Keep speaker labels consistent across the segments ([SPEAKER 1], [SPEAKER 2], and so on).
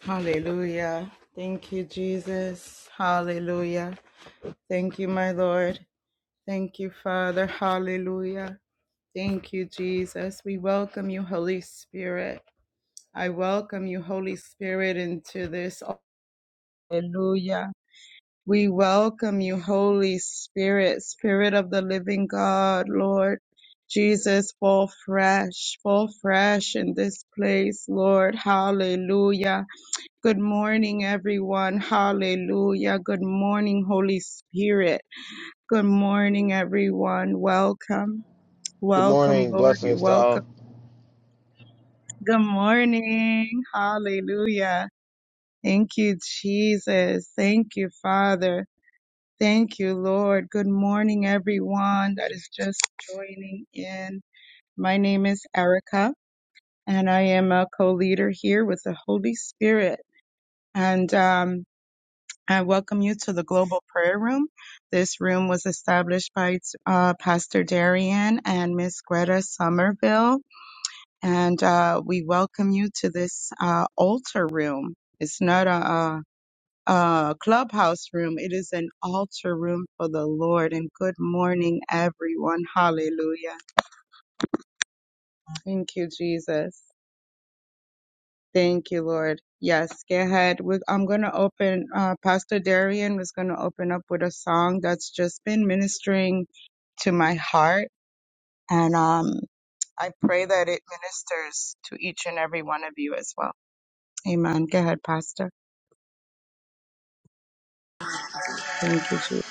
[SPEAKER 1] Hallelujah. Thank you, Jesus. Hallelujah. Thank you, my Lord. Thank you, Father. Hallelujah. Thank you, Jesus. We welcome you, Holy Spirit. I welcome you, Holy Spirit, into this. Hallelujah. We welcome you, Holy Spirit, Spirit of the living God, Lord. Jesus, fall fresh, fall fresh in this place, Lord. Hallelujah. Good morning, everyone. Hallelujah. Good morning, Holy Spirit. Good morning, everyone. Welcome.
[SPEAKER 2] Good
[SPEAKER 1] Welcome,
[SPEAKER 2] morning.
[SPEAKER 1] Lord. You're
[SPEAKER 2] Blessings
[SPEAKER 1] welcome.
[SPEAKER 2] to all.
[SPEAKER 1] Good morning. Hallelujah. Thank you, Jesus. Thank you, Father. Thank you, Lord. Good morning, everyone that is just joining in. My name is Erica, and I am a co leader here with the Holy Spirit. And, um, I welcome you to the Global Prayer Room. This room was established by uh, Pastor Darian and Miss Greta Somerville, and uh, we welcome you to this uh, altar room. It's not a, a, a clubhouse room; it is an altar room for the Lord. And good morning, everyone. Hallelujah. Thank you, Jesus. Thank you, Lord. Yes, go ahead. We, I'm going to open, uh, Pastor Darian was going to open up with a song that's just been ministering to my heart. And um, I pray that it ministers to each and every one of you as well. Amen. Go ahead, Pastor. Thank you, Jesus.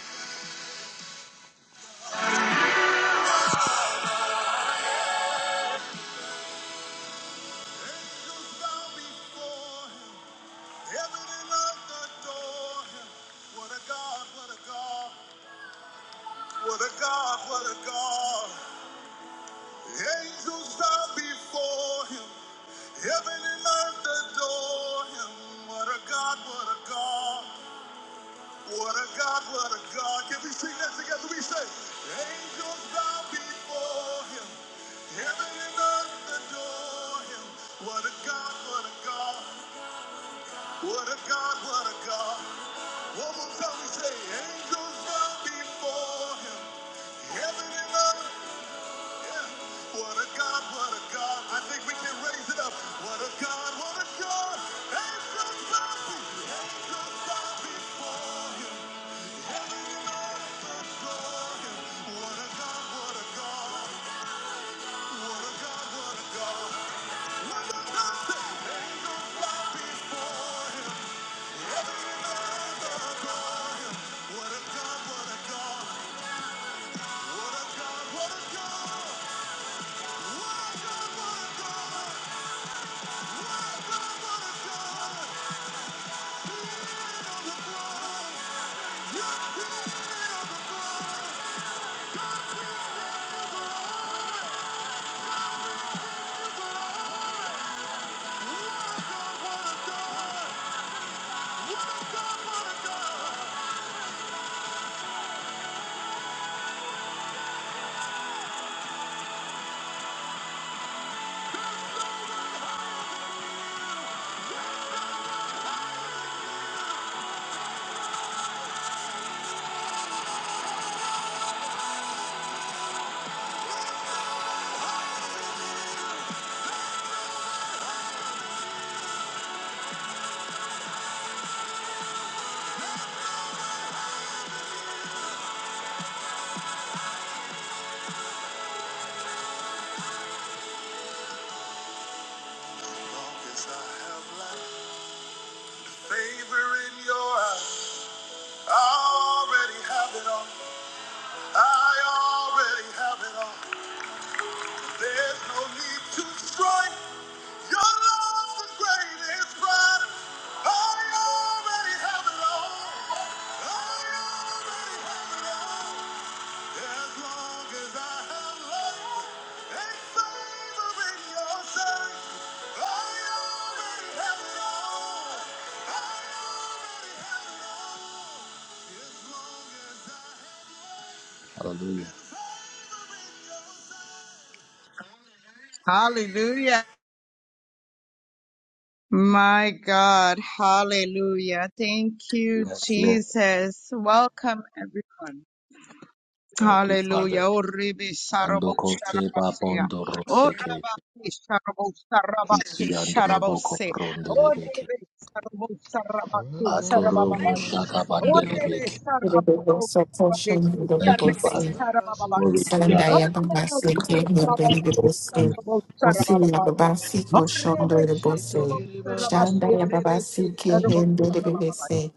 [SPEAKER 1] Hallelujah. My God. Hallelujah. Thank you,
[SPEAKER 3] Yes, Lord.
[SPEAKER 1] Jesus. Welcome, everyone.
[SPEAKER 3] Thank you,
[SPEAKER 1] Hallelujah.
[SPEAKER 3] Father.
[SPEAKER 1] Oh, Ribi Sarabo
[SPEAKER 3] Andoko seba
[SPEAKER 1] Sharabasia.
[SPEAKER 3] bondo
[SPEAKER 1] Oh,
[SPEAKER 3] roseke
[SPEAKER 1] Rabaki Sharabo Sarabaki
[SPEAKER 3] kisi andoloboko
[SPEAKER 1] Sharabose. Oh,
[SPEAKER 3] brondelebeke
[SPEAKER 1] Ribi Sarabo Sarabaki
[SPEAKER 3] atorobo
[SPEAKER 1] Sarabababaki.
[SPEAKER 3] shaka
[SPEAKER 1] Oh, Ribi
[SPEAKER 3] bandelebeke.
[SPEAKER 1] Sarabo Sarabaki
[SPEAKER 3] Thank you,
[SPEAKER 1] Sarabi
[SPEAKER 3] Father. Glory
[SPEAKER 1] Sarabababaki.
[SPEAKER 3] to
[SPEAKER 1] Oh,
[SPEAKER 3] God.
[SPEAKER 4] Salandaya Baba
[SPEAKER 1] Ribi
[SPEAKER 4] Sete, Hindeli
[SPEAKER 1] Sarabababaki
[SPEAKER 4] Bose,
[SPEAKER 1] Sarabo
[SPEAKER 4] Osila
[SPEAKER 1] Sarabababaki.
[SPEAKER 4] Baba
[SPEAKER 1] Oh,
[SPEAKER 4] Siko
[SPEAKER 1] Ribi
[SPEAKER 4] Shondoli Bose,
[SPEAKER 1] Sarabo Sarabasi
[SPEAKER 4] Shandaya Baba
[SPEAKER 1] Ribi
[SPEAKER 4] Sike,
[SPEAKER 1] Sarabo
[SPEAKER 4] Hindeli
[SPEAKER 1] Sarabababaki.
[SPEAKER 4] Bose,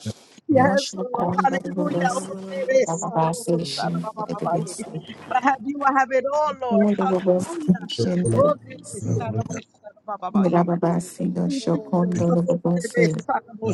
[SPEAKER 1] Yes,
[SPEAKER 4] Yoshua
[SPEAKER 1] Lord.
[SPEAKER 4] Konda
[SPEAKER 1] Hallelujah. Oh,
[SPEAKER 4] Bose,
[SPEAKER 1] there is a
[SPEAKER 4] Baba
[SPEAKER 1] robo
[SPEAKER 4] Session,
[SPEAKER 1] sarabababaye.
[SPEAKER 4] Bose,
[SPEAKER 1] But have you have it all, Lord.
[SPEAKER 4] Wanda Bose,
[SPEAKER 1] Hallelujah.
[SPEAKER 4] Shin
[SPEAKER 1] Oh, there
[SPEAKER 4] Bose,
[SPEAKER 1] is a robo sarabababaye.
[SPEAKER 4] Baba
[SPEAKER 1] Thank
[SPEAKER 4] Sino
[SPEAKER 1] you, Jesus.
[SPEAKER 4] Shokondo
[SPEAKER 1] Oh, there
[SPEAKER 4] Bose,
[SPEAKER 1] is a robo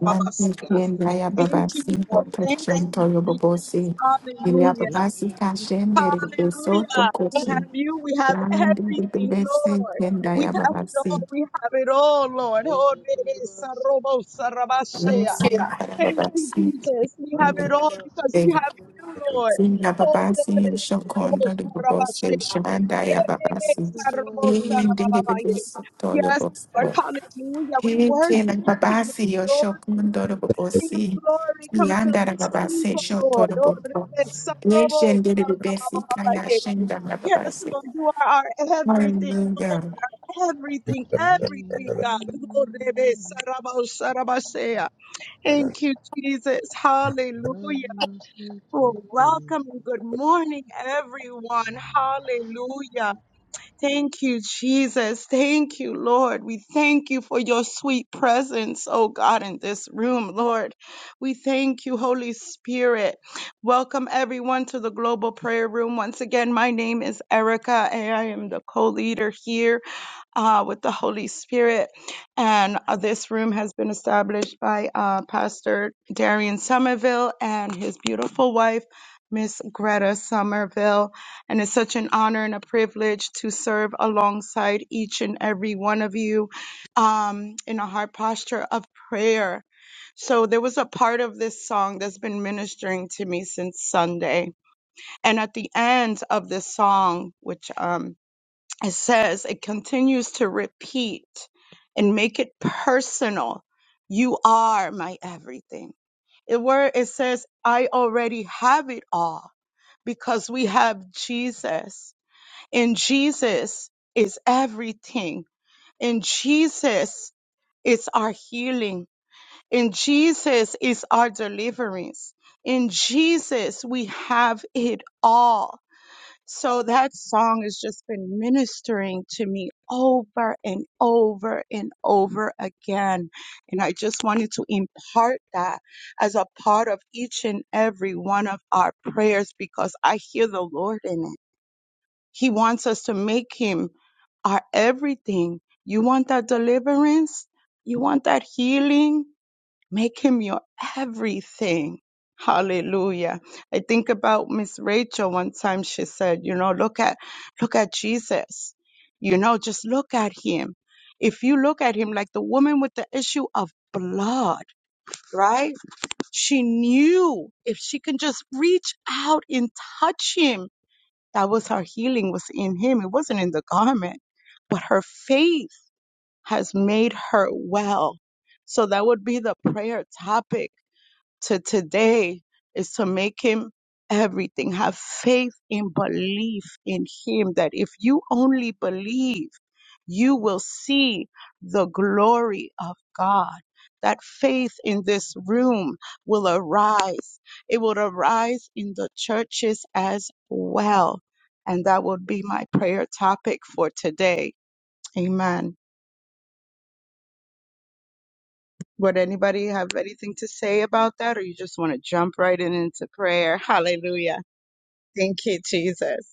[SPEAKER 4] Man Yen Raya
[SPEAKER 1] Thank you,
[SPEAKER 4] Babasi
[SPEAKER 1] Lord. Thank
[SPEAKER 4] Protection
[SPEAKER 1] you,
[SPEAKER 4] Toyo
[SPEAKER 1] Jesus.
[SPEAKER 4] Bobosi Ilia
[SPEAKER 1] Hallelujah.
[SPEAKER 4] Babasi Kashen Dere
[SPEAKER 1] Hallelujah.
[SPEAKER 4] Besoto
[SPEAKER 1] We
[SPEAKER 4] Kochi
[SPEAKER 1] have you. We have
[SPEAKER 4] Shanandi
[SPEAKER 1] everything,
[SPEAKER 4] Bibese
[SPEAKER 1] Lord.
[SPEAKER 4] Yen
[SPEAKER 1] We
[SPEAKER 4] Raya
[SPEAKER 1] have it all.
[SPEAKER 4] Babasi
[SPEAKER 1] We have it all, Lord. Oh, there is a robo sarabashea.
[SPEAKER 4] Musi
[SPEAKER 1] Thank you,
[SPEAKER 4] Babasi
[SPEAKER 1] Jesus. We
[SPEAKER 4] Yen
[SPEAKER 1] have it all because we
[SPEAKER 4] Dere
[SPEAKER 1] have you, Lord. Hold the
[SPEAKER 4] Babasi Yen
[SPEAKER 1] best.
[SPEAKER 4] Shokondo De Bobosi Shandaya Babasi Yen Dere Besoto Toyo
[SPEAKER 1] Yes, Lord.
[SPEAKER 4] Bobosi
[SPEAKER 1] Hallelujah. We
[SPEAKER 4] Heke la
[SPEAKER 1] worship you, King
[SPEAKER 4] babasi
[SPEAKER 1] of
[SPEAKER 4] yo
[SPEAKER 1] glory.
[SPEAKER 4] shokundo do
[SPEAKER 1] King
[SPEAKER 4] bobosi.
[SPEAKER 1] of glory, come fill
[SPEAKER 4] Yanda la
[SPEAKER 1] this
[SPEAKER 4] babase
[SPEAKER 1] temple,
[SPEAKER 4] shoto
[SPEAKER 1] Lord.
[SPEAKER 4] do
[SPEAKER 1] Oh,
[SPEAKER 4] bobo. Yeshen de besi kaya shenda la
[SPEAKER 1] Yes,
[SPEAKER 4] babasi.
[SPEAKER 1] Lord, you are our everything,
[SPEAKER 4] Hallelujah.
[SPEAKER 1] Lord, our everything, everything, God. Oh, Thank you, Jesus. Hallelujah. Well, welcome and good morning, everyone. Hallelujah. Thank you, Jesus. Thank you, Lord. We thank you for your sweet presence, oh God, in this room, Lord. We thank you, Holy Spirit. Welcome, everyone, to the Global Prayer Room. Once again, my name is Erica, and I am the co leader here uh, with the Holy Spirit. And uh, this room has been established by uh, Pastor Darian Somerville and his beautiful wife, Miss Greta Somerville. And it's such an honor and a privilege to serve alongside each and every one of you um, in a heart posture of prayer. So there was a part of this song that's been ministering to me since Sunday. And at the end of this song, which um, it says it continues to repeat and make it personal you are my everything it where it says i already have it all because we have jesus and jesus is everything and jesus is our healing And jesus is our deliverance in jesus we have it all so that song has just been ministering to me over and over and over again. And I just wanted to impart that as a part of each and every one of our prayers because I hear the Lord in it. He wants us to make Him our everything. You want that deliverance? You want that healing? Make him your everything. Hallelujah. I think about Miss Rachel one time she said, you know, look at look at Jesus. You know, just look at him. If you look at him like the woman with the issue of blood, right? She knew if she can just reach out and touch him, that was her healing was in him. It wasn't in the garment, but her faith has made her well. So that would be the prayer topic to today is to make him everything. Have faith in belief in him that if you only believe, you will see the glory of God. That faith in this room will arise. It will arise in the churches as well. And that would be my prayer topic for today. Amen. Would anybody have anything to say about that, or you just want to jump right in into prayer? Hallelujah. Thank you, Jesus.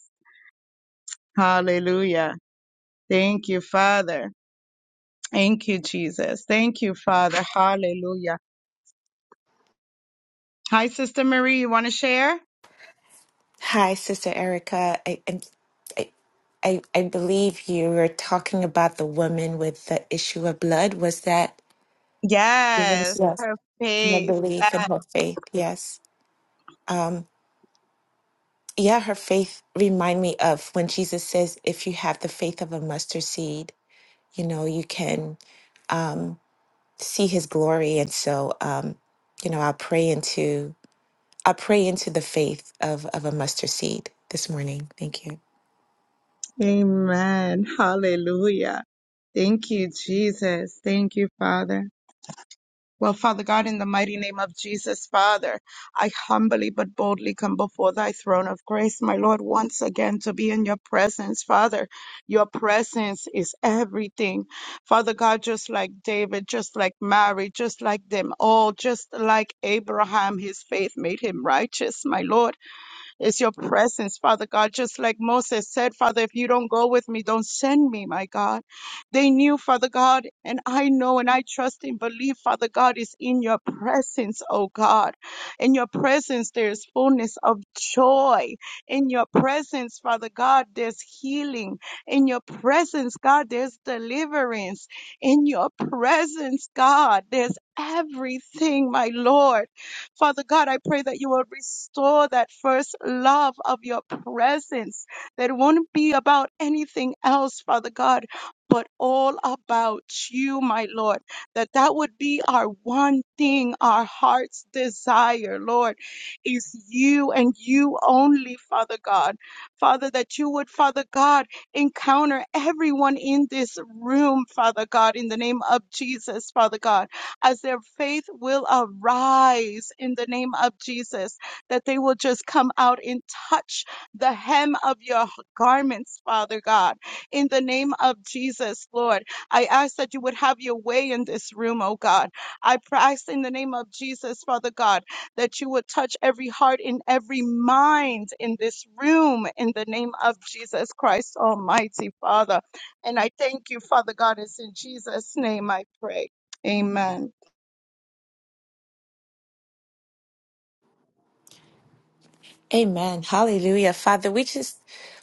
[SPEAKER 1] Hallelujah. Thank you, Father. Thank you, Jesus. Thank you, Father. Hallelujah. Hi, Sister Marie. You want to share?
[SPEAKER 5] Hi, Sister Erica. I, I, I, I I believe you were talking about the woman with the issue of blood. Was that? Yes.
[SPEAKER 1] Yes.
[SPEAKER 5] Yes. And
[SPEAKER 1] Faith.
[SPEAKER 5] belief and her faith. Yes. Um, yeah, her faith remind me of when Jesus says, if you have the faith of a mustard seed, you know, you can um, see his glory. And so, um, you know, I'll pray into, I'll pray into the faith of, of a mustard seed this morning. Thank you.
[SPEAKER 1] Amen. Hallelujah. Thank you, Jesus. Thank you, Father. Well, Father God, in the mighty name of Jesus, Father, I humbly but boldly come before thy throne of grace, my Lord, once again to be in your presence, Father. Your presence is everything. Father God, just like David, just like Mary, just like them all, just like Abraham, his faith made him righteous, my Lord. Is your presence, Father God. Just like Moses said, Father, if you don't go with me, don't send me, my God. They knew, Father God, and I know and I trust and believe, Father God, is in your presence, oh God. In your presence, there's fullness of joy. In your presence, Father God, there's healing. In your presence, God, there's deliverance. In your presence, God, there's everything, my Lord. Father God, I pray that you will restore that first love of your presence, that it won't be about anything else, Father God, but all about you, my Lord, that that would be our one thing, our heart's desire, Lord, is you and you only, Father God. Father, that you would, Father God, encounter everyone in this room, Father God, in the name of Jesus, Father God as their faith will arise in the name of Jesus, that they will just come out and touch the hem of your garments, Father God, in the name of Jesus, Lord. I ask that you would have your way in this room, oh God. I pr- ask in the name of Jesus, Father God, that you would touch every heart and every mind in this room in the name of Jesus Christ, Almighty Father. And I thank you, Father God. It's in Jesus' name I pray. Amen.
[SPEAKER 5] Amen. Hallelujah. Father, we just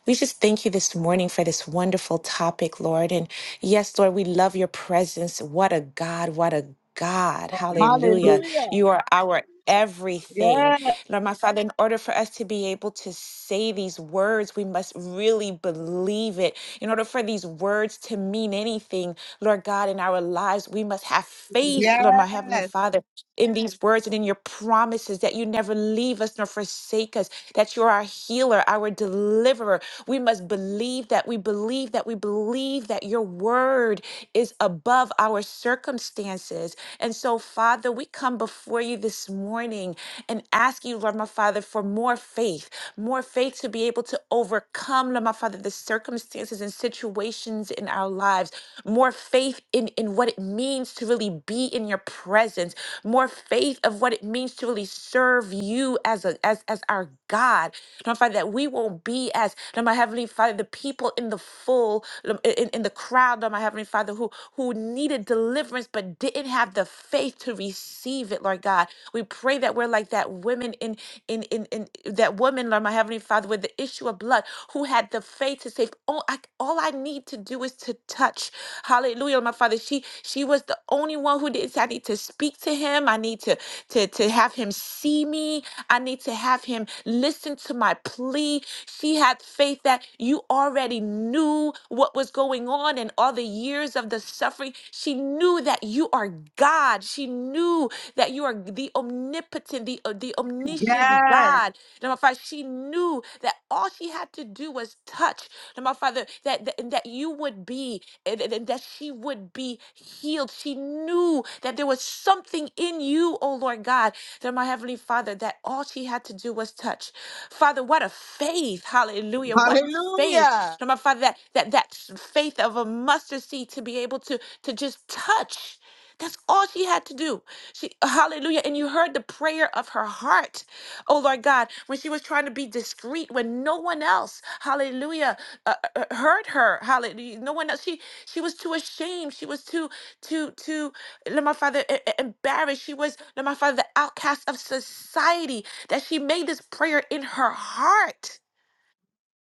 [SPEAKER 5] we just thank you this morning for this wonderful topic, Lord. And yes, Lord, we love your presence. What a God, what a God. Hallelujah.
[SPEAKER 1] Hallelujah.
[SPEAKER 5] You are our everything. Lord, my Father, in order for us to be able to say these words, we must really believe it. In order for these words to mean anything, Lord God, in our lives, we must have faith,
[SPEAKER 1] Yes.
[SPEAKER 5] Lord, my Heavenly Father in these words and in your promises that you never leave us nor forsake us, that you're our healer, our deliverer. We must believe that we believe that we believe that your word is above our circumstances. And so, Father, we come before you this morning and ask you, Lord, my Father, for more faith, more faith to be able to able to overcome, Lord my Father, the circumstances and situations in our lives. More faith in, in what it means to really be in your presence. More faith of what it means to really serve you as a as as our God. Lord my Father, that we won't be as Lord my Heavenly Father, the people in the full in, in in the crowd, Lord my Heavenly Father, who who needed deliverance but didn't have the faith to receive it, Lord God. We pray that we're like that women in in in, in that woman, Lord, my heavenly Father, with the issue of blood, who had the faith to say, "Oh, I, all I need to do is to touch." Hallelujah, Lord, my Father. She she was the only one who did. say, I need to speak to him. I need to to to have him see me. I need to have him listen to my plea. She had faith that you already knew what was going on in all the years of the suffering. She knew that you are God. She knew that you are the omnipotent, the, uh, the omniscient
[SPEAKER 1] Yes.
[SPEAKER 5] God. Now, my Father, she knew that all she had to do was touch. Now, my Father, that, that, that you would be and, and- and that she would be healed. She knew that there was something in you, oh Lord God, that my Heavenly Father, that all she had to do was touch. Father, what a faith. Hallelujah. What faith.
[SPEAKER 1] Hallelujah.
[SPEAKER 5] Lord, my Father, that that that faith of a mustard seed to be able to to just touch. That's all she had to do. She, hallelujah. And you heard the prayer of her heart. Oh, Lord God, when she was trying to be discreet, when no one else, hallelujah, uh, uh, uh, heard her, hallelujah. No one else. She, she was too ashamed. She was too, too, too, Lord my Father, e- e- embarrassed. She was, Lord my Father, the outcast of society that she made this prayer in her heart.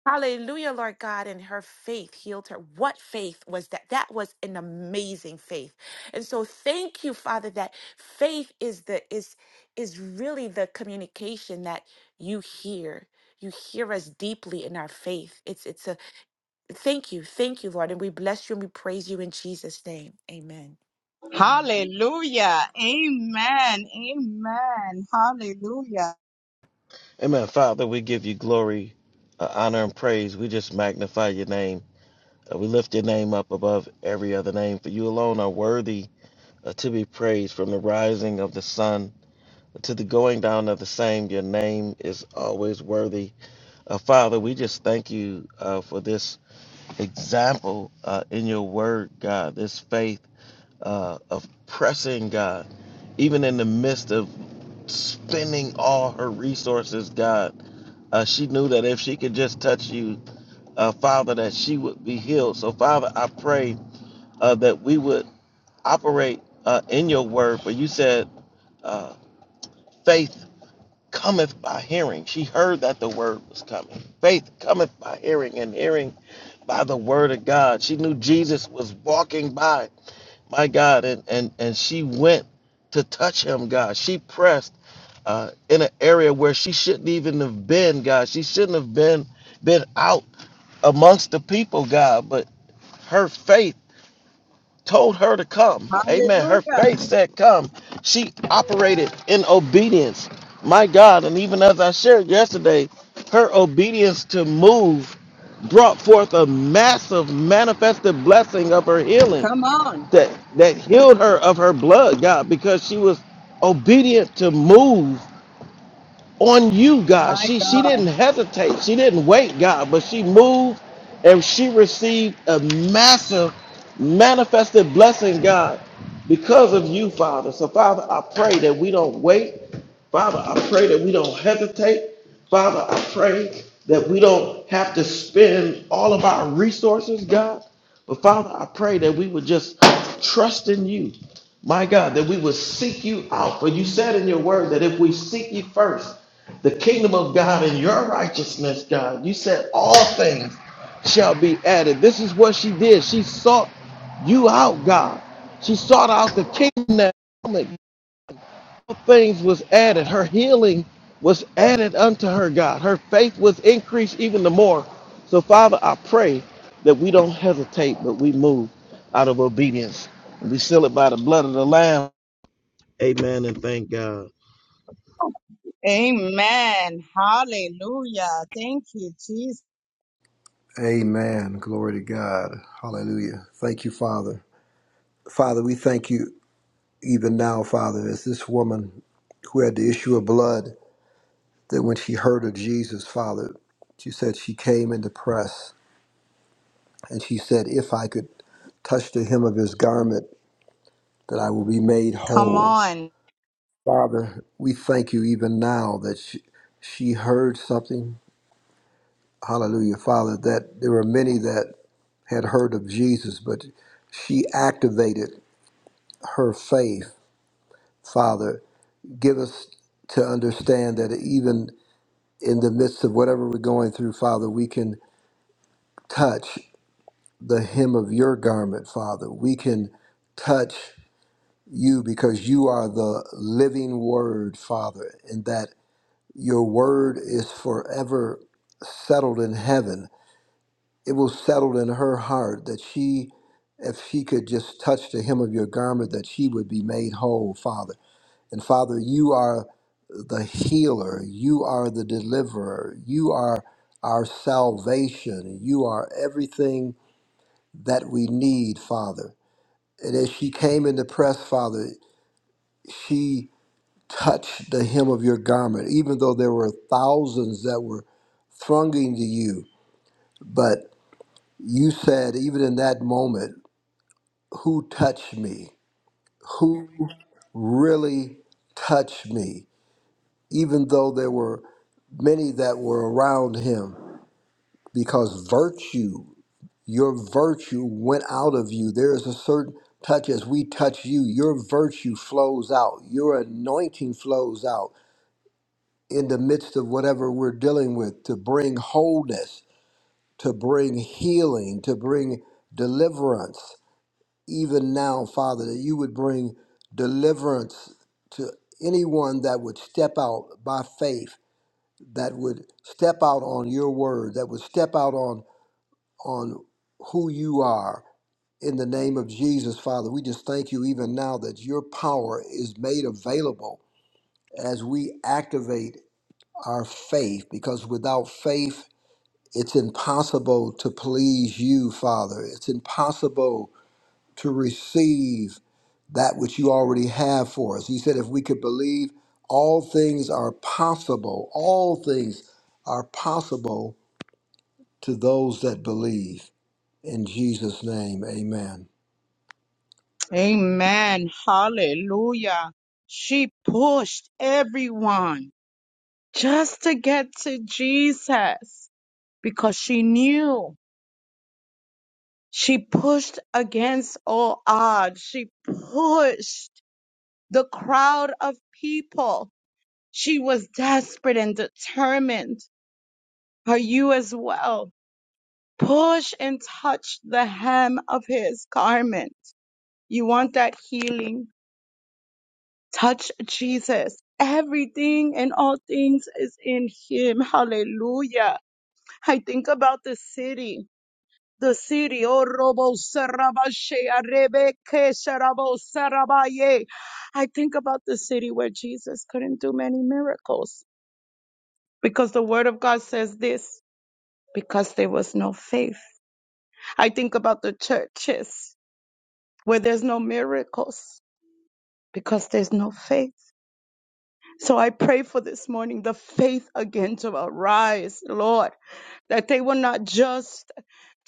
[SPEAKER 5] Hallelujah, Lord God, and her faith healed her. What faith was that? That was an amazing faith. And so thank you, Father, that faith is the is is really the communication that you hear. You hear us deeply in our faith. It's it's a thank you, thank you, Lord. And we bless you and we praise you in Jesus' name. Amen. Amen.
[SPEAKER 1] Hallelujah. Amen. Amen. Hallelujah.
[SPEAKER 2] Amen. Father, we give you glory, uh, honor, and praise. We just magnify your name. Uh, we lift your name up above every other name, for you alone are worthy uh, to be praised from the rising of the sun to the going down of the same. Your name is always worthy. Uh, Father, we just thank you uh, for this example uh, in your word, God, this faith uh, of pressing, God, even in the midst of spending all her resources, God. Uh, she knew that if she could just touch you, uh, Father, that she would be healed. So, Father, I pray uh, that we would operate uh, in your word. For you said, uh, faith cometh by hearing. She heard that the word was coming. Faith cometh by hearing, and hearing by the word of God. She knew Jesus was walking by, my God, and, and, and she went to touch him, God. She pressed uh, in an area where she shouldn't even have been, God. She shouldn't have been been out amongst the people, God, but her faith told her to come. Amen. Her
[SPEAKER 1] Hallelujah.
[SPEAKER 2] faith said come. She operated in obedience. My God, and even as I shared yesterday, her obedience to move brought forth a massive manifested blessing of her healing
[SPEAKER 1] Come on.
[SPEAKER 2] that that healed her of her blood, God, because she was obedient to move on you, God.
[SPEAKER 1] My
[SPEAKER 2] She she
[SPEAKER 1] God.
[SPEAKER 2] didn't hesitate. She didn't wait, God, but she moved and she received a massive manifested blessing, God, because of you, Father. So Father, I pray that we don't wait. Father, I pray that we don't hesitate. Father, I pray that we don't have to spend all of our resources, God. But Father, I pray that we would just trust in you. My God, that we would seek you out. For you said in your word that if we seek you first, the kingdom of God and your righteousness, God, you said all things shall be added. This is what she did. She sought you out, God. She sought out the kingdom. that things was added. Her healing was added unto her, God. Her faith was increased even the more. So, Father, I pray that we don't hesitate, but we move out of obedience. And We seal it by the blood of the Lamb. Amen and thank God.
[SPEAKER 1] Amen. Hallelujah. Thank you, Jesus.
[SPEAKER 6] Amen. Glory to God. Hallelujah. Thank you, Father. Father, we thank you even now, Father, as this woman who had the issue of blood, that when she heard of Jesus, Father, she said she came in the press and she said, If I could touch the hem of his garment, that I will be made
[SPEAKER 1] Come
[SPEAKER 6] whole.
[SPEAKER 1] on.
[SPEAKER 6] Father, we thank you even now that she, she heard something Hallelujah, Father, that there were many that had heard of Jesus, but she activated her faith. Father, give us to understand that even in the midst of whatever we're going through, Father, we can touch the hem of your garment, Father. We can touch you because you are the living word, Father, and that your word is forever settled in heaven. it was settled in her heart that she, if she could just touch the hem of your garment, that she would be made whole, Father. And Father, you are the healer, you are the deliverer, you are our salvation, you are everything that we need, Father. And as she came in the press, Father, she touched the hem of your garment, even though there were thousands that were thronging to you. But you said, even in that moment, who touched me, who really touched me, even though there were many that were around him, because virtue, your virtue went out of you. There is a certain touch as we touch you, your virtue flows out, your anointing flows out in the midst of whatever we're dealing with to bring wholeness, to bring healing, to bring deliverance even now, Father, that you would bring deliverance to anyone that would step out by faith, that would step out on your word, that would step out on on who you are. In the name of Jesus, Father, we just thank you even now that your power is made available as we activate our faith, because without faith, it's impossible to please you, Father. It's impossible to receive that which you already have for us. He said, if we could believe, all things are possible. All things are possible to those that believe. In Jesus' name, amen.
[SPEAKER 1] Amen. Hallelujah. She pushed everyone just to get to Jesus because she knew She pushed against all odds. She pushed the crowd of people. She was desperate and determined. Are you as well? Push and touch the hem of his garment. You want that healing? Touch Jesus. Everything and all things is in him. Hallelujah. I think about the city. The city, oh, Robo Sarabashe, Arebeke sarabo Sarabaye. I think about the city where Jesus couldn't do many miracles because the word of God says this because there was no faith. I think about the churches where there's no miracles because there's no faith. So I pray for this morning the faith again to arise, Lord, that they will not just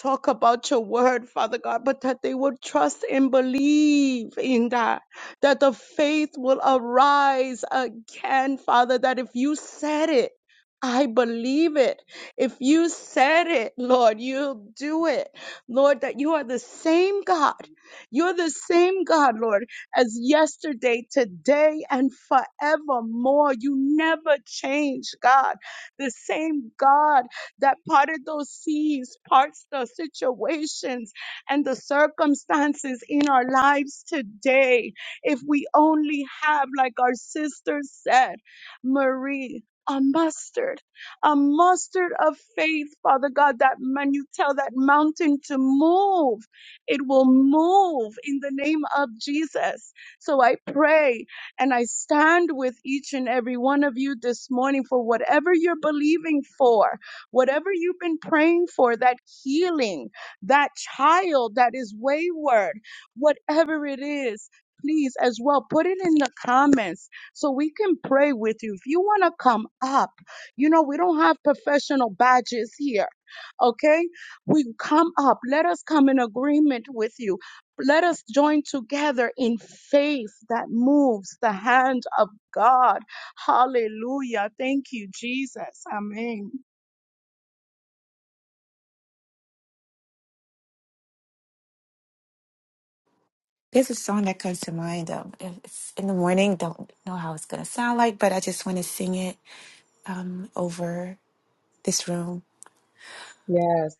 [SPEAKER 1] talk about your word, Father God, but that they would trust and believe in that, that the faith will arise again, Father, that if you said it, I believe it. If you said it, Lord, you'll do it. Lord, that you are the same God. You're the same God, Lord, as yesterday, today, and forevermore. You never change, God. The same God that parted those seas, parts the situations and the circumstances in our lives today. If we only have, like our sister said, Marie, a mustard, a mustard of faith, Father God, that when you tell that mountain to move, it will move in the name of Jesus. So I pray and I stand with each and every one of you this morning for whatever you're believing for Whatever you've been praying for, that healing, that child that is wayward, whatever it is, please as well put it in the comments so we can pray with you. If you want to come up, you know, we don't have professional badges here. Okay, we come up. Let us come in agreement with you. Let us join together in faith that moves the hand of God. Hallelujah. Thank you, Jesus. Amen.
[SPEAKER 5] There's a song that comes to mind. Um, it's in the morning. Don't know how it's gonna sound like, but I just want to sing it um, over this room.
[SPEAKER 1] Yes.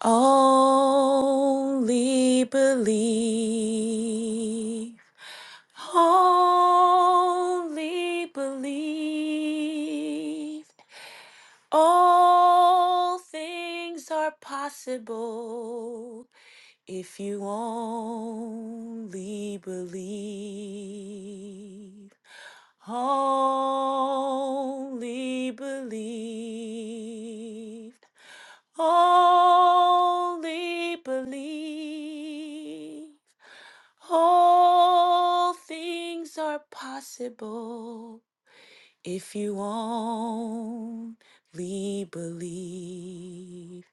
[SPEAKER 5] Only believe. Only believe. All things are possible if you only believe. Only believe. Only believe. All things are possible if you only believe.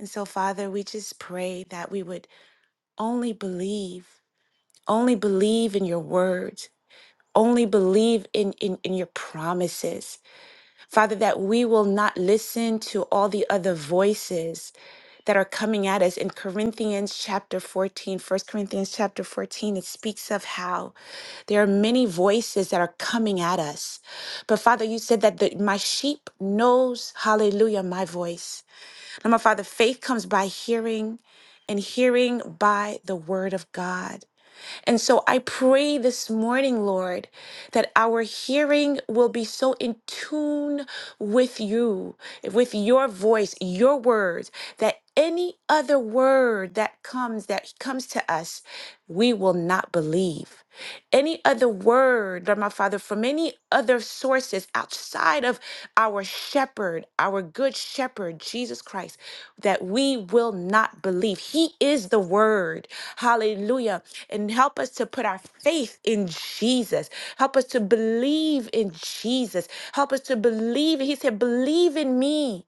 [SPEAKER 5] And so, Father, we just pray that we would only believe, only believe in your words, only believe in, in, in your promises Father, that we will not listen to all the other voices that are coming at us. In Corinthians chapter 14, First Corinthians chapter 14, it speaks of how there are many voices that are coming at us. But Father, you said that the, my sheep knows, hallelujah, my voice. Now, my Father, faith comes by hearing and hearing by the word of God. And so I pray this morning, Lord, that our hearing will be so in tune with you, with your voice, your words, that any other word that comes that comes to us, we will not believe any other word, Lord my Father, from any other sources outside of our shepherd, our good shepherd, Jesus Christ, that we will not believe. He is the word. Hallelujah. And help us to put our faith in Jesus. Help us to believe in Jesus. Help us to believe. He said, Believe in me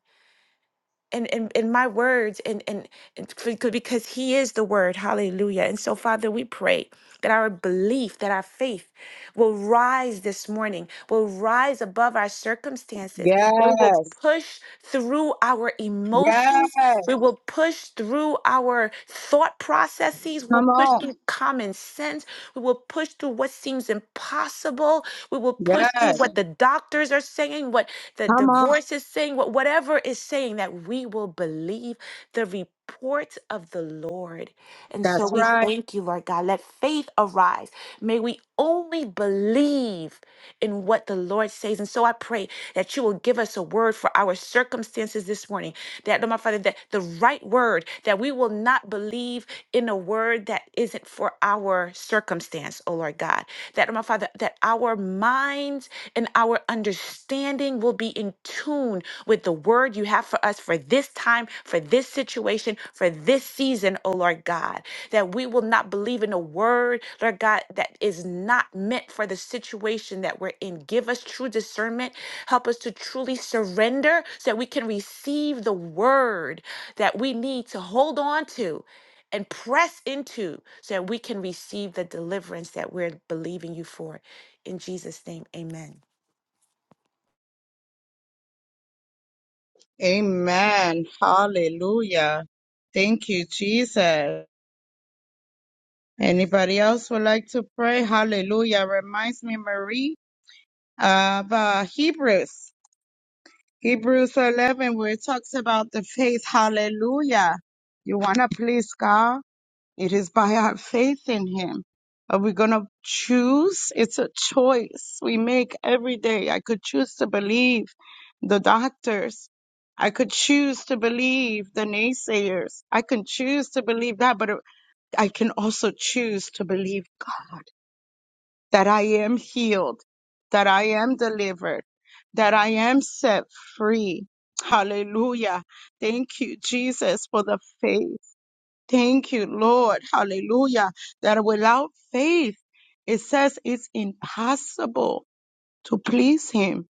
[SPEAKER 5] in, in, in my words and, and and c- because he is the word hallelujah and so father we pray that our belief that our faith will rise this morning will rise above our circumstances that we will
[SPEAKER 1] Yes.
[SPEAKER 5] push through our emotions
[SPEAKER 1] Yes.
[SPEAKER 5] we will push through our thought processes
[SPEAKER 1] Come
[SPEAKER 5] we'll push
[SPEAKER 1] on.
[SPEAKER 5] through common sense we will push through what seems impossible we will push through
[SPEAKER 1] Yes.
[SPEAKER 5] what the doctors are saying, what the
[SPEAKER 1] Come on.
[SPEAKER 5] divorce is saying, what whatever is saying, that we will believe the report of the Lord. And so
[SPEAKER 1] That's
[SPEAKER 5] we Yes.
[SPEAKER 1] right.
[SPEAKER 5] thank you, Lord God. Let faith arise. May we only believe in what the Lord says. And so I pray that you will give us a word for our circumstances this morning. That, Lord, my Father, that the right word, that we will not believe in a word that isn't for our circumstance, oh Lord God. That, Lord, my Father, that our minds and our understanding will be in tune with the word you have for us for this time, for this situation, for this season, oh Lord God. That we will not believe in a word, Lord God, that is not meant for the situation that we're in. Give us true discernment. Help us to truly surrender so that we can receive the word that we need to hold on to and press into so that we can receive the deliverance that we're believing you for. In Jesus' name, amen.
[SPEAKER 1] Amen. Hallelujah. Thank you, Jesus. Anybody else would like to pray? Hallelujah. Reminds me, Marie, of uh, Hebrews. Hebrews 11, where it talks about the faith. Hallelujah. You want to please God? It is by our faith in Him. Are we going to choose? It's a choice we make every day. I could choose to believe the doctors. I could choose to believe the naysayers. I can choose to believe that, but I can also choose to believe God that I am healed, that I am delivered, that I am set free. Hallelujah. Thank you, Jesus, for the faith. Thank you, Lord. Hallelujah. That without faith, it says it's impossible to please Him.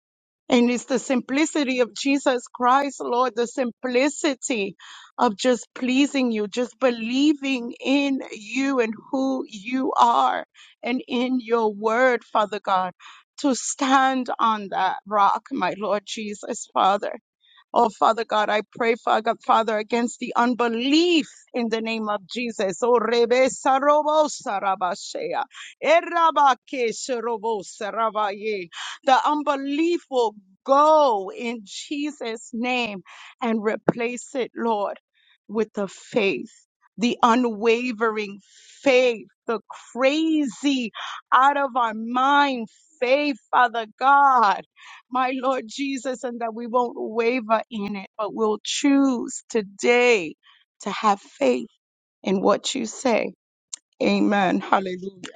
[SPEAKER 1] And it's the simplicity of Jesus Christ, Lord, the simplicity of just pleasing you, just believing in you and who you are and in your word, Father God, to stand on that rock, my Lord Jesus, Father. Oh, Father God, I pray, Father, Father, against the unbelief in the name of Jesus. Oh, Rebe Sarobo Sarabashea. Erabake Sherobo Sarabaye. The unbelief will go in Jesus' name and replace it, Lord, with the faith, the unwavering faith, the crazy, out of our mind faith, Father God my Lord Jesus, and that we won't waver in it, but we'll choose today to have faith in what you say. Amen. Hallelujah.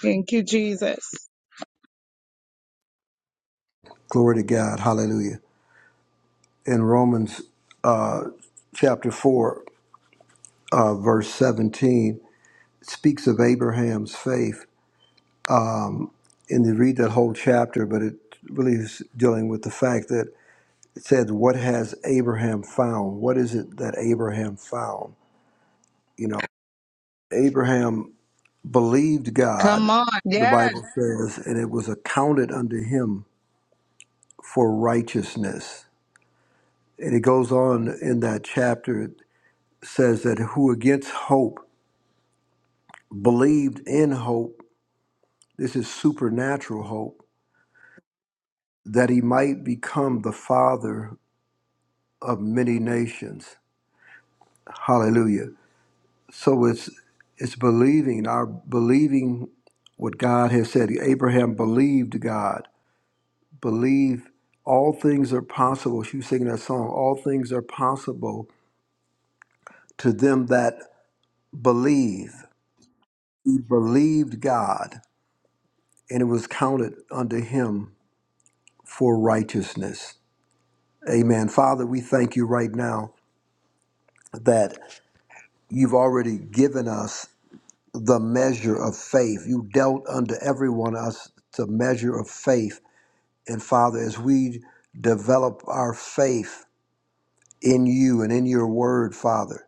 [SPEAKER 1] Thank you, Jesus.
[SPEAKER 6] Glory to God. Hallelujah. In Romans uh, chapter 4, uh, verse 17, it speaks of Abraham's faith. And you read that whole chapter, but it really is dealing with the fact that It said, What has Abraham found? What is it that Abraham found? You know, Abraham believed God,
[SPEAKER 1] Come on.
[SPEAKER 6] the
[SPEAKER 1] Yes.
[SPEAKER 6] Bible says, and it was accounted unto him for righteousness. And it goes on in that chapter, it says that who against hope believed in hope, this is supernatural hope, that he might become the father of many nations. Hallelujah. So it's it's believing, our believing what God has said. Abraham believed God. Believe all things are possible. She was singing that song, All Things Are Possible to them that believe. He believed God, and it was counted unto him for righteousness. Amen. Father, we thank you right now that you've already given us the measure of faith. You dealt unto every one of us the measure of faith And Father, as we develop our faith in you and in your word, Father,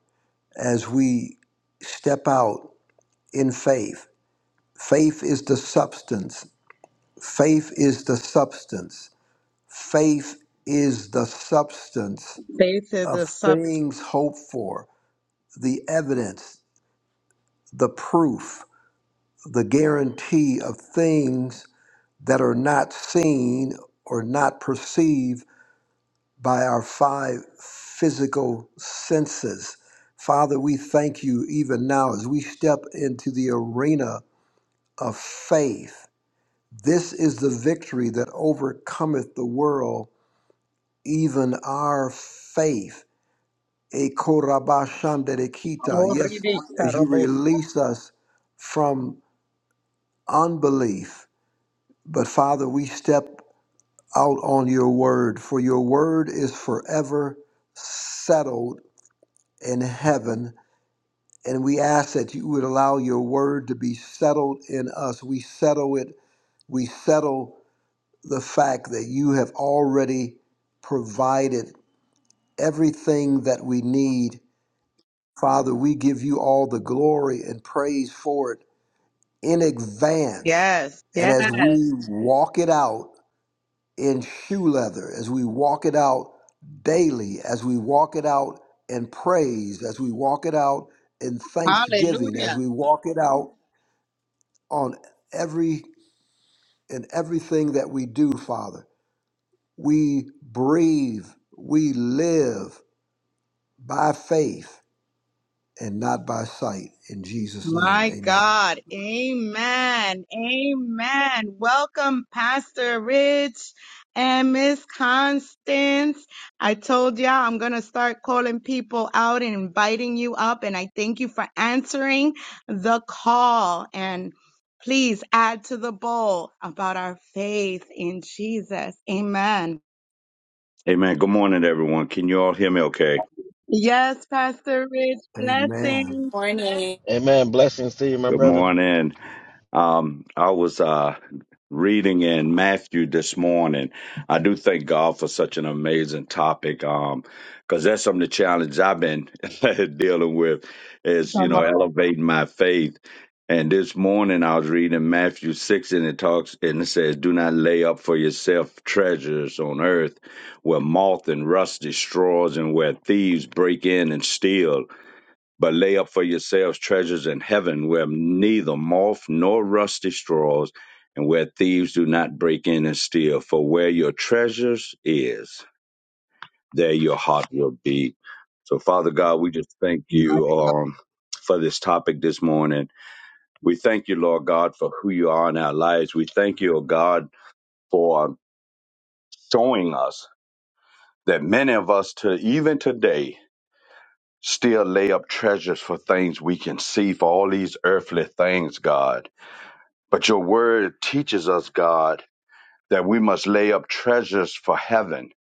[SPEAKER 6] as we step out in faith, faith is the substance. Faith is the substance. Faith is the substance
[SPEAKER 1] Faith is
[SPEAKER 6] of
[SPEAKER 1] a sub.
[SPEAKER 6] things hoped for, the evidence, the proof, the guarantee of things that are not seen or not perceived by our five physical senses. Father, we thank you even now as we step into the arena of faith. This is the victory that overcometh the world, even our faith. E korabashanderekita. Yes, as you release us from unbelief. But Father, we step out on your word, for your word is forever settled in heaven And we ask that you would allow your word to be settled in us. We settle it. We settle the fact that you have already provided everything that we need. Father, we give you all the glory and praise for it in advance.
[SPEAKER 1] Yes.
[SPEAKER 6] And
[SPEAKER 1] Yes.
[SPEAKER 6] as we walk it out in shoe leather, as we walk it out daily, as we walk it out in praise, as we walk it out in thanksgiving,
[SPEAKER 1] Hallelujah.
[SPEAKER 6] as we walk it out on every in everything that we do, Father. We breathe, we live by faith and not by sight. In Jesus' name,
[SPEAKER 1] My
[SPEAKER 6] amen.
[SPEAKER 1] God. Amen. Amen. Welcome, Pastor Rich and Miss Constance. I told y'all I'm going to start calling people out and inviting you up. And I thank you for answering the call. And please add to the bowl about our faith in Jesus. Amen.
[SPEAKER 7] Amen. Good morning, everyone. Can you all hear me okay?
[SPEAKER 1] Yes, Pastor Rich.
[SPEAKER 6] Amen.
[SPEAKER 1] Blessings.
[SPEAKER 5] Morning.
[SPEAKER 2] Amen. Blessings to you, my
[SPEAKER 7] Good
[SPEAKER 2] brother.
[SPEAKER 7] morning. Um, I was uh, reading in Matthew this morning. I do thank God for such an amazing topic um, because that's some of the challenge I've been dealing with is, you
[SPEAKER 1] Come
[SPEAKER 7] know,
[SPEAKER 1] on.
[SPEAKER 7] elevating my faith. And this morning I was reading Matthew 6 and it talks and it says, Do not lay up for yourself treasures on earth where moth and rust destroys and where thieves break in and steal but lay up for yourselves treasures in heaven where neither moth nor rust destroys and where thieves do not break in and steal for where your treasures is there your heart will be so father god we just thank
[SPEAKER 1] my
[SPEAKER 7] you
[SPEAKER 1] God.
[SPEAKER 7] um, for this topic this morning we thank you lord god for who you are in our lives we thank you oh god for showing us that many of us to even today still lay up treasures for things we can see for all these earthly things god But your word teaches us, God, that we must lay up treasures for heaven.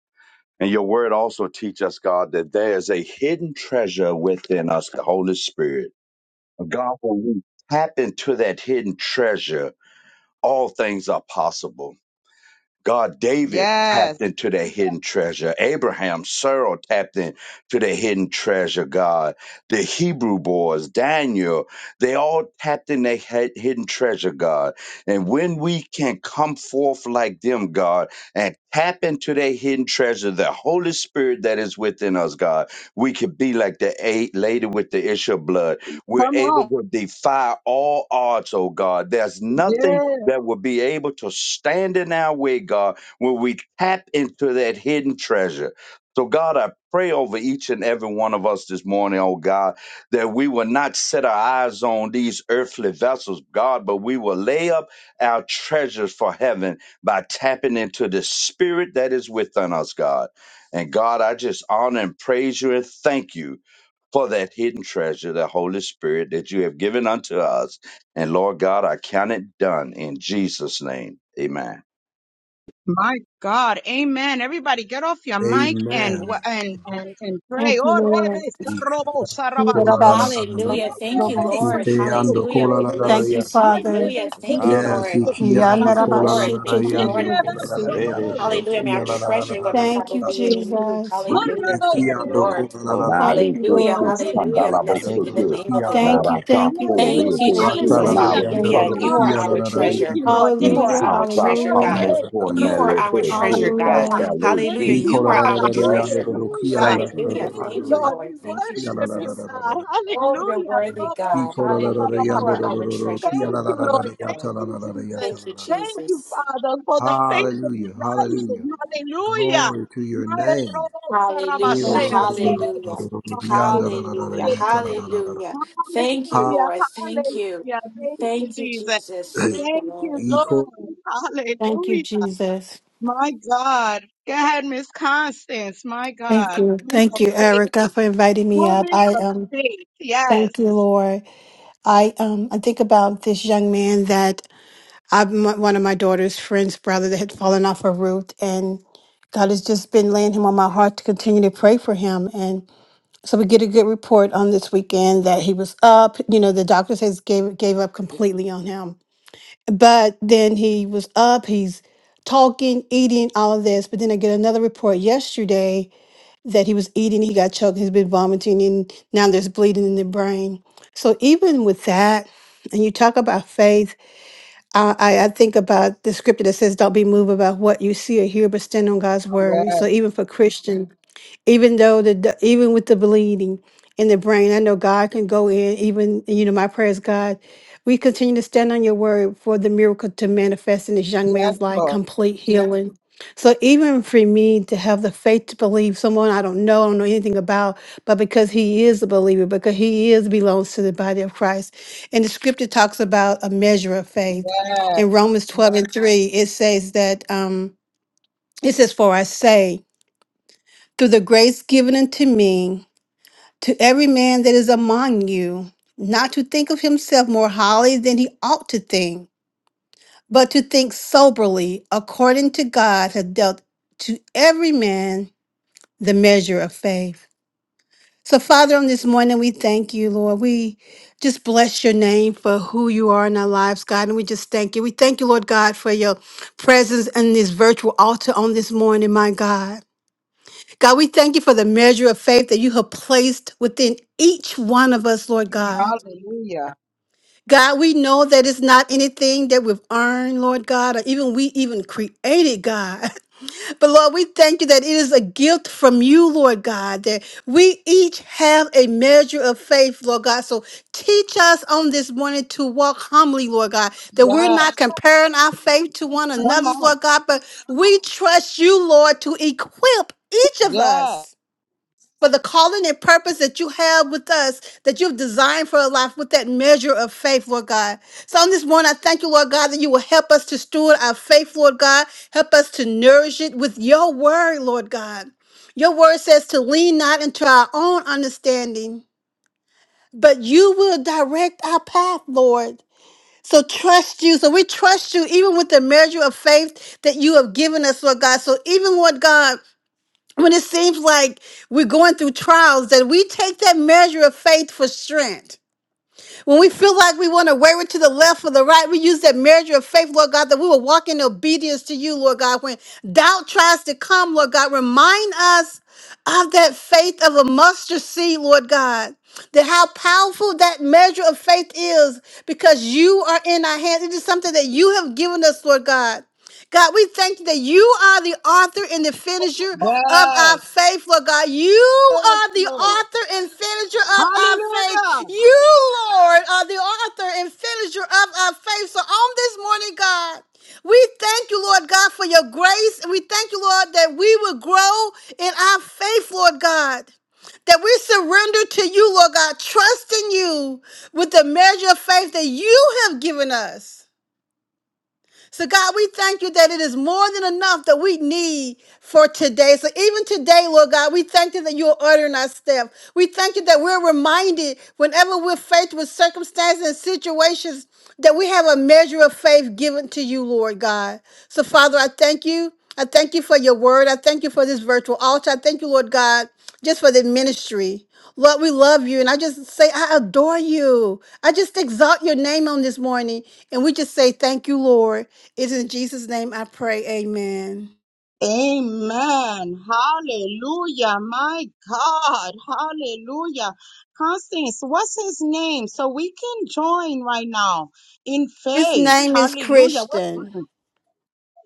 [SPEAKER 7] And your word also teaches us, God, that there is a hidden treasure within us, the Holy Spirit. God, when we tap into that hidden treasure, all things are possible. God, David tapped
[SPEAKER 1] Yes.
[SPEAKER 7] into that hidden treasure. Abraham, Sarah tapped into the hidden treasure, God. The Hebrew boys, Daniel, they all tapped in their hid- hidden treasure, God. And when we can come forth like them, God, and tap into their hidden treasure, the Holy Spirit that is within us, God, we could be like the eight lady with the issue of blood. We're
[SPEAKER 1] Come
[SPEAKER 7] able
[SPEAKER 1] on.
[SPEAKER 7] to defy all odds, oh God. There's nothing
[SPEAKER 1] Yes.
[SPEAKER 7] that will be able to stand in our way, God, when we tap into that hidden treasure. So, God, I pray over each and every one of us this morning, oh God, that we will not set our eyes on these earthly vessels, God, but we will lay up our treasures for heaven by tapping into the spirit that is within us, God. And God, I just honor and praise you and thank you for that hidden treasure, the Holy Spirit that you have given unto us and Lord God, I count it done in Jesus' name. Amen.
[SPEAKER 1] My God, Amen. Everybody, get off your mic and
[SPEAKER 6] Amen.
[SPEAKER 1] and and, and pray.
[SPEAKER 8] Thank you,
[SPEAKER 1] Oh,
[SPEAKER 8] Lord.
[SPEAKER 1] Yes,
[SPEAKER 5] Hallelujah. Thank you,
[SPEAKER 1] Lord.
[SPEAKER 5] Lord. Hallelujah. We
[SPEAKER 8] Thank
[SPEAKER 5] bless
[SPEAKER 8] you,
[SPEAKER 5] you.
[SPEAKER 8] Father.
[SPEAKER 5] Hallelujah. Thank
[SPEAKER 2] Ra
[SPEAKER 5] you,
[SPEAKER 2] ba ba
[SPEAKER 6] Yes,
[SPEAKER 5] Lord.
[SPEAKER 2] ba, si te
[SPEAKER 6] ikiando
[SPEAKER 5] Thank you,
[SPEAKER 2] kiri
[SPEAKER 6] kola
[SPEAKER 2] ba
[SPEAKER 6] la
[SPEAKER 5] Lord.
[SPEAKER 6] la
[SPEAKER 2] sa.
[SPEAKER 6] la
[SPEAKER 5] Thank you, Lord.
[SPEAKER 6] yando kola la la la
[SPEAKER 2] Re be
[SPEAKER 6] yando do
[SPEAKER 2] she
[SPEAKER 6] do
[SPEAKER 5] Hallelujah.
[SPEAKER 2] te
[SPEAKER 5] May our
[SPEAKER 6] kia la
[SPEAKER 2] kiri
[SPEAKER 6] la
[SPEAKER 2] ba
[SPEAKER 6] la la
[SPEAKER 5] treasure,
[SPEAKER 2] sa
[SPEAKER 6] la
[SPEAKER 5] Lord,
[SPEAKER 6] la
[SPEAKER 5] my
[SPEAKER 2] kuru
[SPEAKER 8] Thank
[SPEAKER 5] Father,
[SPEAKER 2] do.
[SPEAKER 8] you,
[SPEAKER 6] yanda.
[SPEAKER 5] be in you.
[SPEAKER 8] Jesus.
[SPEAKER 5] Hallelujah. Thank you,
[SPEAKER 2] We
[SPEAKER 6] Ikiando
[SPEAKER 2] give you
[SPEAKER 5] Lord.
[SPEAKER 6] kola la la
[SPEAKER 2] glory.
[SPEAKER 6] la
[SPEAKER 7] na
[SPEAKER 6] la
[SPEAKER 8] Thank
[SPEAKER 7] le
[SPEAKER 8] you,
[SPEAKER 6] yando
[SPEAKER 7] ko
[SPEAKER 6] kola
[SPEAKER 5] Hallelujah.
[SPEAKER 7] ku
[SPEAKER 8] Lord.
[SPEAKER 6] la
[SPEAKER 7] standa
[SPEAKER 5] Hallelujah.
[SPEAKER 6] la
[SPEAKER 7] la bo
[SPEAKER 6] yando
[SPEAKER 5] Blessed
[SPEAKER 7] ko
[SPEAKER 6] do
[SPEAKER 5] be
[SPEAKER 2] Thank
[SPEAKER 6] do
[SPEAKER 2] you,
[SPEAKER 5] the
[SPEAKER 6] do
[SPEAKER 7] ke
[SPEAKER 2] Father.
[SPEAKER 5] name of
[SPEAKER 6] kia
[SPEAKER 5] the
[SPEAKER 6] la
[SPEAKER 7] na
[SPEAKER 6] la
[SPEAKER 8] Thank
[SPEAKER 5] Lord.
[SPEAKER 6] la
[SPEAKER 7] ra
[SPEAKER 6] la
[SPEAKER 8] you,
[SPEAKER 7] ka
[SPEAKER 8] thank you,
[SPEAKER 7] fo
[SPEAKER 8] thank
[SPEAKER 7] le
[SPEAKER 5] Thank
[SPEAKER 8] you,
[SPEAKER 5] you,
[SPEAKER 7] te
[SPEAKER 8] thank
[SPEAKER 7] ke
[SPEAKER 8] you,
[SPEAKER 6] Raka la
[SPEAKER 5] Jesus.
[SPEAKER 7] na
[SPEAKER 8] thank
[SPEAKER 6] la
[SPEAKER 1] Hallelujah.
[SPEAKER 7] la
[SPEAKER 8] you,
[SPEAKER 6] rianda
[SPEAKER 1] My
[SPEAKER 6] la
[SPEAKER 8] thank
[SPEAKER 7] so
[SPEAKER 5] Hallelujah.
[SPEAKER 7] ko
[SPEAKER 8] you.
[SPEAKER 5] You
[SPEAKER 7] ku
[SPEAKER 5] are
[SPEAKER 1] God.
[SPEAKER 6] rokia la
[SPEAKER 7] se
[SPEAKER 5] our
[SPEAKER 6] la la
[SPEAKER 7] te
[SPEAKER 1] Thank
[SPEAKER 5] treasure.
[SPEAKER 1] you,
[SPEAKER 6] rianda la
[SPEAKER 1] Lord.
[SPEAKER 7] i
[SPEAKER 5] You
[SPEAKER 1] Thank
[SPEAKER 5] are
[SPEAKER 8] Hallelujah,
[SPEAKER 1] you,
[SPEAKER 7] sa
[SPEAKER 5] our
[SPEAKER 7] ka
[SPEAKER 5] treasure,
[SPEAKER 1] Father.
[SPEAKER 7] pa
[SPEAKER 8] hallelujah,
[SPEAKER 6] rokia
[SPEAKER 5] God.
[SPEAKER 6] la
[SPEAKER 7] mo
[SPEAKER 6] la
[SPEAKER 7] ko
[SPEAKER 6] la
[SPEAKER 7] ne
[SPEAKER 5] You are
[SPEAKER 7] le
[SPEAKER 5] our
[SPEAKER 7] te
[SPEAKER 6] la la
[SPEAKER 7] ke
[SPEAKER 5] treasure,
[SPEAKER 7] ka
[SPEAKER 5] God.
[SPEAKER 7] pe
[SPEAKER 8] hallelujah.
[SPEAKER 7] le ki
[SPEAKER 5] Hallelujah.
[SPEAKER 1] Thank you,
[SPEAKER 6] Niko
[SPEAKER 5] You
[SPEAKER 6] la
[SPEAKER 5] are
[SPEAKER 6] la la
[SPEAKER 1] Father.
[SPEAKER 5] our
[SPEAKER 6] la rianda
[SPEAKER 7] yes
[SPEAKER 5] treasure.
[SPEAKER 6] la
[SPEAKER 7] God.
[SPEAKER 6] rokia
[SPEAKER 1] Hallelujah.
[SPEAKER 6] la la
[SPEAKER 7] thank
[SPEAKER 6] la
[SPEAKER 7] you
[SPEAKER 6] la
[SPEAKER 5] Hallelujah.
[SPEAKER 1] Thank
[SPEAKER 7] God
[SPEAKER 1] you,
[SPEAKER 5] Thank you,
[SPEAKER 6] la
[SPEAKER 1] Lord. We
[SPEAKER 5] Lord. Thank you,
[SPEAKER 6] rokia la
[SPEAKER 1] worship
[SPEAKER 6] la la la
[SPEAKER 1] you,
[SPEAKER 5] Jesus.
[SPEAKER 6] la
[SPEAKER 1] God.
[SPEAKER 6] la
[SPEAKER 5] Oh, you're
[SPEAKER 1] Hallelujah.
[SPEAKER 5] worthy, God.
[SPEAKER 6] Niko la la la
[SPEAKER 5] Hallelujah. You
[SPEAKER 6] rianda
[SPEAKER 5] are
[SPEAKER 6] la
[SPEAKER 5] our treasure,
[SPEAKER 6] rokia
[SPEAKER 1] Thank
[SPEAKER 6] la
[SPEAKER 5] God.
[SPEAKER 1] you,
[SPEAKER 6] la la
[SPEAKER 5] Thank
[SPEAKER 6] la
[SPEAKER 1] Lord.
[SPEAKER 6] la
[SPEAKER 5] you, Lord.
[SPEAKER 1] Thank
[SPEAKER 6] yata la la
[SPEAKER 1] you,
[SPEAKER 6] la la yata
[SPEAKER 1] Jesus.
[SPEAKER 5] Thank
[SPEAKER 6] la
[SPEAKER 5] you,
[SPEAKER 6] la la la
[SPEAKER 1] Thank you,
[SPEAKER 5] Jesus.
[SPEAKER 1] Father, for the faith that is
[SPEAKER 6] Hallelujah,
[SPEAKER 1] rising.
[SPEAKER 6] hallelujah.
[SPEAKER 1] Hallelujah.
[SPEAKER 6] Glory to your name. Io
[SPEAKER 5] Hallelujah.
[SPEAKER 8] Thank
[SPEAKER 6] la
[SPEAKER 1] Hallelujah.
[SPEAKER 6] la
[SPEAKER 8] you,
[SPEAKER 6] la
[SPEAKER 5] Hallelujah.
[SPEAKER 6] la la
[SPEAKER 8] Jesus.
[SPEAKER 6] la rianda la la la la
[SPEAKER 5] Hallelujah.
[SPEAKER 6] yata la la la la la
[SPEAKER 5] Hallelujah. Thank you,
[SPEAKER 6] Ha-
[SPEAKER 1] Hallelujah.
[SPEAKER 5] Lord. Thank you.
[SPEAKER 1] Hallelujah. Thank you,
[SPEAKER 5] Thank you,
[SPEAKER 1] Jesus.
[SPEAKER 5] Jesus. Thank you,
[SPEAKER 1] Thank you,
[SPEAKER 5] Lord.
[SPEAKER 6] Niko.
[SPEAKER 1] Lord.
[SPEAKER 8] Thank you,
[SPEAKER 1] Hallelujah.
[SPEAKER 8] Jesus.
[SPEAKER 1] My God. Go ahead, Miss Constance. My
[SPEAKER 8] Thank
[SPEAKER 1] God.
[SPEAKER 8] you.
[SPEAKER 1] Women
[SPEAKER 8] Thank
[SPEAKER 1] of
[SPEAKER 8] you,
[SPEAKER 1] faith.
[SPEAKER 8] Erica, for inviting me up.
[SPEAKER 1] Woman
[SPEAKER 8] I
[SPEAKER 1] of
[SPEAKER 8] um
[SPEAKER 1] faith. Yes.
[SPEAKER 8] thank you, Lord. I um I think about this young man that I, my, one of my daughter's friend's brother that had fallen off a roof, and God has just been laying him on my heart to continue to pray for him. And so we get a good report on this weekend that he was up. You know, the doctor says gave gave up completely on him, but then he was up. He's talking, eating, all of this. But then I get another report yesterday that he was eating, he got choked, he's been vomiting, and now there's bleeding in the brain. So even with that, and you talk about faith. I, I I think about the scripture that says, "Don't be moved about what you see or hear, but stand on God's
[SPEAKER 1] Yo,
[SPEAKER 8] word." So even for Christian, even though the the- even with the bleeding in the brain i know god can go in even you know my prayers god we continue to stand on your word for the miracle to manifest in this young man's life complete Yeah. healing so even for me to have the faith to believe someone i don't know i don't know anything about but because he is a believer because he is belongs to the body of christ and the scripture talks about a measure of faith
[SPEAKER 1] yes.
[SPEAKER 8] in romans 12 and 3 it says that um it says for i say through the grace given unto me to every man that is among you, not to think of himself more highly than he ought to think, but to think soberly, according to God hath dealt to every man the measure of faith. So, Father, on this morning, we thank you, Lord. We just bless your name for who you are in our lives, God. And we just thank you. We thank you, Lord God, for your presence in this virtual altar on this morning, my God. God, we thank you for the measure of faith that you have placed within each one of us, Lord God.
[SPEAKER 1] Hallelujah.
[SPEAKER 8] God, we know that it's not anything that we've earned, Lord God, or even we even created, God. But Lord, we thank you that it is a gift from you, Lord God, that we each have a measure of faith, Lord God. So teach us on this morning to walk humbly, Lord God, that we're
[SPEAKER 1] Yes.
[SPEAKER 8] not comparing our faith to one
[SPEAKER 1] Come
[SPEAKER 8] another's,
[SPEAKER 1] on.
[SPEAKER 8] Lord God, but we trust you, Lord, to equip each of
[SPEAKER 1] Yes.
[SPEAKER 8] us for the calling and purpose that you have with us, that you've designed for our life with that measure of faith, Lord God. So on this morning, I thank you, Lord God, that you will help us to steward our faith, Lord God. Help us to nourish it with your word, Lord God. Your word says to lean not into our own understanding, but you will direct our path, Lord. So trust you. So we trust you even with the measure of faith that you have given us, Lord God. So even, Lord God, when it seems like we're going through trials, that we take that measure of faith for strength. When we feel like we want to waver to the left or the right, we use that measure of faith, Lord God, that we will walk in obedience to you, Lord God. When doubt tries to come, Lord God, remind us of that faith of a mustard seed, Lord God. That how powerful that measure of faith is because you are in our hands. It is something that you have given us, Lord God. God, we thank you that you are the author and the finisher of our
[SPEAKER 1] Yes.
[SPEAKER 8] faith, Lord God. You
[SPEAKER 1] Yes,
[SPEAKER 8] are the
[SPEAKER 1] Lord.
[SPEAKER 8] author and finisher of our faith.
[SPEAKER 1] Hallelujah.
[SPEAKER 8] You, Lord, are the author and finisher of our faith. So on this morning, God, we thank you, Lord God, for your grace. And we thank you, Lord, that we will grow in our faith, Lord God that we surrender to you, Lord God, trusting you with the measure of faith that you have given us. So, God, we thank you that it is more than enough that we need for today. So, even today, Lord God, we thank you that you are ordering our step. We thank you that we're reminded whenever we're faced with circumstances and situations that we have a measure of faith given to you, Lord God. So, Father, I thank you. I thank you for your word. I thank you for this virtual altar. I thank you, Lord God, just for the ministry. Lord, we love you. And I just say, I adore you. I just exalt your name on this morning. And we just say, thank you, Lord. It's in Jesus' name I pray. Amen.
[SPEAKER 1] Amen. Hallelujah. My God. Hallelujah. Constance, what's his name? So we can join right now in
[SPEAKER 8] His
[SPEAKER 1] faith.
[SPEAKER 8] name is
[SPEAKER 1] Hallelujah.
[SPEAKER 8] Christian.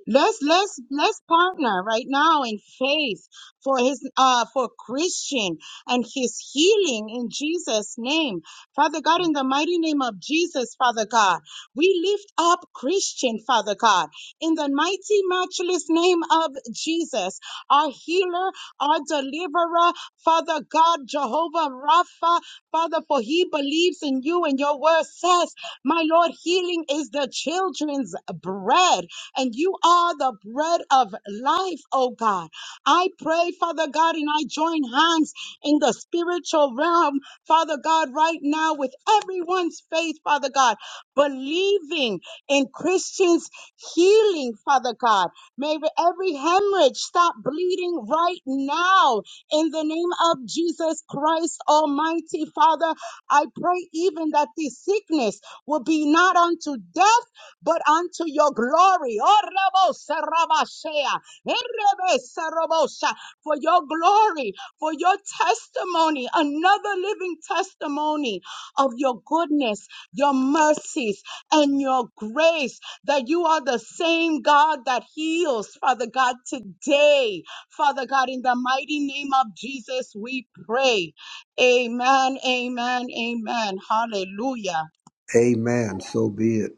[SPEAKER 1] Let's let's let's partner right now in faith for his uh for Christian and his healing in Jesus name. Father God in the mighty name of Jesus, Father God. We lift up Christian, Father God, in the mighty matchless name of Jesus, our healer, our deliverer, Father God, Jehovah Rapha, Father for he believes in you and your word says, my Lord, healing is the children's bread and you are the bread of life, oh God. I pray, Father God, and I join hands in the spiritual realm, Father God, right now with everyone's faith, Father God, believing in Christians' healing, Father God. May every hemorrhage stop bleeding right now in the name of Jesus Christ, Almighty Father. I pray even that this sickness will be not unto death, but unto your glory. Oh, Rabosa, Rabashea, Erebesa, Rabosha, For your glory, for your testimony, another living testimony of your goodness, your mercies, and your grace, that you are the same God that heals, Father God, today. Father God, in the mighty name of Jesus, we pray. Amen, amen, amen. Hallelujah.
[SPEAKER 6] Amen. So be it.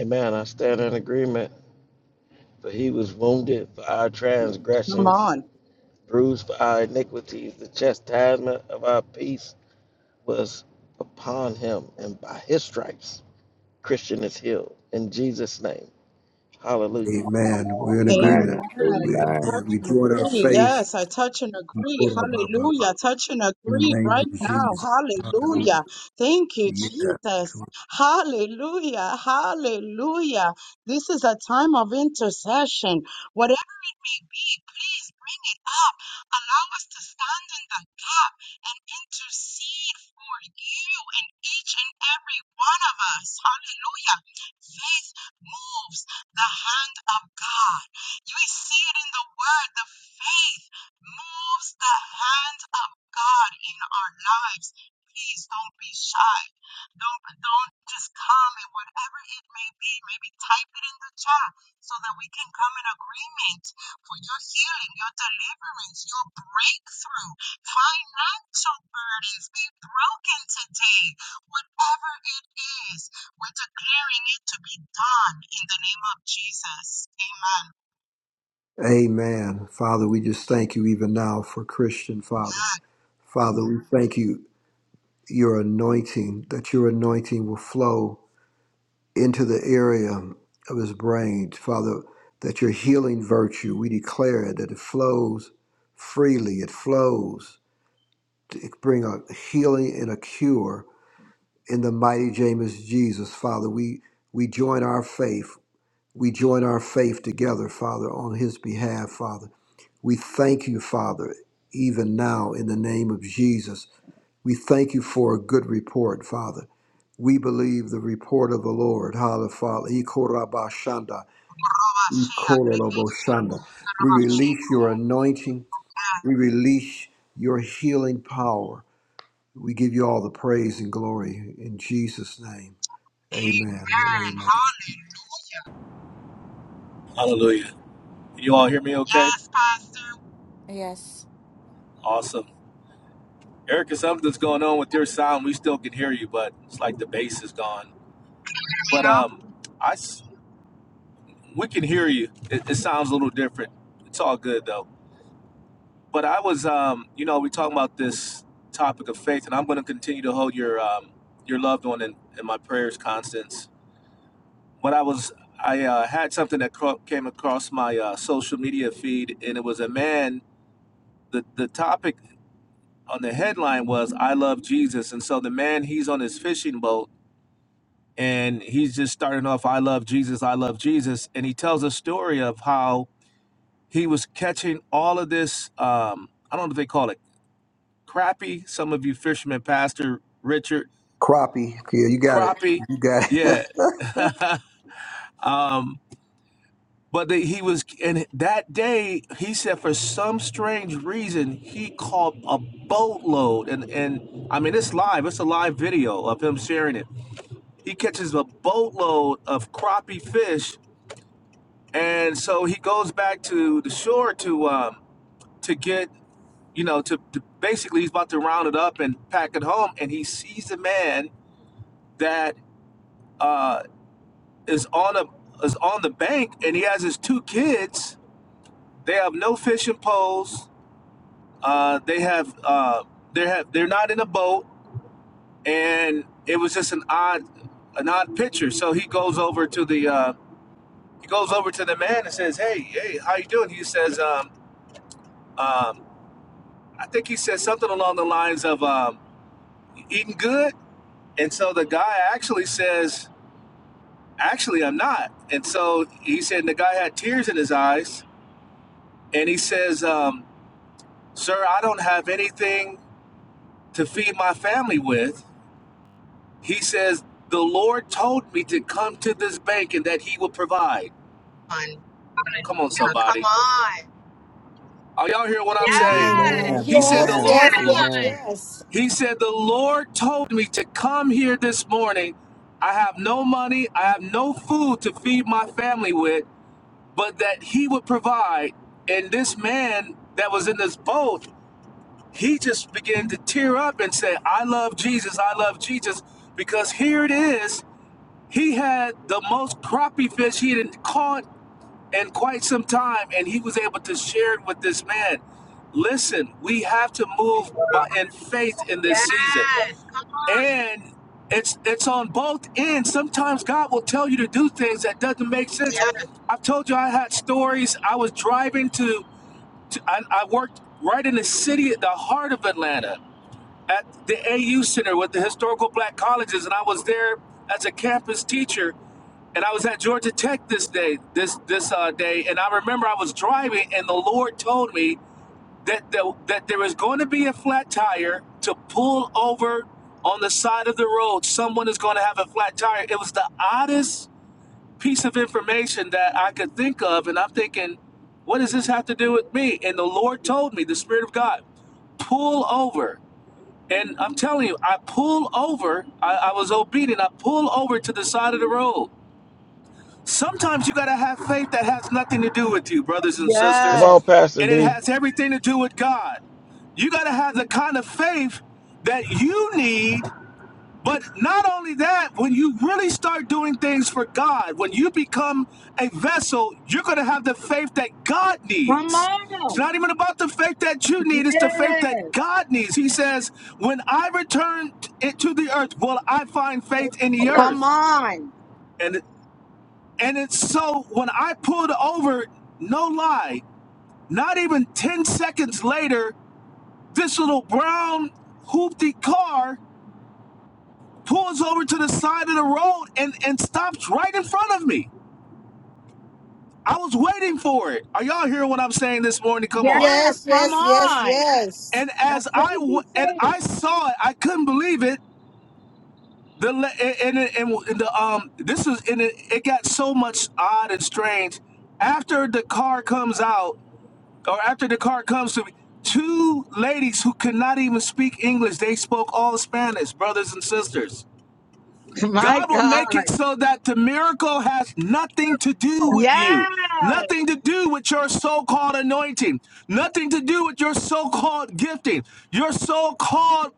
[SPEAKER 2] Amen. I stand in agreement. For he was wounded for our
[SPEAKER 1] Come on.
[SPEAKER 2] transgressions, bruised for our iniquities. The chastisement of our peace was upon him, and by his stripes, Christian is healed. In Jesus' name, hallelujah.
[SPEAKER 6] Amen. We're in
[SPEAKER 1] Amen.
[SPEAKER 7] amen
[SPEAKER 6] agreement. We,
[SPEAKER 1] We
[SPEAKER 7] amen
[SPEAKER 6] amen.
[SPEAKER 1] touch
[SPEAKER 6] We
[SPEAKER 1] and
[SPEAKER 6] join our
[SPEAKER 1] agree.
[SPEAKER 6] faith.
[SPEAKER 1] Yes, I touch and agree. Hallelujah. Touch and
[SPEAKER 6] In the
[SPEAKER 1] agree
[SPEAKER 6] name
[SPEAKER 1] right
[SPEAKER 6] of
[SPEAKER 1] now.
[SPEAKER 6] Jesus. Hallelujah.
[SPEAKER 1] Hallelujah. Thank you,
[SPEAKER 6] Yeah.
[SPEAKER 1] Jesus. Hallelujah. Hallelujah. This is a time of intercession. Whatever it may be, please up. Allow us to stand in the gap and intercede for you and each and every one of us. Hallelujah. Faith moves the hand of God. You see it in the word. The faith moves the hand of God in our lives. Please don't be shy. Don't don't just comment, whatever it may be. Maybe type it in the chat so that we can come in agreement for your healing, your deliverance, your breakthrough. Financial burdens be broken today. Whatever it is, we're declaring it to be done in the name of Jesus.
[SPEAKER 6] Amen. Father, we just thank you even now for Christian, Father. Father, we thank you, your anointing, that your anointing will flow into the area of his brain. Father, that your healing virtue, we declare it, that it flows freely. It flows to bring a healing and a cure in the mighty James Jesus, Father. We we join our faith. We join our faith together, Father, on his behalf, Father. We thank you, Father, even now in the name of Jesus. We thank you for a good report, Father. We believe the report of the Lord. Hallelujah. Father. Ikorabashanda, Ikoroboshanda. We release your anointing. We release your healing power. We give you all the praise and glory in Jesus' name. Amen and amen.
[SPEAKER 3] Hallelujah. You all hear me okay?
[SPEAKER 5] Yes.
[SPEAKER 3] Awesome. Erica, something's going on with your sound. We still can hear you, but it's like the bass is gone. But um, I s- we can hear you. It, it sounds a little different. It's all good though. But I was um, you know, we talking about this topic of faith, and I'm going to continue to hold your um your loved one in, in my prayers, Constance. But I was I uh, had something that cro- came across my uh, social media feed, and it was a man. The the topic on the headline was "I love Jesus," and so the man he's on his fishing boat and he's just starting off i love jesus i love jesus and he tells a story of how he was catching all of this um i don't know if they call it crappie some of you fishermen pastor richard
[SPEAKER 6] Crappie. Yeah, you got it.
[SPEAKER 3] crappie
[SPEAKER 6] You got it.
[SPEAKER 3] yeah um but they, he was and that day he said for some strange reason he caught a boatload and and i mean it's live it's a live video of him sharing it he catches a boatload of crappie fish And so he goes back to the shore to um, to get, you know, to, to basically he's about to round it up and pack it home, and he sees a man that uh, is on a is on the bank, and he has his two kids. They have no fishing poles. Uh, they have uh, they have they're not in a boat, and it was just an odd an odd picture. So he goes over to the uh, he goes over to the man and says, "Hey, hey, how you doing?" He says, um, um, I think he said something along the lines of um, eating good. And so the guy actually says, Actually, I'm not. And so he said, and the guy had tears in his eyes. And he says, um, Sir, I don't have anything to feed my family with. He says, The Lord told me to come to this bank and that he will provide.
[SPEAKER 1] Amen.
[SPEAKER 3] Come on,
[SPEAKER 1] Come
[SPEAKER 3] somebody.
[SPEAKER 1] on.
[SPEAKER 3] Are y'all hearing what I'm
[SPEAKER 8] Amen.
[SPEAKER 3] saying?
[SPEAKER 8] Amen.
[SPEAKER 6] amen.
[SPEAKER 3] He said, The
[SPEAKER 8] Yes,
[SPEAKER 6] Amen.
[SPEAKER 3] Lord
[SPEAKER 8] yes, yes,
[SPEAKER 6] Amen.
[SPEAKER 8] yes.
[SPEAKER 3] He said, The Lord told me to come here this morning. I have no money, I have no food to feed my family with, but that He would provide. And this man that was in this boat, he just began to tear up and say, I love Jesus, I love Jesus, because here it is. He had the most crappie fish he had caught in quite some time, and he was able to share it with this man. Listen, we have to move by, in faith in this season
[SPEAKER 1] Yes.
[SPEAKER 3] and it's it's on both ends. Sometimes God will tell you to do things that doesn't make sense.
[SPEAKER 1] Yes.
[SPEAKER 3] I've told you I had stories. I was driving to, to I, I worked right in the city, at the heart of Atlanta, at the AU Center with the historical black colleges, and I was there as a campus teacher. And I was at Georgia Tech this day, this this uh, day, and I remember I was driving, and the Lord told me that, that, that there is going to be a flat tire to pull over on the side of the road. Someone is going to have a flat tire. It was the oddest piece of information that I could think of. And I'm thinking, what does this have to do with me? And the Lord told me, the Spirit of God, pull over. And I'm telling you, I pull over. I, I was obedient. I pull over to the side of the road. Sometimes you got to have faith that has nothing to do with you, brothers and
[SPEAKER 2] Come
[SPEAKER 3] sisters,
[SPEAKER 1] Yes.
[SPEAKER 2] on, Pastor
[SPEAKER 3] and it
[SPEAKER 2] D.
[SPEAKER 3] has everything to do with God. You got to have the kind of faith that you need. But not only that, when you really start doing things for God, when you become a vessel, you're going to have the faith that God
[SPEAKER 1] Come
[SPEAKER 3] needs.
[SPEAKER 1] on.
[SPEAKER 3] It's not even about the faith that you need, it's the faith
[SPEAKER 1] Yes.
[SPEAKER 3] that God needs. He says, When I return t- to the earth, will I find faith in the
[SPEAKER 1] Come
[SPEAKER 3] earth?
[SPEAKER 1] on.
[SPEAKER 3] And and it's so when I pulled over, no lie, not even 10 seconds later, this little brown hoopty car pulls over to the side of the road and, and stops right in front of me. I was waiting for it. Are y'all hearing what I'm saying this morning? Come on.
[SPEAKER 1] Yes.
[SPEAKER 8] Yes,
[SPEAKER 1] Come
[SPEAKER 8] yes,
[SPEAKER 1] on.
[SPEAKER 8] yes,
[SPEAKER 3] And
[SPEAKER 1] That
[SPEAKER 3] as I w-
[SPEAKER 1] crazy
[SPEAKER 3] and I
[SPEAKER 1] faith.
[SPEAKER 3] saw it, I couldn't believe it. The le- and, and, and the um this is and it, it got so much odd and strange. After the car comes out, or after the car comes to me, two ladies who could not even speak English, they spoke all Spanish, brothers and sisters.
[SPEAKER 1] My
[SPEAKER 3] God will
[SPEAKER 1] God.
[SPEAKER 3] make it so that the miracle has nothing to do with you,
[SPEAKER 1] Yes.
[SPEAKER 3] nothing to do with your so called anointing, nothing to do with your so called gifting, your so called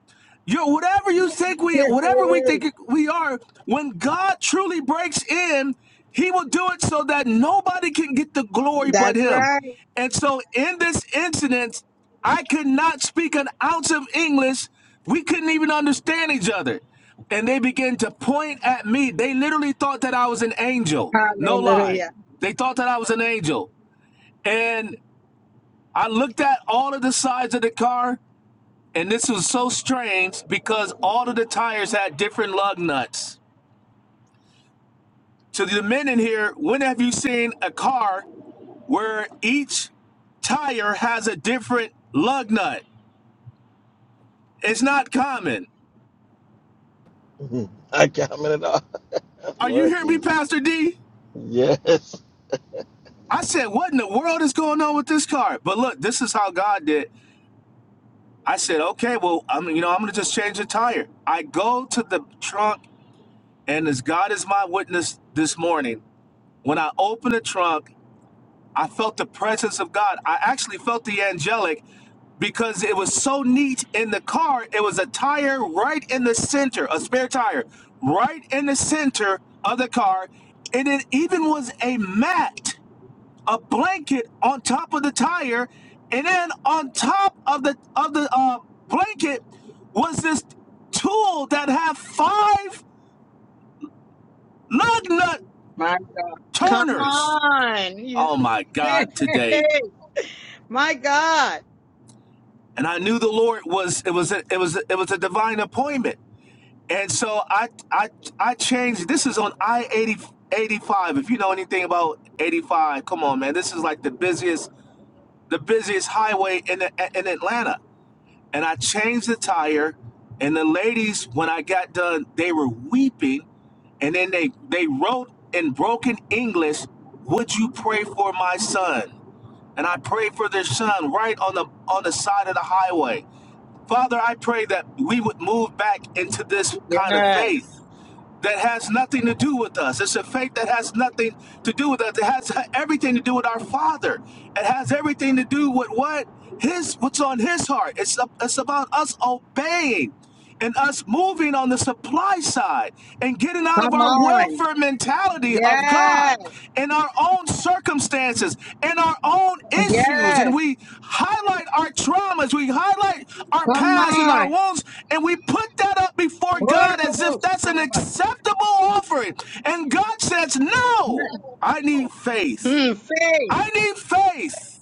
[SPEAKER 3] your whatever you think we whatever we think we are when god truly breaks in he will do it so that nobody can get the glory but
[SPEAKER 1] That's
[SPEAKER 3] him
[SPEAKER 1] right.
[SPEAKER 3] and so in this incident, I could not speak an ounce of English. We couldn't even understand each other. And they began to point at me. They literally thought that I was an angel. No lie.
[SPEAKER 1] Hallelujah.
[SPEAKER 3] They thought that I was an angel. And I looked at all of the sides of the car, and this was so strange because all of the tires had different lug nuts. To the men in here, when have you seen a car where each tire has a different lug nut? It's not common.
[SPEAKER 2] I commented on.
[SPEAKER 3] Are you
[SPEAKER 2] Lord
[SPEAKER 3] hearing me,
[SPEAKER 2] Jesus.
[SPEAKER 3] Pastor D?
[SPEAKER 2] Yes.
[SPEAKER 3] I said, what in the world is going on with this car? But look, this is how God did. I said, okay, well, I'm you know, I'm gonna just change the tire. I go to the trunk, and as God is my witness this morning, when I open the trunk, I felt the presence of God. I actually felt the angelic because it was so neat in the car. It was a tire right in the center, a spare tire, right in the center of the car. And it even was a mat, a blanket on top of the tire. And then on top of the of the uh, blanket was this tool that had five lug nut
[SPEAKER 1] My, come
[SPEAKER 3] turners.
[SPEAKER 1] on. You
[SPEAKER 3] Oh my God, today.
[SPEAKER 1] say, my God.
[SPEAKER 3] and I knew the Lord was it was a, it was a, it was a divine appointment. And so I I I changed. This is on I 80 85. If you know anything about eighty five, come on, man. This is like the busiest the busiest highway in the, in Atlanta. And I changed the tire, and the ladies when I got done, they were weeping, and then they they wrote in broken English, "Would you pray for my son?" And I prayed for their son right on the on the side of the highway Father, I pray that we would move back into this kind of
[SPEAKER 1] Yes.
[SPEAKER 3] faith that has nothing to do with us. It's a faith that has nothing to do with us. It has everything to do with our Father. It has everything to do with what his what's on his heart. It's it's about us obeying and us moving on the supply side and getting out of
[SPEAKER 1] Come
[SPEAKER 3] our
[SPEAKER 1] on.
[SPEAKER 3] welfare mentality
[SPEAKER 1] Yes.
[SPEAKER 3] of God in our own circumstances, in our own issues, and
[SPEAKER 1] Yes.
[SPEAKER 3] we highlight our traumas, we highlight our
[SPEAKER 1] Come
[SPEAKER 3] past and our
[SPEAKER 1] on.
[SPEAKER 3] wounds, and we put that up before God as if
[SPEAKER 1] Horrible
[SPEAKER 3] that's an
[SPEAKER 1] Sarabas.
[SPEAKER 3] acceptable offering. And God says, No, I need faith.
[SPEAKER 1] Mm, faith.
[SPEAKER 3] I need faith.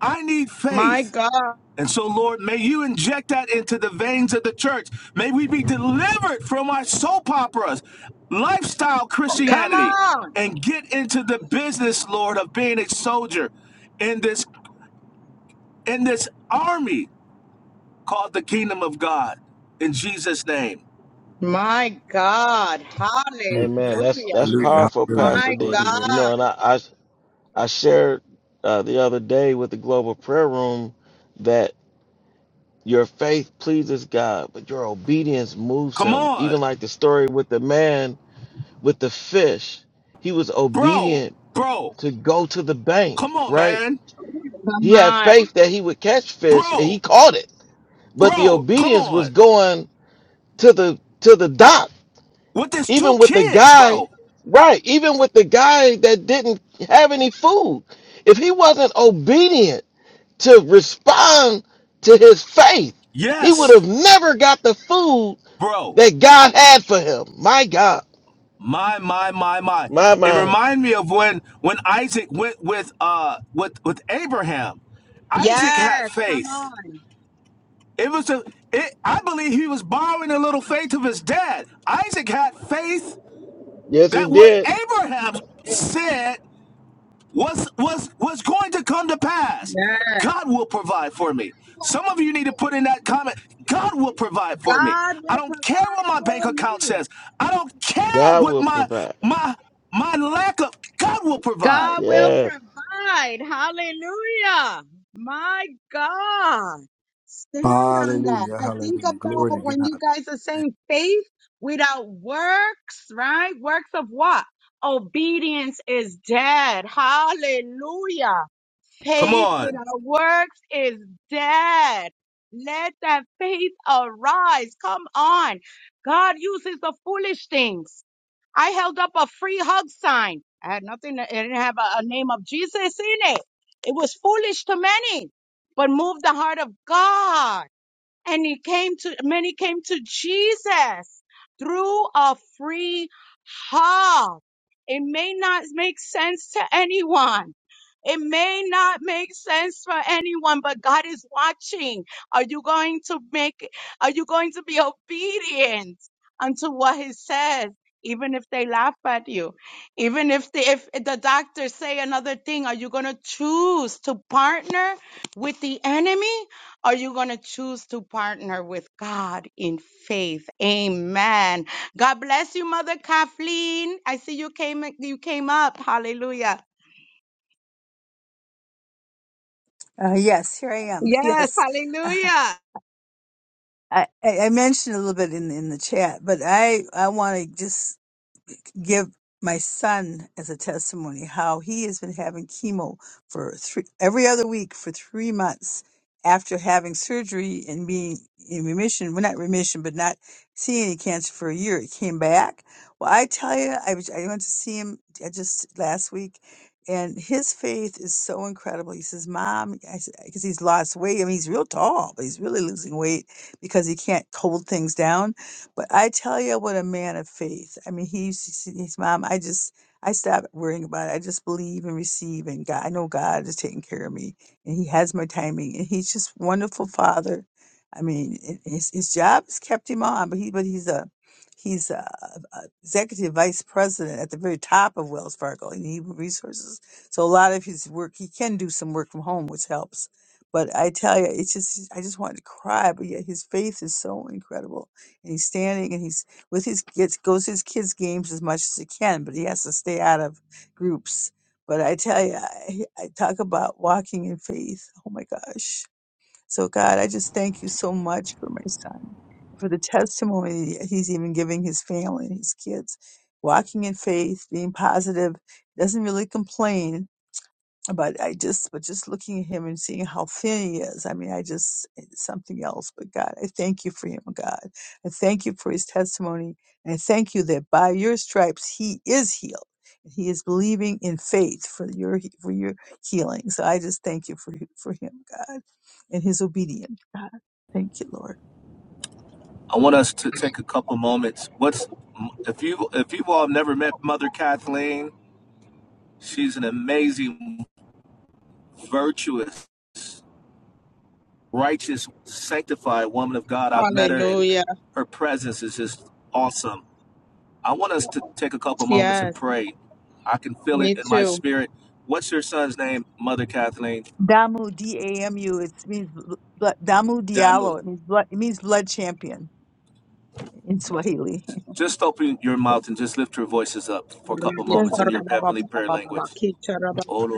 [SPEAKER 3] I need
[SPEAKER 1] My
[SPEAKER 3] faith.
[SPEAKER 1] God.
[SPEAKER 3] And so, Lord, may you inject that into the veins of the church. May we be delivered from our soap operas, lifestyle
[SPEAKER 1] Come
[SPEAKER 3] Christianity,
[SPEAKER 1] on.
[SPEAKER 3] and get into the business, Lord, of being a soldier in this in this army called the kingdom of God. In Jesus' name.
[SPEAKER 1] My God.
[SPEAKER 2] Amen.
[SPEAKER 1] Hallelujah.
[SPEAKER 2] That's that's
[SPEAKER 6] Hallelujah.
[SPEAKER 2] powerful,
[SPEAKER 6] Hallelujah.
[SPEAKER 1] My
[SPEAKER 2] Pastor
[SPEAKER 6] Glory to
[SPEAKER 2] D.
[SPEAKER 6] God.
[SPEAKER 2] You
[SPEAKER 1] God.
[SPEAKER 2] know, and I I, I shared uh, the other day with the Global Prayer Room that Your faith pleases God, but your obedience moves
[SPEAKER 3] Come
[SPEAKER 2] him.
[SPEAKER 3] on,
[SPEAKER 2] Even like the story with the man with the fish, he was
[SPEAKER 3] bro,
[SPEAKER 2] obedient
[SPEAKER 3] bro,
[SPEAKER 2] to go to the
[SPEAKER 3] come
[SPEAKER 2] bank,
[SPEAKER 3] on,
[SPEAKER 2] right?
[SPEAKER 3] man.
[SPEAKER 1] Come
[SPEAKER 2] He had
[SPEAKER 1] on.
[SPEAKER 2] faith that he would catch fish and he
[SPEAKER 3] Bro,
[SPEAKER 2] caught it. But the
[SPEAKER 3] bro, come
[SPEAKER 2] obedience
[SPEAKER 3] on.
[SPEAKER 2] was going to the to the dock.
[SPEAKER 3] With this two
[SPEAKER 2] Even with the
[SPEAKER 3] kids,
[SPEAKER 2] guy,
[SPEAKER 3] bro.
[SPEAKER 2] right, even with the guy that didn't have any food. If he wasn't obedient to respond to his faith, he would
[SPEAKER 3] Yes,
[SPEAKER 2] have never got the food
[SPEAKER 3] bro.
[SPEAKER 2] that God had for him. My God.
[SPEAKER 3] My, my, my, my.
[SPEAKER 2] My
[SPEAKER 3] It
[SPEAKER 2] mind.
[SPEAKER 3] reminded me of when when Isaac went with uh with with Abraham. Isaac had
[SPEAKER 1] Yes. Come
[SPEAKER 3] faith.
[SPEAKER 1] on.
[SPEAKER 3] It was a it I believe he was borrowing a little faith of his dad. Isaac had faith
[SPEAKER 2] Yes, he
[SPEAKER 3] that what
[SPEAKER 2] did.
[SPEAKER 3] Abraham said What's what's what's going to come to pass?
[SPEAKER 1] Yes!
[SPEAKER 3] God will provide for me. Some of you need to put in that comment. God will provide for me.
[SPEAKER 1] God
[SPEAKER 3] I
[SPEAKER 1] will
[SPEAKER 3] don't care what
[SPEAKER 1] provide
[SPEAKER 3] my bank
[SPEAKER 1] for
[SPEAKER 3] account
[SPEAKER 1] me.
[SPEAKER 3] says. I don't care
[SPEAKER 2] God
[SPEAKER 3] what
[SPEAKER 2] will
[SPEAKER 3] my
[SPEAKER 2] provide.
[SPEAKER 3] my my lack of God will provide.
[SPEAKER 1] God will
[SPEAKER 2] Yes.
[SPEAKER 1] provide. Hallelujah. My God. Stand on that.
[SPEAKER 6] Hallelujah.
[SPEAKER 1] I think
[SPEAKER 6] Hallelujah. Glory to
[SPEAKER 1] about when you
[SPEAKER 6] God.
[SPEAKER 1] guys are saying faith without works, right? Works of what? Obedience is dead. Hallelujah.
[SPEAKER 3] Come
[SPEAKER 1] Faith
[SPEAKER 3] on.
[SPEAKER 1] without works is dead. Let that faith arise. Come on. God uses the foolish things. I held up a free hug sign. I had nothing, it didn't have a, a name of Jesus in it. It was foolish to many, but moved the heart of God and he came to many came to Jesus through a free heart. It may not make sense to anyone. It may not make sense for anyone, but God is watching. Are you going to make, are you going to be obedient unto what he says? Even if they laugh at you, even if the, if the doctors say another thing, are you going to choose to partner with the enemy? Are you going to choose to partner with God in faith? Amen. God bless you, Mother Kathleen. I see you came you came up. Hallelujah.
[SPEAKER 9] Uh, yes, here I am.
[SPEAKER 1] Yes,
[SPEAKER 9] Yes.
[SPEAKER 1] hallelujah.
[SPEAKER 9] I, I I mentioned a little bit in, in the chat, but I, I want to just give my son as a testimony how he has been having chemo for three, every other week for three months after having surgery and being in remission. Well, not remission, but not seeing any cancer for a year. It came back. Well, I tell you, I, was- I went to see him uh, just last week. And his faith is so incredible. He says, "Mom," I because he's lost weight. I mean, he's real tall, but he's really losing weight because he can't hold things down. But I tell you what, a man of faith. I mean, he's his mom. I just I stop worrying about it. I just believe and receive, and God. I know God is taking care of me, and He has my timing, and He's just wonderful Father. I mean, i- his his job has kept him on, but he but he's a he's a, a executive vice president at the very top of Wells Fargo and he resources. So a lot of his work, he can do some work from home, which helps. But I tell you, it's just I just wanted to cry. But yet his faith is so incredible, and he's standing and he's with his kids, goes to his kids' games as much as he can, but he has to stay out of groups. But I tell you, I, I talk about walking in faith. Oh my gosh! So God, I just thank you so much for my son, for the testimony that he's even giving his family and his kids, walking in faith, being positive, doesn't really complain, but I just, but just looking at him and seeing how thin he is, I mean, I just, it's something else. But God, I thank you for him, oh God. I thank you for his testimony. And I thank you that by your stripes, he is healed. He is believing in faith for your, for your healing. So I just thank you for, for him, God, and his obedience, God. Thank you, Lord.
[SPEAKER 3] I want us to take a couple moments. What's if you if you all have never met Mother Kathleen, she's an amazing, virtuous, righteous, sanctified woman of God. I've
[SPEAKER 1] Hallelujah.
[SPEAKER 3] met her and her presence is just awesome. I want us to take a couple moments and
[SPEAKER 1] Yes,
[SPEAKER 3] pray. I can feel it
[SPEAKER 1] me
[SPEAKER 3] in my
[SPEAKER 1] too.
[SPEAKER 3] spirit. What's your son's name, Mother Kathleen?
[SPEAKER 9] Damu, D-A-M-U, it means, bl- bl- Damu
[SPEAKER 3] Damu.
[SPEAKER 9] Diallo, it means blood, it means blood champion in Swahili.
[SPEAKER 3] Just open your mouth and just lift your voices up for a couple
[SPEAKER 9] Yes,
[SPEAKER 3] moments in your heavenly prayer language.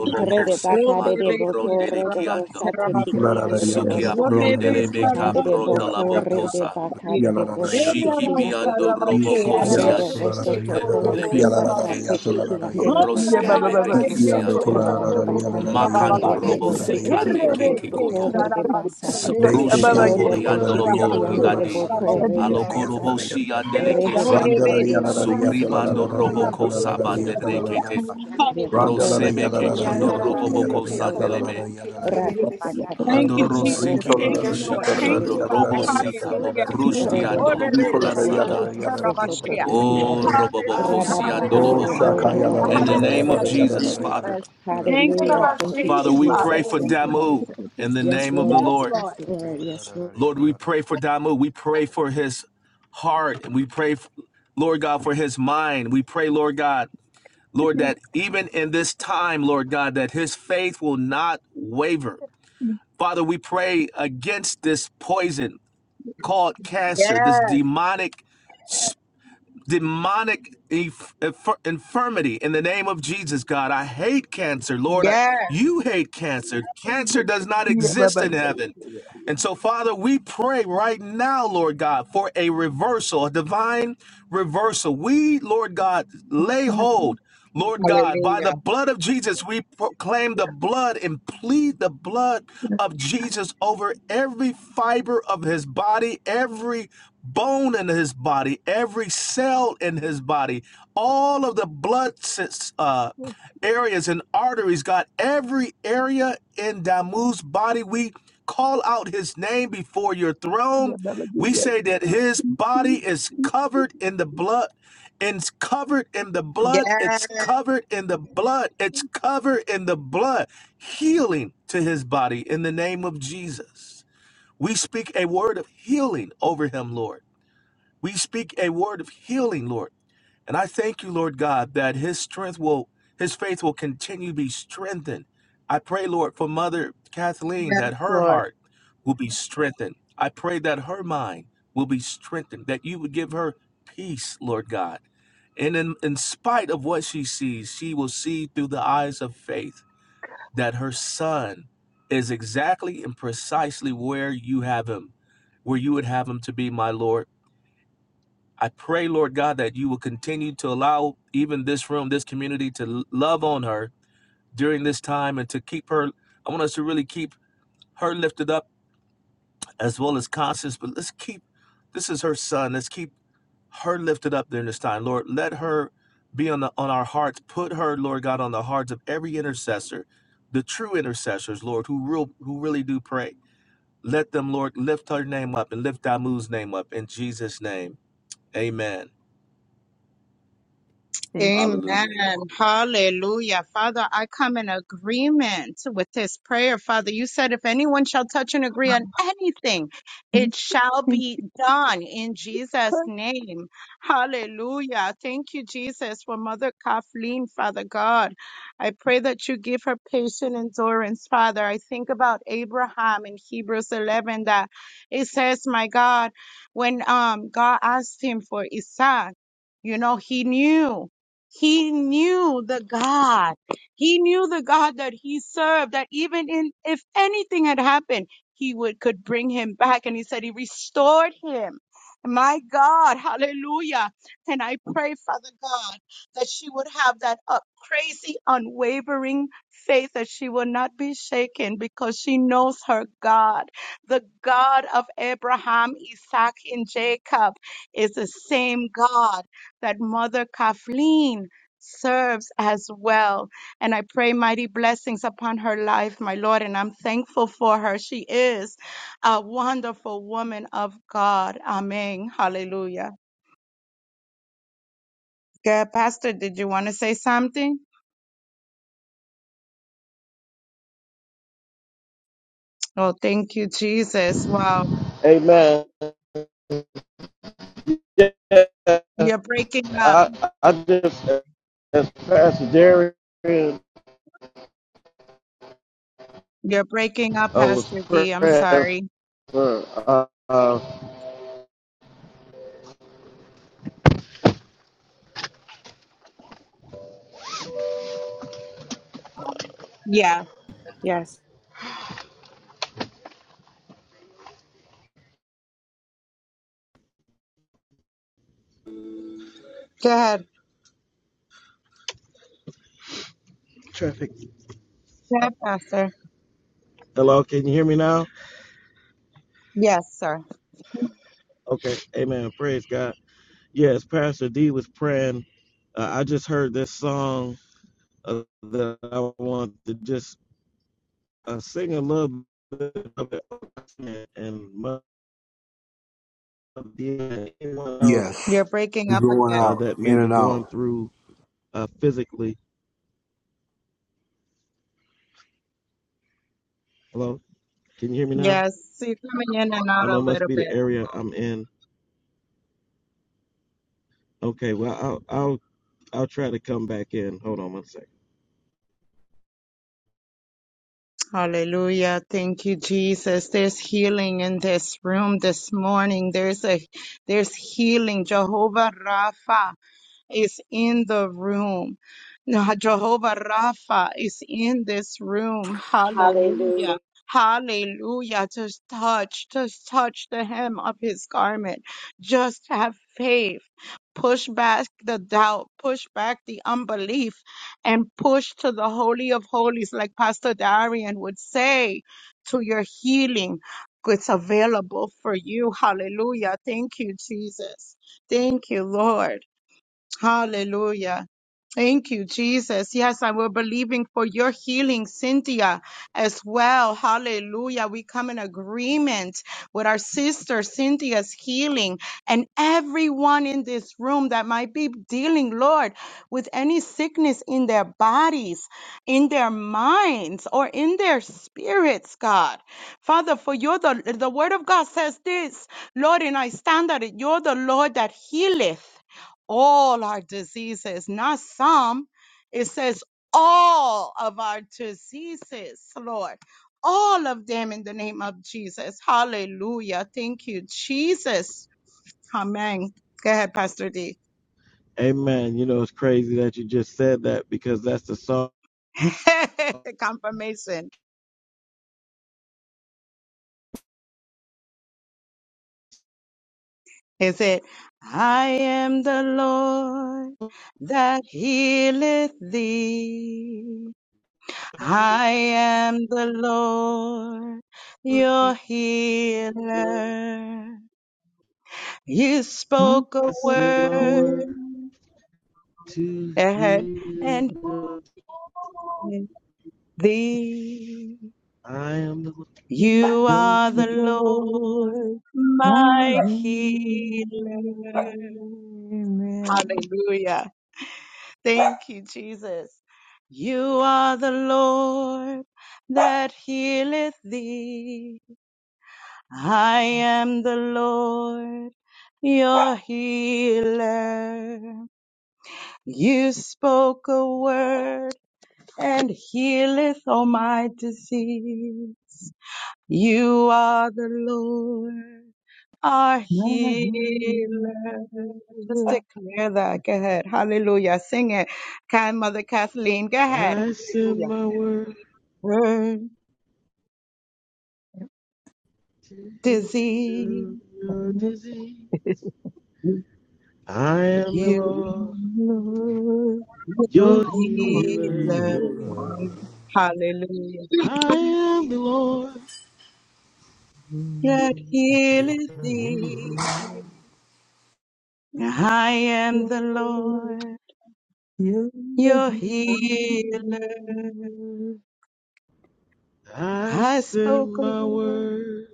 [SPEAKER 6] Hallelujah.
[SPEAKER 5] Rede
[SPEAKER 3] se
[SPEAKER 5] baka de de
[SPEAKER 3] mando
[SPEAKER 5] boko
[SPEAKER 3] prondele
[SPEAKER 5] rodo
[SPEAKER 3] kiando.
[SPEAKER 5] bosate kiki ande de
[SPEAKER 9] yes,
[SPEAKER 6] Ikulalarayandoro,
[SPEAKER 3] Sukia
[SPEAKER 5] bosoto.
[SPEAKER 9] yes.
[SPEAKER 3] prondele beka
[SPEAKER 5] Hande
[SPEAKER 6] kuyalararayandoro,
[SPEAKER 5] de
[SPEAKER 3] prondola
[SPEAKER 5] boko
[SPEAKER 6] kuyalararayandoro,
[SPEAKER 5] rede
[SPEAKER 3] bokosa.
[SPEAKER 5] baka de de boshi
[SPEAKER 6] kuyalararayata.
[SPEAKER 3] Shiki
[SPEAKER 5] kiki ande de
[SPEAKER 3] biando
[SPEAKER 5] bo.
[SPEAKER 3] robokosi
[SPEAKER 6] Ishikiyando,
[SPEAKER 5] Rodo bosoto ko
[SPEAKER 6] kulararayandoro,
[SPEAKER 3] andele
[SPEAKER 5] rede
[SPEAKER 3] beke.
[SPEAKER 5] basate
[SPEAKER 6] kuyalararayata,
[SPEAKER 5] kiki ande de
[SPEAKER 6] lararayata.
[SPEAKER 9] Yeah,
[SPEAKER 5] boko
[SPEAKER 9] ba- ba-
[SPEAKER 3] Rosebebe
[SPEAKER 9] ba-
[SPEAKER 5] rodo
[SPEAKER 9] ba-
[SPEAKER 5] bo.
[SPEAKER 8] yes.
[SPEAKER 9] yeah,
[SPEAKER 6] Ikiyando,
[SPEAKER 9] go, yeah,
[SPEAKER 3] siato.
[SPEAKER 9] ba- ba-
[SPEAKER 5] Rada
[SPEAKER 9] go, yeah,
[SPEAKER 5] baka ande de bo
[SPEAKER 6] kularararayandorarayata,
[SPEAKER 3] Makando
[SPEAKER 9] da-
[SPEAKER 5] rodo
[SPEAKER 9] da-
[SPEAKER 3] robo
[SPEAKER 9] da-
[SPEAKER 5] bosi
[SPEAKER 9] da- da-
[SPEAKER 5] kiki
[SPEAKER 9] da-
[SPEAKER 3] sikande
[SPEAKER 9] da-
[SPEAKER 5] ande
[SPEAKER 3] keke
[SPEAKER 5] boko
[SPEAKER 3] koto.
[SPEAKER 6] yarararayandorarayata.
[SPEAKER 9] yeah,
[SPEAKER 5] rede basate.
[SPEAKER 9] go, yeah,
[SPEAKER 3] Sprushi
[SPEAKER 9] ba- ba-
[SPEAKER 5] Rodo
[SPEAKER 6] Neshekeyando,
[SPEAKER 9] yeah,
[SPEAKER 3] apole andoloko
[SPEAKER 5] boshikiki ande de
[SPEAKER 3] rigade.
[SPEAKER 5] boko
[SPEAKER 6] kulararayandorarayata,
[SPEAKER 9] da- da-
[SPEAKER 5] rede
[SPEAKER 9] yeah, ba-
[SPEAKER 3] Aloko
[SPEAKER 9] ba- go,
[SPEAKER 3] robo
[SPEAKER 9] yeah,
[SPEAKER 5] basate.
[SPEAKER 9] da-
[SPEAKER 3] shi
[SPEAKER 9] da-
[SPEAKER 3] andele
[SPEAKER 9] da-
[SPEAKER 5] Rede
[SPEAKER 3] kese.
[SPEAKER 5] baka
[SPEAKER 6] Randala
[SPEAKER 5] de de
[SPEAKER 6] yala la
[SPEAKER 5] boko
[SPEAKER 6] yata la
[SPEAKER 5] rodo
[SPEAKER 6] la la
[SPEAKER 3] Subribando
[SPEAKER 6] la la
[SPEAKER 3] robo
[SPEAKER 6] yata la
[SPEAKER 9] yeah,
[SPEAKER 6] la
[SPEAKER 3] kosa
[SPEAKER 6] la la
[SPEAKER 3] bande
[SPEAKER 6] yata la
[SPEAKER 5] bosoto.
[SPEAKER 6] la
[SPEAKER 9] yeah, ba- ba-
[SPEAKER 3] rekete.
[SPEAKER 6] yata.
[SPEAKER 9] go,
[SPEAKER 5] Candere boko
[SPEAKER 6] Randala la
[SPEAKER 5] roto
[SPEAKER 3] Rosebe
[SPEAKER 6] yala
[SPEAKER 3] ke
[SPEAKER 6] la la
[SPEAKER 5] boso
[SPEAKER 3] kondo
[SPEAKER 6] yata la
[SPEAKER 5] koto
[SPEAKER 3] robo
[SPEAKER 5] koto
[SPEAKER 6] la
[SPEAKER 3] boko
[SPEAKER 8] Yandarabasete
[SPEAKER 6] yata
[SPEAKER 5] kororo.
[SPEAKER 6] la yata la la la
[SPEAKER 3] sandelebe.
[SPEAKER 8] kororo
[SPEAKER 6] yata la yata.
[SPEAKER 5] Rada
[SPEAKER 8] hekelebesi.
[SPEAKER 5] bakandere
[SPEAKER 1] Thank
[SPEAKER 3] Ando
[SPEAKER 1] you,
[SPEAKER 5] boko
[SPEAKER 1] Jesus.
[SPEAKER 3] rosiki
[SPEAKER 5] roto
[SPEAKER 6] Rito la la
[SPEAKER 1] Thank
[SPEAKER 5] bosi
[SPEAKER 6] la
[SPEAKER 1] you, Lord.
[SPEAKER 6] yata
[SPEAKER 5] kiki
[SPEAKER 3] dikishiki
[SPEAKER 6] la la
[SPEAKER 1] Thank
[SPEAKER 6] la
[SPEAKER 3] ando
[SPEAKER 5] andere
[SPEAKER 1] you,
[SPEAKER 8] Yandarabasete
[SPEAKER 6] yata la la
[SPEAKER 1] Father.
[SPEAKER 3] robo
[SPEAKER 5] boko
[SPEAKER 8] kororo
[SPEAKER 5] toto
[SPEAKER 3] sika
[SPEAKER 6] la
[SPEAKER 1] Hallelujah.
[SPEAKER 8] sihita
[SPEAKER 9] yeah, da- da- da- da- da- da- yeah, yeah,
[SPEAKER 6] yata la
[SPEAKER 3] poprushti
[SPEAKER 9] ba-
[SPEAKER 8] kororo
[SPEAKER 5] Rede
[SPEAKER 2] Wow,
[SPEAKER 6] la
[SPEAKER 9] ba-
[SPEAKER 2] no,
[SPEAKER 6] la la
[SPEAKER 9] go,
[SPEAKER 6] yata.
[SPEAKER 9] yeah, da- da- yeah,
[SPEAKER 2] no,
[SPEAKER 3] andoloko
[SPEAKER 6] Rito
[SPEAKER 9] yeah,
[SPEAKER 2] no.
[SPEAKER 6] la
[SPEAKER 5] bakandere
[SPEAKER 6] la
[SPEAKER 5] boko roto
[SPEAKER 6] yata
[SPEAKER 3] rasanda.
[SPEAKER 6] la yata la yata
[SPEAKER 5] boso
[SPEAKER 8] hekelebesi.
[SPEAKER 5] to
[SPEAKER 6] la yata
[SPEAKER 5] kiki
[SPEAKER 6] la la
[SPEAKER 3] O
[SPEAKER 5] ade.
[SPEAKER 6] yata.
[SPEAKER 3] robo boko
[SPEAKER 1] Hallelujah,
[SPEAKER 5] Rada
[SPEAKER 3] si
[SPEAKER 6] Oh
[SPEAKER 5] bakandere
[SPEAKER 1] hallelujah,
[SPEAKER 8] Anarabasete
[SPEAKER 3] andoloboko.
[SPEAKER 5] boko
[SPEAKER 6] shaka
[SPEAKER 5] roto
[SPEAKER 6] yala
[SPEAKER 1] hallelujah,
[SPEAKER 8] kororo
[SPEAKER 6] la la
[SPEAKER 3] In
[SPEAKER 5] boso
[SPEAKER 3] the
[SPEAKER 6] yala
[SPEAKER 5] to
[SPEAKER 6] la
[SPEAKER 3] name
[SPEAKER 6] la
[SPEAKER 3] of
[SPEAKER 8] babasi.
[SPEAKER 1] hallelujah.
[SPEAKER 6] la
[SPEAKER 1] Thank
[SPEAKER 5] kororo
[SPEAKER 6] yala la
[SPEAKER 1] you,
[SPEAKER 3] Jesus,
[SPEAKER 6] la yala
[SPEAKER 3] Father.
[SPEAKER 6] la
[SPEAKER 1] Jesus. Thank you,
[SPEAKER 5] Hallelujah.
[SPEAKER 1] Lord.
[SPEAKER 5] Thank you,
[SPEAKER 1] Thank
[SPEAKER 3] Father,
[SPEAKER 8] Yandarabasete
[SPEAKER 1] you,
[SPEAKER 3] we
[SPEAKER 1] Father.
[SPEAKER 3] pray
[SPEAKER 8] kororo
[SPEAKER 5] Jesus.
[SPEAKER 3] for
[SPEAKER 5] Yes,
[SPEAKER 1] Thank you,
[SPEAKER 5] Lord.
[SPEAKER 3] Damu
[SPEAKER 1] Jesus.
[SPEAKER 3] in the
[SPEAKER 5] Yes,
[SPEAKER 3] name of the
[SPEAKER 5] Lord.
[SPEAKER 1] Yes,
[SPEAKER 3] Lord.
[SPEAKER 5] Yes,
[SPEAKER 1] Lord.
[SPEAKER 5] Lord.
[SPEAKER 6] la
[SPEAKER 5] Yes, Lord.
[SPEAKER 3] Lord,
[SPEAKER 6] yala
[SPEAKER 3] we
[SPEAKER 6] la la.
[SPEAKER 3] pray for Damu. We pray for his heart and we pray, Lord God, for his mind. We pray, Lord God, Lord, that even in this time, Lord God, that his faith will not waver. Father, we pray against this poison called cancer, this
[SPEAKER 1] Yes,
[SPEAKER 3] demonic, demonic inf- inf- infirmity in the name of Jesus, God. I hate cancer, Lord. I,
[SPEAKER 1] yes,
[SPEAKER 3] you hate cancer. Cancer does not
[SPEAKER 9] yeah, ba-
[SPEAKER 3] exist in heaven. And so, Father, we pray right now, Lord God, for a reversal, a divine reversal. We, Lord God, lay hold, Lord God, by the
[SPEAKER 1] hallelujah.
[SPEAKER 3] blood of Jesus, we proclaim the blood and plead the blood of Jesus over every fiber of his body, every bone in his body, every cell in his body, all of the blood uh, areas and arteries, God, every area in Damu's body. We call out his name before your throne.
[SPEAKER 9] ba- go,
[SPEAKER 3] We
[SPEAKER 9] yeah.
[SPEAKER 3] say that his
[SPEAKER 9] Thank you.
[SPEAKER 3] body is covered in the blood. It's covered in the blood.
[SPEAKER 1] Yes,
[SPEAKER 3] It's covered in the blood. It's covered in the blood. Healing to his body in the name of Jesus. We speak a word of healing over him, Lord. We speak a word of healing, Lord. And I thank you, Lord God, that his strength will, his faith will continue to be strengthened. I pray, Lord, for Mother Kathleen
[SPEAKER 1] yes,
[SPEAKER 3] that her
[SPEAKER 1] Lord.
[SPEAKER 3] heart will be strengthened. I pray that her mind will be strengthened, that you would give her peace, Lord God. And in, in spite of what she sees, she will see through the eyes of faith that her son is exactly and precisely where you have him, where you would have him to be, my Lord. I pray, Lord God, that you will continue to allow even this room, this community to l- love on her during this time and to keep her. I want us to really keep her lifted up as well as Constance, but let's keep this is her son. Let's keep her lifted up during this time. Lord, let her be on the on our hearts. Put her, Lord God, on the hearts of every intercessor, the true intercessors, Lord, who real who really do pray. Let them, Lord, lift her name up and lift Damu's name up in Jesus' name. Amen.
[SPEAKER 9] Thank you.
[SPEAKER 3] Hallelujah.
[SPEAKER 1] Amen. Hallelujah. Father, I come in agreement with this prayer. Father, you said if anyone shall touch and agree on anything, it shall
[SPEAKER 9] Thank
[SPEAKER 1] be done in Jesus' name. Hallelujah. Thank you, Jesus, for Mother Kathleen, Father God. I pray that you give her patient endurance, Father. I think about Abraham in Hebrews 11 that it says, my God, when um, God asked him for Isaac, you know, he knew. He knew the God. He knew the God that he served, that even in, if anything had happened, he would, could bring him back. And he said he restored him. My God, hallelujah. And I pray, Father God, that she would have that up crazy, unwavering faith that she will not be shaken because she knows her God. The God of Abraham, Isaac, and Jacob is the same God that Mother Kathleen serves as well. And I pray mighty blessings upon her life, my Lord. And I'm thankful for her. She is a wonderful woman of God. Amen. Hallelujah. Yeah, Pastor, did you want to say something? Oh, thank you, Jesus. Wow.
[SPEAKER 2] Amen. Yeah,
[SPEAKER 1] You're breaking up.
[SPEAKER 2] I, I just, as Pastor Jerry, I
[SPEAKER 1] You're breaking up,
[SPEAKER 2] was
[SPEAKER 1] Pastor D. I'm
[SPEAKER 2] praying
[SPEAKER 1] sorry.
[SPEAKER 2] for, uh, uh,
[SPEAKER 1] Yeah.
[SPEAKER 5] Yes.
[SPEAKER 1] Go ahead.
[SPEAKER 2] traffic.
[SPEAKER 1] Go ahead, Pastor.
[SPEAKER 2] Hello, can you hear me now?
[SPEAKER 1] Yes, sir.
[SPEAKER 2] Okay. Amen. Praise God. Yes, Pastor D was praying. Uh, I just heard this song uh, that I want to just uh, sing a little bit of it and Mother Dee anyone else
[SPEAKER 6] Yes,
[SPEAKER 1] You're breaking
[SPEAKER 6] you're
[SPEAKER 1] up
[SPEAKER 6] going
[SPEAKER 1] again.
[SPEAKER 2] uh,
[SPEAKER 6] out,
[SPEAKER 2] that may
[SPEAKER 6] in
[SPEAKER 2] be
[SPEAKER 6] and
[SPEAKER 2] going
[SPEAKER 6] out.
[SPEAKER 2] through uh, physically. Hello, can you hear me now?
[SPEAKER 1] Yes. You're coming in and
[SPEAKER 2] I
[SPEAKER 1] out
[SPEAKER 2] don't know.
[SPEAKER 1] a
[SPEAKER 2] It must
[SPEAKER 1] little
[SPEAKER 2] be
[SPEAKER 1] bit.
[SPEAKER 2] the area I'm in. Okay, well I'll I'll I'll try to come back in. Hold on one second.
[SPEAKER 1] Hallelujah. Thank you, Jesus. There's healing in this room this morning. There's a, there's healing. Jehovah Rapha is in the room. Now, Jehovah Rapha is in this room. Hallelujah.
[SPEAKER 5] Hallelujah.
[SPEAKER 1] Hallelujah. Just touch, just touch the hem of his garment. Just have faith. Push back the doubt, push back the unbelief, and push to the Holy of Holies, like Pastor Darian would say, to your healing. It's available for you. Hallelujah. Thank you, Jesus. Thank you, Lord. Hallelujah. Thank you, Jesus. Yes, and we're believing for your healing, Cynthia, as well. Hallelujah. We come in agreement with our sister Cynthia's healing and everyone in this room that might be dealing, Lord, with any sickness in their bodies, in their minds, or in their spirits, God. Father, for you're the, the word of God says this, Lord, and I stand at it. You're the Lord that healeth all our diseases, not some. It says all of our diseases, Lord. All of them in the name of Jesus. Hallelujah. Thank you, Jesus. Amen. Go ahead, Pastor D.
[SPEAKER 2] Amen. You know it's crazy that you just said that because that's the song.
[SPEAKER 1] Confirmation. Is it? I am the Lord that healeth thee. I am the Lord, your healer. You
[SPEAKER 9] you.
[SPEAKER 1] spoke a
[SPEAKER 9] Thank
[SPEAKER 1] word
[SPEAKER 2] Power
[SPEAKER 9] you.
[SPEAKER 2] to
[SPEAKER 1] and, and
[SPEAKER 2] heal.
[SPEAKER 1] thee.
[SPEAKER 2] I am the,
[SPEAKER 1] You
[SPEAKER 2] your
[SPEAKER 1] are
[SPEAKER 2] healer.
[SPEAKER 1] the Lord,
[SPEAKER 9] Lord, my
[SPEAKER 1] my healer.
[SPEAKER 9] Amen.
[SPEAKER 1] Hallelujah. Thank you, Jesus. You are the Lord that healeth thee. I am the Lord, your healer. You spoke a word and healeth all my disease. You are the Lord, our
[SPEAKER 9] My healer,
[SPEAKER 1] healer. Just
[SPEAKER 9] Lord,
[SPEAKER 1] declare that. Go ahead. Hallelujah. Sing it. Kind Mother Kathleen. Go ahead.
[SPEAKER 2] I send
[SPEAKER 1] Hallelujah.
[SPEAKER 2] my word.
[SPEAKER 1] Her
[SPEAKER 2] to heal
[SPEAKER 1] disease.
[SPEAKER 2] your disease. I am the
[SPEAKER 1] You
[SPEAKER 2] Lord,
[SPEAKER 1] are
[SPEAKER 9] your
[SPEAKER 2] your
[SPEAKER 9] healer,
[SPEAKER 2] healer.
[SPEAKER 1] healer. Hallelujah.
[SPEAKER 2] I am the Lord.
[SPEAKER 1] That healeth thee. I am the
[SPEAKER 9] Lord,
[SPEAKER 1] Lord,
[SPEAKER 9] your
[SPEAKER 1] your healer.
[SPEAKER 9] healer.
[SPEAKER 2] I
[SPEAKER 1] I
[SPEAKER 2] send
[SPEAKER 1] spoke a
[SPEAKER 2] my
[SPEAKER 1] word.
[SPEAKER 2] word